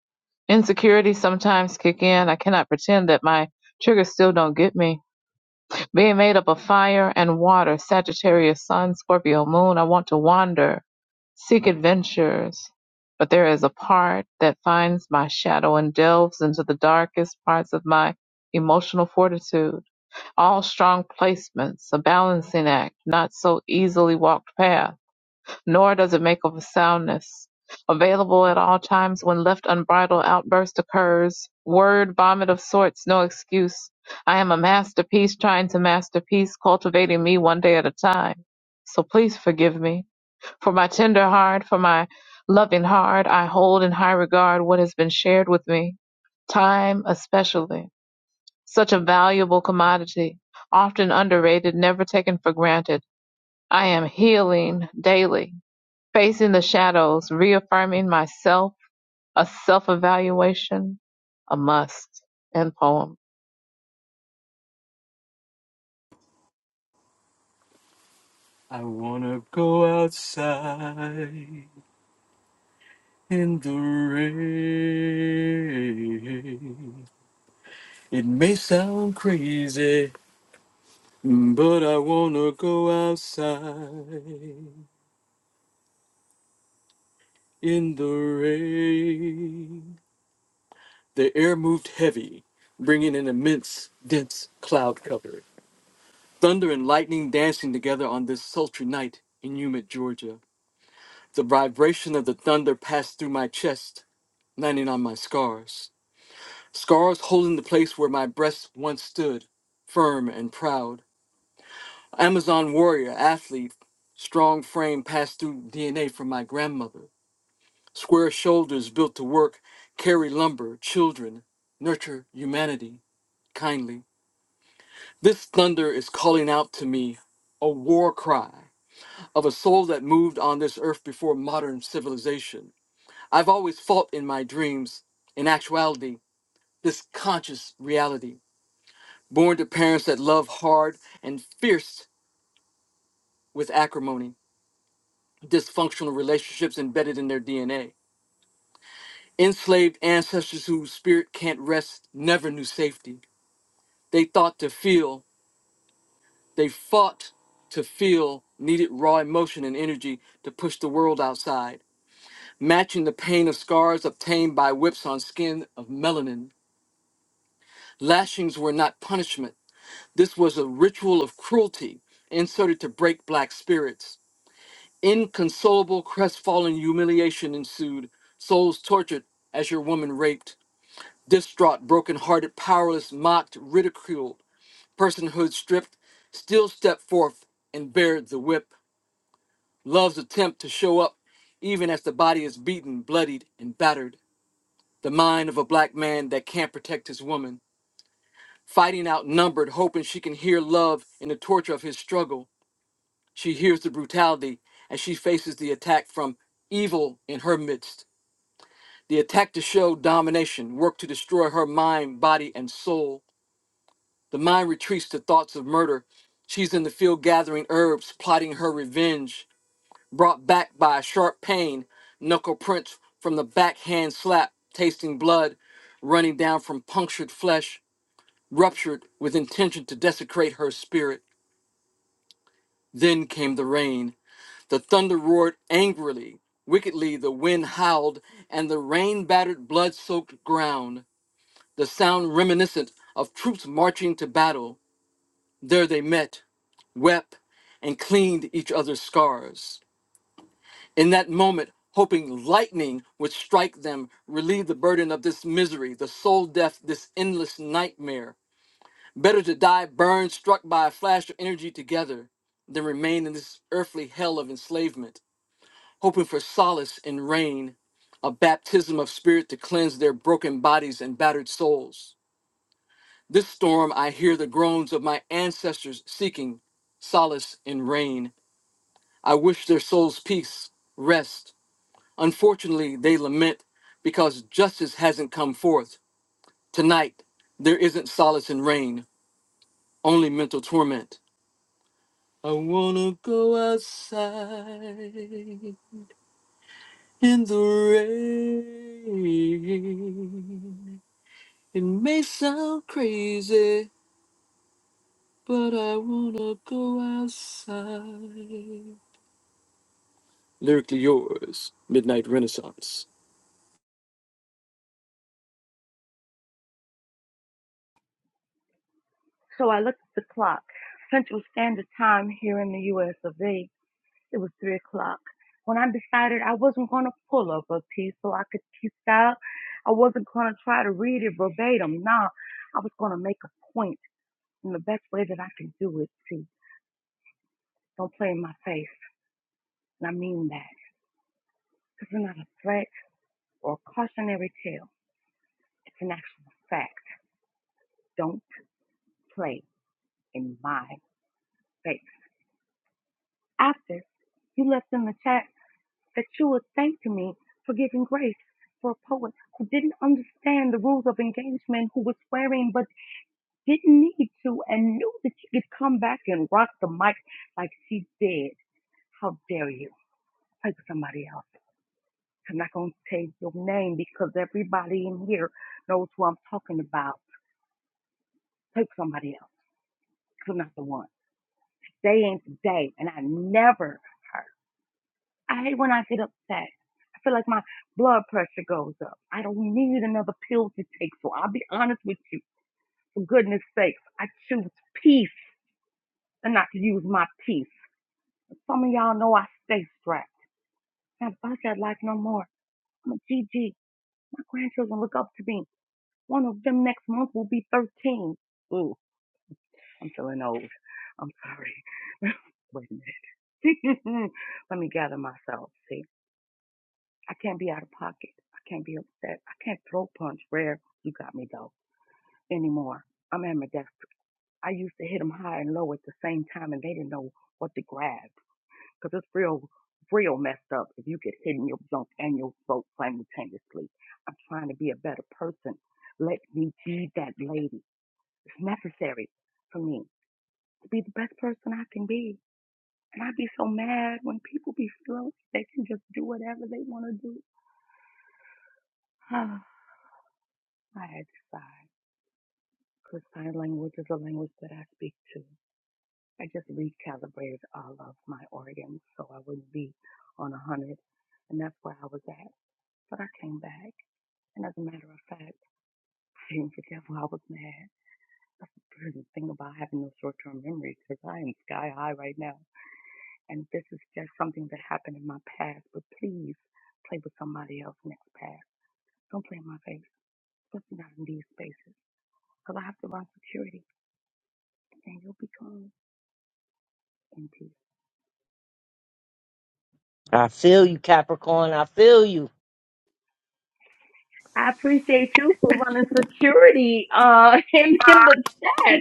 Speaker 4: Insecurities sometimes kick in. I cannot pretend that my triggers still don't get me. Being made up of fire and water, Sagittarius, Sun, Scorpio, Moon, I want to wander, seek adventures. But there is a part that finds my shadow and delves into the darkest parts of my emotional fortitude. All strong placements, a balancing act, not so easily walked path nor does it make of a soundness. Available at all times when left unbridled, outburst occurs. Word vomit of sorts, no excuse. I am a masterpiece trying to masterpiece, cultivating me one day at a time. So please forgive me. For my tender heart, for my loving heart, I hold in high regard what has been shared with me. Time especially. Such a valuable commodity, often underrated, never taken for granted. I am healing daily Facing the shadows, reaffirming myself, a self evaluation, a must. and poem.
Speaker 2: I wanna go outside in the rain. It may sound crazy, but I wanna go outside in the rain. The air moved heavy, bringing an immense, dense cloud cover. Thunder and lightning dancing together on this sultry night in humid Georgia. The vibration of the thunder passed through my chest, landing on my scars. Scars holding the place where my breast once stood, firm and proud. Amazon warrior, athlete, strong frame passed through DNA from my grandmother. Square shoulders built to work, carry lumber, children, nurture humanity kindly. This thunder is calling out to me a war cry of a soul that moved on this earth before modern civilization. I've always fought in my dreams, in actuality, this conscious reality. Born to parents that love hard and fierce with acrimony, dysfunctional relationships embedded in their DNA, enslaved ancestors whose spirit can't rest never knew safety. They thought to feel They fought to feel needed raw emotion and energy to push the world outside, matching the pain of scars obtained by whips on skin of melanin. Lashings were not punishment. This was a ritual of cruelty inserted to break black spirits. Inconsolable, crestfallen humiliation ensued, souls tortured as your woman raped, distraught, broken-hearted, powerless, mocked, ridiculed, personhood stripped, still stepped forth and bared the whip Love's attempt to show up even as the body is beaten, bloodied, and battered. The mind of a black man that can't protect his woman. Fighting outnumbered, hoping she can hear love in the torture of his struggle. She hears the brutality and she faces the attack from evil in her midst. The attack to show domination, work to destroy her mind, body, and soul. The mind retreats to thoughts of murder. She's in the field gathering herbs, plotting her revenge. brought back by a sharp pain, knuckle prints from the backhand slap, tasting blood running down from punctured flesh, ruptured with intention to desecrate her spirit. Then came the rain. The thunder roared angrily. Wickedly, the wind howled, and the rain battered blood soaked ground, the sound reminiscent of troops marching to battle. There they met, wept, and cleaned each other's scars. in that moment, hoping lightning would strike them, relieve the burden of this misery, the soul death, this endless nightmare. Better to die burned, struck by a flash of energy together, than remain in this earthly hell of enslavement, hoping for solace in rain, a baptism of spirit to cleanse their broken bodies and battered souls. This storm, I hear the groans of my ancestors seeking solace in rain. I wish their souls peace, rest, Unfortunately, they lament because justice hasn't come forth. Tonight, there isn't solace in rain, only mental torment. I wanna go outside in the rain. It may sound crazy, but I wanna go outside. Lyrically yours, Midnight Renaissance.
Speaker 1: So I looked at the clock. Central Standard Time here in the U.S. of A. It was three o'clock. When I decided I wasn't going to pull up a piece so I could piece it out, I wasn't going to try to read it verbatim. Nah, I was going to make a point. in the best way that I could do it, see, don't play in my face. And I mean that. This is not a threat or a cautionary tale. It's an actual fact. Don't play in my face. After you left in the chat that you were thanking me for giving grace for a poet who didn't understand the rules of engagement, who was swearing but didn't need to and knew that she could come back and rock the mic like she did. How dare you? Play with somebody else. I'm not going to say your name because everybody in here knows who I'm talking about. Play with somebody else. You're not the one. Today ain't the day, and I never hurt. I hate when I get upset. I feel like my blood pressure goes up. I don't need another pill to take, so I'll be honest with you. For goodness sakes, I choose peace and not to use my peace. Some of y'all know I stay strapped. Not about that life no more. I'm a GG. My grandchildren look up to me. One of them next month will be 13. Ooh, I'm feeling old. I'm sorry. [LAUGHS] Wait a minute. [LAUGHS] Let me gather myself. See, I can't be out of pocket. I can't be upset. I can't throw punch. Rare, you got me though. Anymore. I'm ambidextrous. I used to hit them high and low at the same time, and they didn't know what to grab. Cause it's real, real messed up if you get hit in your junk and your throat simultaneously. I'm trying to be a better person. Let me be that lady. It's necessary for me to be the best person I can be. And I'd be so mad when people be slow. They can just do whatever they want to do. [SIGHS] I had to sigh. Because sign language is a language that I speak to. I just recalibrated all of my organs so I wouldn't be on a hundred. And that's where I was at. But I came back. And as a matter of fact, [LAUGHS] I didn't forget why I was mad. That's the brilliant thing about having no short term memory because I am sky high right now. And this is just something that happened in my past, but please play with somebody else's next past. Don't play in my face, especially not in these spaces because I have to run security and you'll be gone in
Speaker 6: I feel you, Capricorn. I feel you.
Speaker 1: I appreciate you for running security uh [LAUGHS] in, in the chat.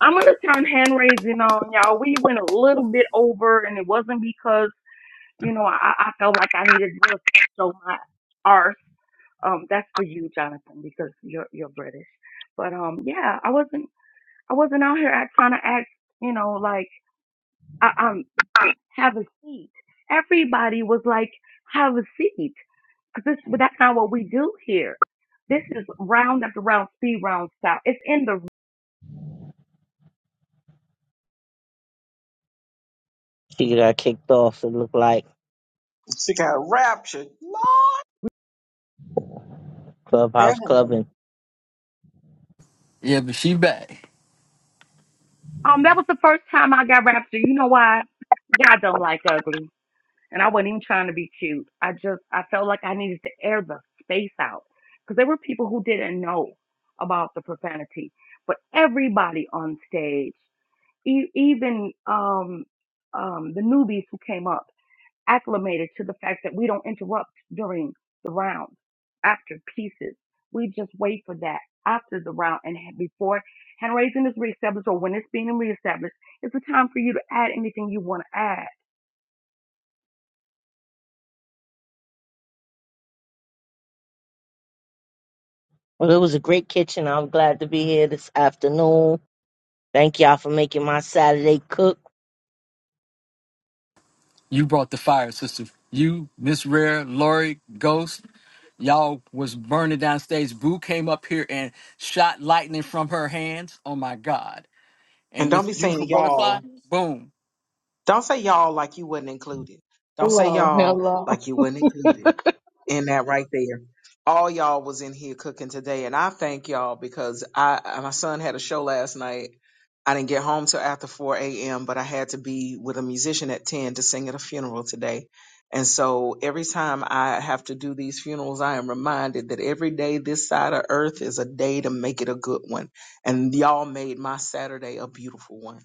Speaker 1: I'm gonna turn hand raising on y'all. We went a little bit over and it wasn't because. You know, I, I felt like I needed to show my arse. Um, that's for you, Jonathan, because you're you're British. But um, yeah, I wasn't I wasn't out here act, trying to act. You know, like I, I'm have a seat. Everybody was like, have a seat, because this that's not what we do here. This is round after round, speed round style. It's in the
Speaker 6: She got kicked off. It looked like
Speaker 9: Lord, there
Speaker 6: Clubhouse
Speaker 9: you
Speaker 6: clubbing.
Speaker 9: go.
Speaker 2: Yeah, but she back.
Speaker 1: um. That was the first time I got raptured. You know why? God don't like ugly. And I wasn't even trying to be cute. I just, I felt like I needed to air the space out because there were people who didn't know about the profanity. But everybody on stage, e- even um, um, the newbies who came up, acclimated to the fact that we don't interrupt during the round after pieces. We just wait for that after the round and ha- before hand raising is reestablished or when it's being reestablished, it's a time for you to add anything you want to add.
Speaker 6: Well, it was a great kitchen. I'm glad to be here this afternoon. Thank y'all for making my Saturday cook.
Speaker 2: You brought the fire, sister. You, Miss Rare, Lori, Ghost. Y'all was burning downstage. Boo came up here and shot lightning from her hands. Oh my God.
Speaker 9: And
Speaker 2: And
Speaker 9: don't
Speaker 2: Miss
Speaker 9: be saying
Speaker 2: Beautiful Butterfly,
Speaker 9: y'all.
Speaker 2: boom.
Speaker 9: Don't say y'all like you wasn't included. Don't say
Speaker 4: Hello,
Speaker 9: y'all
Speaker 4: hello.
Speaker 9: like you wasn't
Speaker 4: [LAUGHS]
Speaker 9: included. In that right there. All y'all was in here cooking today, and I thank y'all because I I- my son had a show last night. I didn't get home till after 4 a.m., but I had to be with a musician at 10 to sing at a funeral today. And so every time I have to do these funerals, I am reminded that every day this side of earth is a day to make it a good one. And y'all made my Saturday a beautiful one.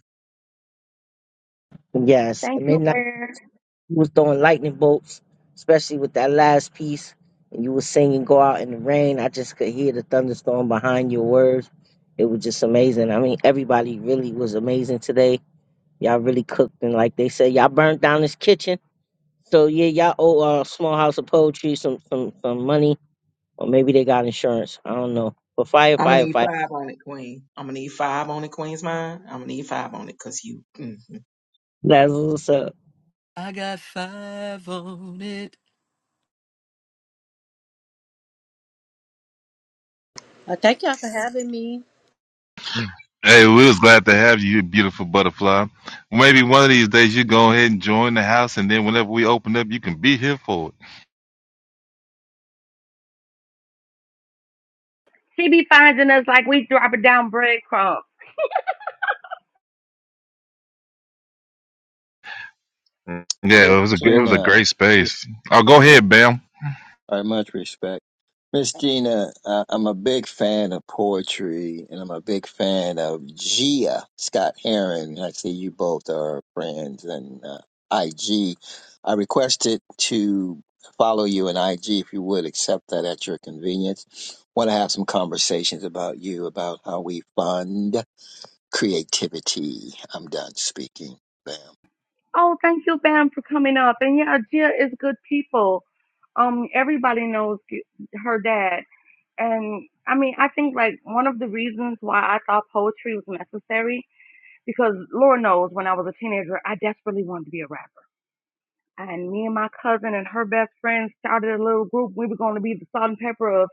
Speaker 6: Yes, at
Speaker 1: Thank you,
Speaker 6: midnight
Speaker 1: Rare.
Speaker 6: you was throwing lightning bolts, especially with that last piece, and you were singing "Go Out in the Rain." I just could hear the thunderstorm behind your words. It was just amazing. I mean, everybody really was amazing today. Y'all really cooked, and like they said, y'all burned down this kitchen. So yeah, y'all owe uh, Small House of Poetry some some some money, or maybe they got insurance. I don't know. But fire,
Speaker 9: I'm gonna
Speaker 6: fire,
Speaker 9: need
Speaker 6: fire.
Speaker 9: five on it, Queen. I'm gonna need five on it, Queen's mine. I'm gonna need five on it, cause you. mm-hmm.
Speaker 6: That's what's up.
Speaker 2: I got five on it.
Speaker 16: I thank y'all for having me.
Speaker 10: Hey, we was glad to have you, you beautiful butterfly. Maybe one of these days you go ahead and join the house, and then whenever we open up, you can be here for
Speaker 1: She be finding us like we dropping down breadcrumbs.
Speaker 10: it.
Speaker 17: Miss
Speaker 10: Yeah, it was a it was a
Speaker 17: Gina,
Speaker 10: great space. Oh, go ahead,
Speaker 17: I
Speaker 10: Bam.
Speaker 17: much respect. Miss Gina, uh, I'm a big fan of poetry and I'm a big fan of Gia Scott Heron. I see you both are friends and uh, IG. I requested to follow you in IG if you would accept that at your convenience. Want to have some conversations about you, about how we fund creativity. I'm done speaking. Bam.
Speaker 1: Oh, thank you, Bam, for coming up. And yeah, Jill is good people. Um, everybody knows her dad. And I mean, I think like one of the reasons why I thought poetry was necessary because Lord knows when I was a teenager, I desperately wanted to be a rapper. And me and my cousin and her best friend started a little group. We were going to be the salt and pepper of,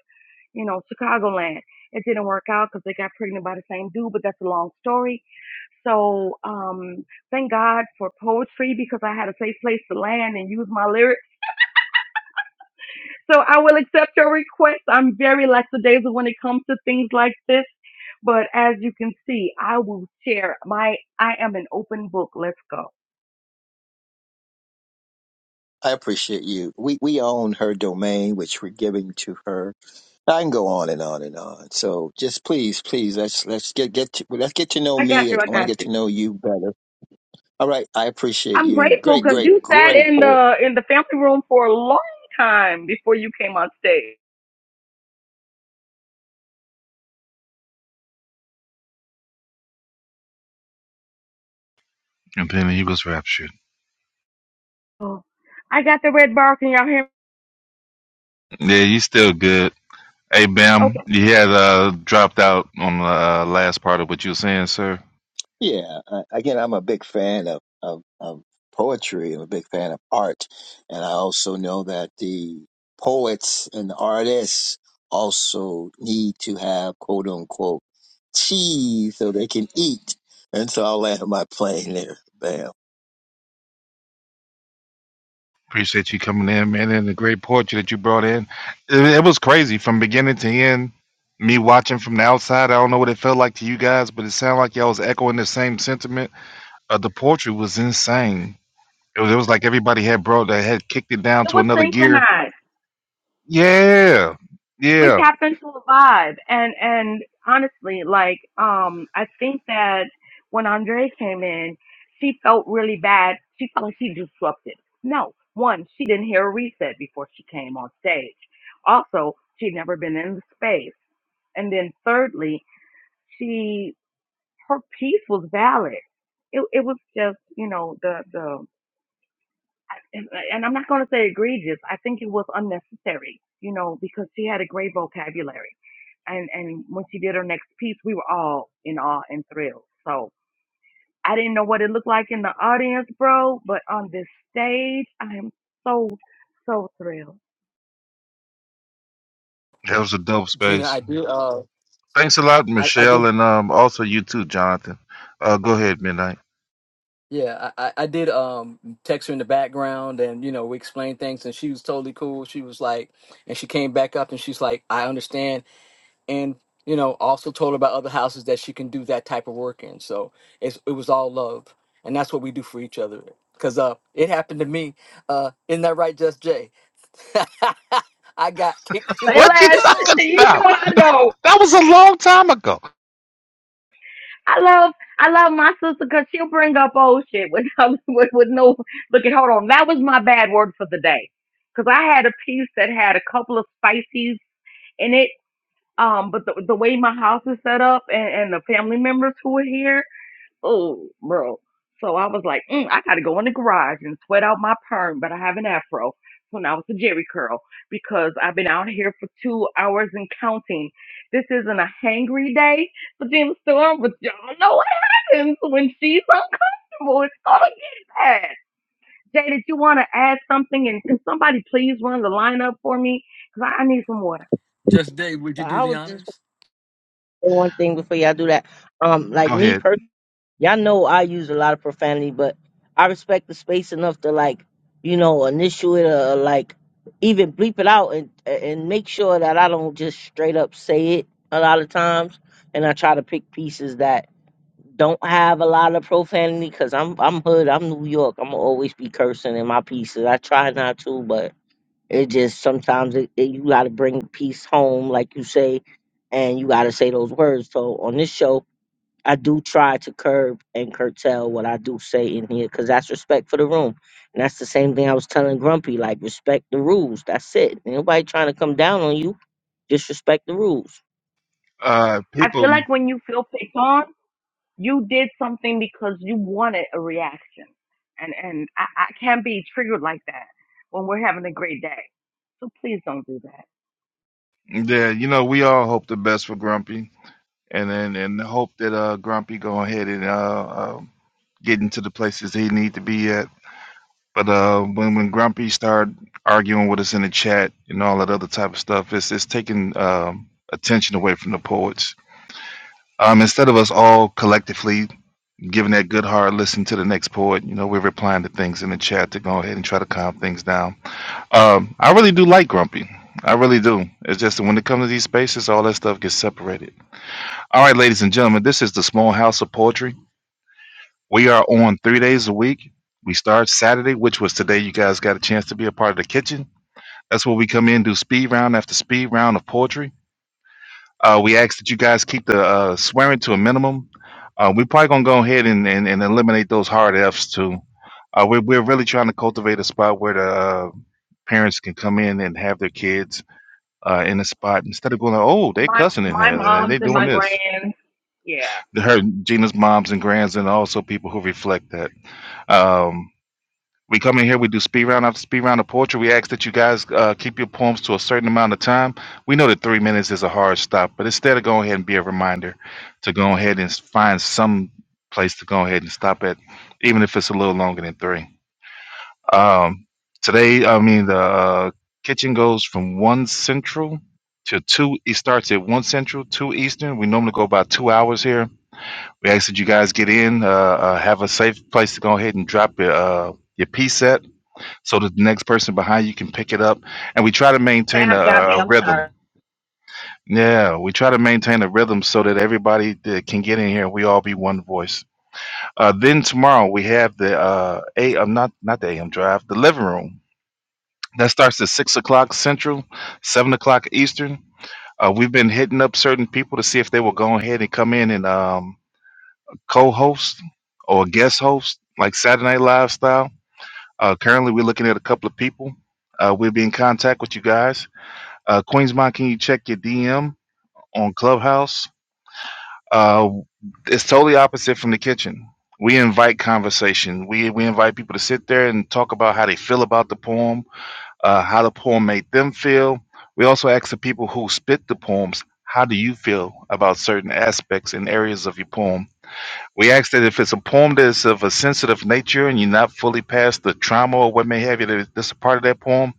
Speaker 1: you know, Chicagoland. It didn't work out because they got pregnant by the same dude, but that's a long story So um, thank God for poetry because I had a safe place to land and use my lyrics. So I will accept your request. I'm very lackadaisical when it comes to things like this. But as you can see, I will share my, I am an open book. Let's go.
Speaker 17: I appreciate you. We we own her domain, which we're giving to her. I can go on and on and on. So just please, please, let's let's get get to, let's get to know
Speaker 1: I got
Speaker 17: me. I
Speaker 1: you. I
Speaker 17: want to
Speaker 1: got
Speaker 17: get
Speaker 1: you.
Speaker 17: to know you better. All right, I appreciate
Speaker 1: I'm
Speaker 17: you.
Speaker 1: grateful
Speaker 17: Great,
Speaker 1: because you
Speaker 17: great,
Speaker 1: sat
Speaker 17: great
Speaker 1: in the, in the family room for a long time before you came on stage.
Speaker 10: And then he was raptured.
Speaker 1: Oh, I got the red bar. Can y'all hear me?
Speaker 10: Yeah, you still good. Hey, Bam,
Speaker 1: Okay.
Speaker 10: you had uh, dropped out on the uh, last part of what you were saying, sir.
Speaker 17: Yeah, uh, again, I'm a big fan of, of, of poetry. I'm a big fan of art. And I also know that the poets and the artists also need to have quote unquote cheese so they can eat. And so I'll land my [LAUGHS] plane there. Bam.
Speaker 10: Appreciate you coming in, man, and the great poetry that you brought in. It, it was crazy from beginning to end. Me watching from the outside, I don't know what it felt like to you guys, but it sounded like y'all was echoing the same sentiment. Uh, the poetry was insane. It was, it was like everybody had brought that had kicked it down
Speaker 1: It
Speaker 10: to
Speaker 1: was
Speaker 10: another gear.
Speaker 1: synchronized.
Speaker 10: Yeah,
Speaker 1: we
Speaker 10: yeah,
Speaker 1: tap into a vibe and and honestly like um i think that when andre came in she felt really bad she felt like she disrupted no one she didn't hear a reset before she came on stage also she'd never been in the space and then thirdly she her piece was valid it, it was just you know the the and, uh, and I'm not going to say egregious. I think it was unnecessary, you know, because she had a great vocabulary. And, and when she did her next piece, we were all in awe and thrilled. So I didn't know what it looked like in the audience, bro, but on this stage, I am so, so thrilled.
Speaker 10: that was a dope
Speaker 2: Gina,
Speaker 10: space.
Speaker 2: I did uh
Speaker 10: Thanks a lot,
Speaker 2: I, I
Speaker 10: Michelle,
Speaker 2: did
Speaker 10: and um, also you too, Jonathan. Uh, go ahead, Midnight. [LAUGHS]
Speaker 2: yeah, I, I I did um text her in the background and you know, we explained things and she was totally cool. She was like and she came back up and she's like, I understand and you know also told her about other houses that she can do that type of work in so it's, it was all love and that's what we do for each other because uh it happened to me uh isn't that right just jay [LAUGHS] i got kicked to
Speaker 1: Say
Speaker 10: What
Speaker 2: the
Speaker 10: you
Speaker 1: less. [LAUGHS]
Speaker 2: door
Speaker 10: talking
Speaker 1: You know
Speaker 10: about?
Speaker 1: I know.
Speaker 10: That was a long time ago.
Speaker 1: I love, I love my sister because she'll bring up old shit with, [LAUGHS] with, with no, look at, hold on. That was my bad word for the day. Cause I had a piece that had a couple of spices in it Um, but the the way my house is set up and, and the family members who are here, oh, bro. So I was like, mm, I gotta go in the garage and sweat out my perm, but I have an afro. So now it's a jerry curl because I've been out here for two hours and counting. This isn't a hangry day for Jim Storm, but y'all know what happens when she's uncomfortable. It's gonna get bad. Jay, did you want to add something? And can somebody please run the line up for me? Because I, I need some water.
Speaker 2: just jay would you
Speaker 6: But
Speaker 2: do
Speaker 6: I
Speaker 2: the
Speaker 6: was just
Speaker 2: honors
Speaker 6: wondering one thing before y'all do that. Um, like
Speaker 10: Go
Speaker 6: me
Speaker 10: ahead.
Speaker 6: personally, y'all know I use a lot of profanity, but I respect the space enough to like, you know, initial it or like even bleep it out and and make sure that I don't just straight up say it a lot of times. And I try to pick pieces that don't have a lot of profanity because I'm I'm hood, I'm New York, I'm gonna always be cursing in my pieces. I try not to, but it just sometimes it, it, you got to bring peace home, like you say, and you got to say those words. So on this show, I do try to curb and curtail what I do say in here because that's respect for the room. And that's the same thing I was telling Grumpy like, respect the rules. That's it. Ain't Nobody trying to come down on you, just respect the rules.
Speaker 10: Uh,
Speaker 1: I feel
Speaker 10: people.
Speaker 1: like when you feel picked on, you did something because you wanted a reaction. And and I, I can't be triggered like that when we're having a great day. So please don't do that.
Speaker 10: Yeah, you know, we all hope the best for Grumpy, and and, and hope that uh Grumpy go ahead and uh, uh get into the places he need to be at. But uh, when when Grumpy start arguing with us in the chat and all that other type of stuff, it's it's taking um, attention away from the poets. Um, instead of us all collectively giving that good hard listen to the next poet, you know, we're replying to things in the chat to go ahead and try to calm things down. Um, I really do like Grumpy. I really do. It's just that when it comes to these spaces, all that stuff gets separated All right, ladies and gentlemen, this is the Small House of Poetry. We are on three days a week. We start Saturday, which was today. You guys got a chance to be a part of the kitchen. That's where we come in, do speed round after speed round of poetry. Uh, we ask that you guys keep the uh, swearing to a minimum. Uh, we're probably going to go ahead and, and, and eliminate those hard F's too. Uh, we're, we're really trying to cultivate a spot where the uh, parents can come in and have their kids uh, in a spot instead of going, oh, they
Speaker 1: My
Speaker 10: cussing in
Speaker 1: my
Speaker 10: here and they
Speaker 1: mom's and
Speaker 10: doing
Speaker 1: my
Speaker 10: this.
Speaker 1: grands. Yeah.
Speaker 10: her Gina's moms and grands, and also people who reflect that. Um, we come in here, we do speed round after speed round of poetry. We ask that you guys uh, keep your poems to a certain amount of time. We know that three minutes is a hard stop, but instead of go ahead and be a reminder to go ahead and find some place to go ahead and stop at, even if it's a little longer than three. Um, today, I mean, the uh, kitchen goes from one central to two. It starts at one central, two eastern. We normally go about two hours here we ask that you guys get in, uh, uh, have a safe place to go ahead and drop your uh, your P set, so that the next person behind you can pick it up. And we try to maintain a,
Speaker 1: Dab got me.
Speaker 10: a
Speaker 1: I'm sorry.
Speaker 10: rhythm. Yeah, we try to maintain a rhythm so that everybody that can get in here and we all be one voice. Uh, then tomorrow we have the uh, a uh, not not the AM drive, the living room that starts at six o'clock Central, seven o'clock Eastern. Uh, we've been hitting up certain people to see if they will go ahead and come in and um, co-host or a guest host, like Saturday Night Live style. Uh, currently, we're looking at a couple of people. Uh, we'll be in contact with you guys. Uh, Queensmont, can you check your DM on Clubhouse? Uh, it's totally opposite from the kitchen. We invite conversation. We we invite people to sit there and talk about how they feel about the poem, uh, how the poem made them feel. We also ask the people who spit the poems, how do you feel about certain aspects and areas of your poem? We ask that if it's a poem that is of a sensitive nature and you're not fully past the trauma or what may have you, that that's a part of that poem,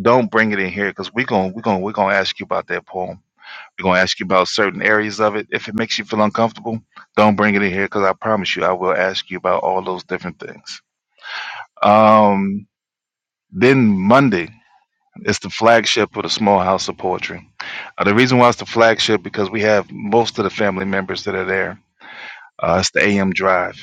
Speaker 10: don't bring it in here because we're going we're going we're going to ask you about that poem. We're going to ask you about certain areas of it. If it makes you feel uncomfortable, don't bring it in here because I promise you, I will ask you about all those different things. Um, then Monday is the flagship of the Small House of Poetry. Uh, the reason why it's the flagship because we have most of the family members that are there. Uh, it's the AM Drive.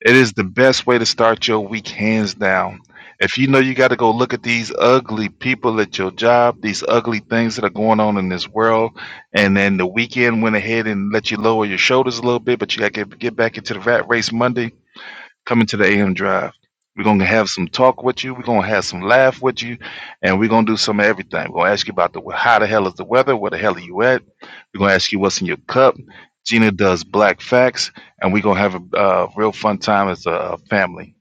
Speaker 10: It is the best way to start your week, hands down. If you know you got to go look at these ugly people at your job, these ugly things that are going on in this world, and then the weekend went ahead and let you lower your shoulders a little bit, but you got to get, get back into the rat race Monday coming to the AM Drive. We're gonna have some talk with you. We're gonna have some laugh with you, and we're gonna do some of everything. We're gonna ask you about the how the hell is the weather? Where the hell are you at? We're gonna ask you what's in your cup. Gina does black facts, and we're gonna have a uh, real fun time as a family.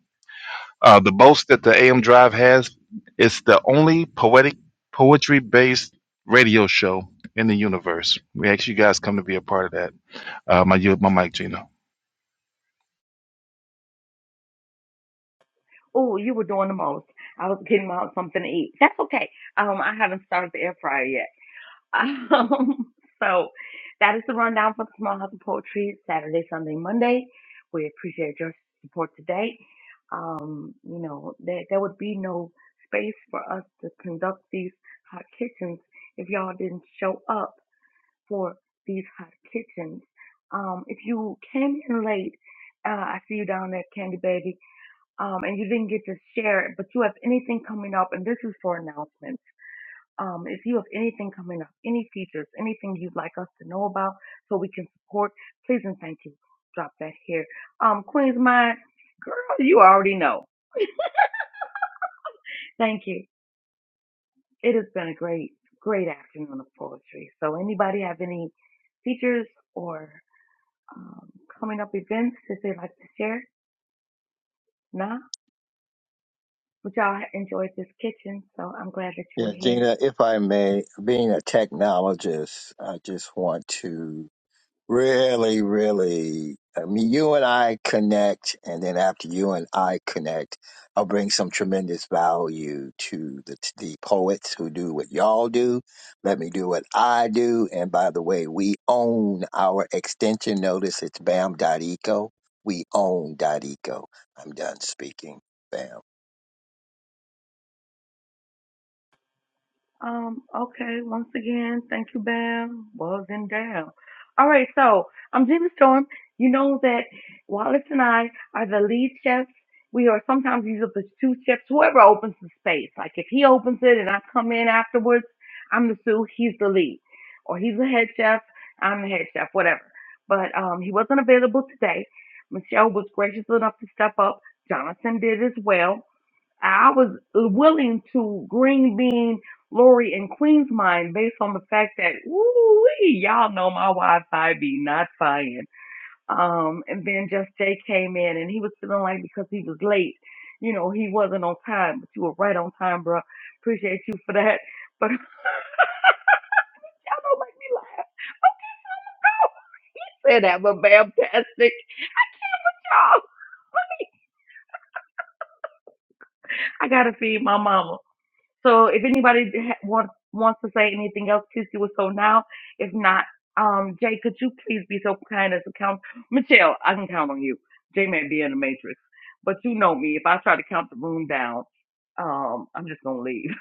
Speaker 10: Uh, the boast that the AM Drive has, it's the only poetic poetry based radio show in the universe. We ask you guys come to be a part of that. Uh, my my mic, Gina.
Speaker 1: Oh, you were doing the most. I was getting out something to eat. That's okay. Um, I haven't started the air fryer yet. Um, [LAUGHS] so that is the rundown for the Small House of Poetry, Saturday, Sunday, Monday. We appreciate your support today. Um, you know, there, there would be no space for us to conduct these hot kitchens if y'all didn't show up for these hot kitchens. Um, if you came in late, uh, I see you down there, Candy Baby, um, and you didn't get to share it, but you have anything coming up, and this is for announcements um, if you have anything coming up, any features, anything you'd like us to know about so we can support, please and thank you. Drop that here. Um, Queen's Mind, girl, you already know. Thank you. It has been a great, great afternoon of poetry. So anybody have any features or um, coming up events that they'd like to share? Nah, but y'all enjoyed this kitchen, so I'm glad that you were
Speaker 17: Yeah,
Speaker 1: here.
Speaker 17: Gina, if I may, being a technologist, I just want to Really, really. I mean, you and I connect, and then after you and I connect, I'll bring some tremendous value to the to the poets who do what y'all do. Let me do what I do. And by the way, we own our extension notice. It's Bam Dot Eco. We own Dot .eco. I'm done speaking. Bam.
Speaker 1: Um, okay, once again, thank you, Bam. Was and down. All right, so I'm Jimmy Storm. You know that Wallace and I are the lead chefs. We are sometimes these are the two chefs, whoever opens the space. Like if he opens it and I come in afterwards, I'm the sous, he's the lead. Or he's the head chef, I'm the head chef, whatever. But um he wasn't available today. Michelle was gracious enough to step up. Jonathan did as well. I was willing to green bean Lori and Queen's mind based on the fact that ooh y'all know my Wi-Fi be not fine. Um, and then just Jay came in and he was feeling like because he was late, you know, he wasn't on time, but you were right on time, bro. Appreciate you for that. But [LAUGHS] y'all don't make me laugh. Say that, but fantastic. [LAUGHS] Y'all, I gotta feed my mama. So if anybody ha- want, wants to say anything else, please do it so now. If not, um, Jay, could you please be so kind as to count? Michelle, I can count on you. Jay may be in the matrix, but you know me. If I try to count the room down, um, I'm just gonna leave.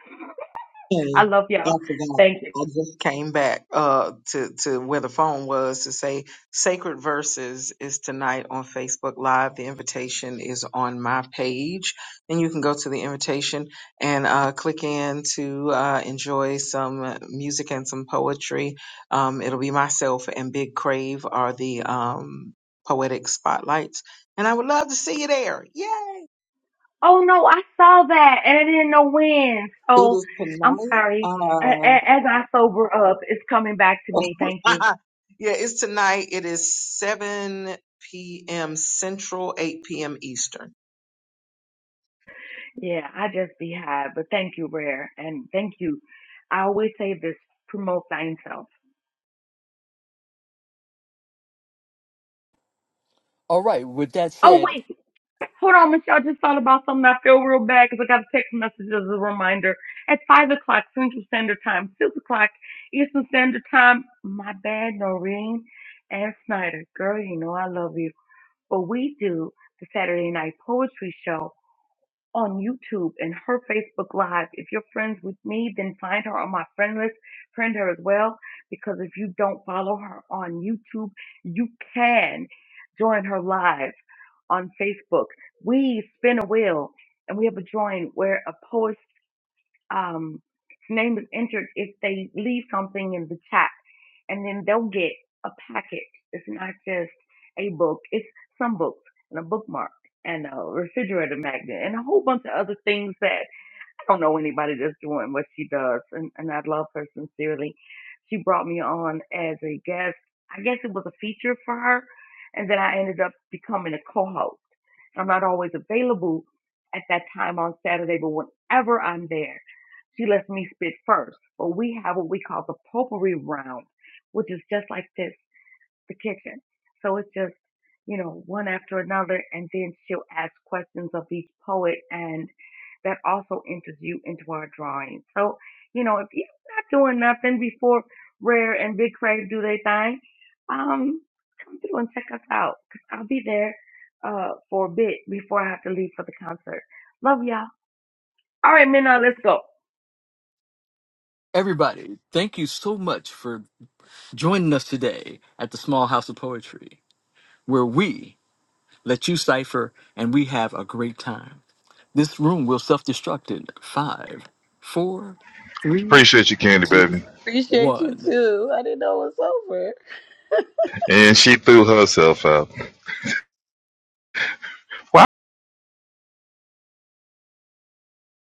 Speaker 1: [LAUGHS] I
Speaker 9: thing
Speaker 1: love y'all.
Speaker 9: after that.
Speaker 1: Thank you.
Speaker 9: I just came back uh, to to where the phone was to say Sacred Verses is tonight on Facebook Live. The invitation is on my page, and you can go to the invitation and uh, click in to uh, enjoy some music and some poetry. Um, it'll be myself and Big Crave are the um, poetic spotlights, and I would love to see you there. Yay!
Speaker 1: Oh no, I saw that and I didn't know when.
Speaker 9: It
Speaker 1: So
Speaker 9: is
Speaker 1: I'm
Speaker 9: tonight.
Speaker 1: sorry. A-
Speaker 9: Uh,
Speaker 1: a- As I sober up, it's coming back to me. Thank
Speaker 9: [LAUGHS]
Speaker 1: you.
Speaker 9: yeah, it's tonight. It is 7 p.m. Central, 8 p.m. Eastern.
Speaker 1: Yeah, I just be high, but thank you, Rare, and thank you. I always say this: promote thyself.
Speaker 2: all right with that
Speaker 1: Oh
Speaker 2: said
Speaker 1: wait, hold on, Michelle. I just thought about something. I feel real bad because I got a text message as a reminder at five o'clock Central Standard Time, six o'clock Eastern Standard Time. My bad, Noreen and Snyder, girl, you know I love you, but we do the Saturday night poetry show on YouTube and her Facebook Live. If you're friends with me, then find her on my friend list. Friend her as well, because if you don't follow her on YouTube, you can join her live on Facebook. We spin a wheel and we have a drawing where a poet's um, name is entered if they leave something in the chat and then they'll get a package. It's not just a book. It's some books and a bookmark and a refrigerator magnet and a whole bunch of other things that I don't know anybody that's doing what she does, and, and I love her sincerely. She brought me on as a guest. I guess it was a feature for her, and then I ended up becoming a co-host. I'm not always available at that time on Saturday, but whenever I'm there, she lets me spit first. But we have what we call the potpourri round, which is just like this the kitchen. So it's just, you know, one after another. And then she'll ask questions of each poet. And that also enters you into our drawing. So, you know, if you're not doing nothing before Rare and Big Crave do their thing, um, come through and check us out. Cause I'll be there, uh, for a bit before I have to leave for the concert. Love y'all. All right, Minna, let's go.
Speaker 2: everybody thank you so much for joining us today at the small house of poetry where we let you cipher and we have a great time This room will self destruct in five, four, three,
Speaker 10: Appreciate you, Candy
Speaker 2: two,
Speaker 10: Baby.
Speaker 18: Appreciate you
Speaker 2: one.
Speaker 18: too. I didn't know it was over.
Speaker 10: And she threw herself out.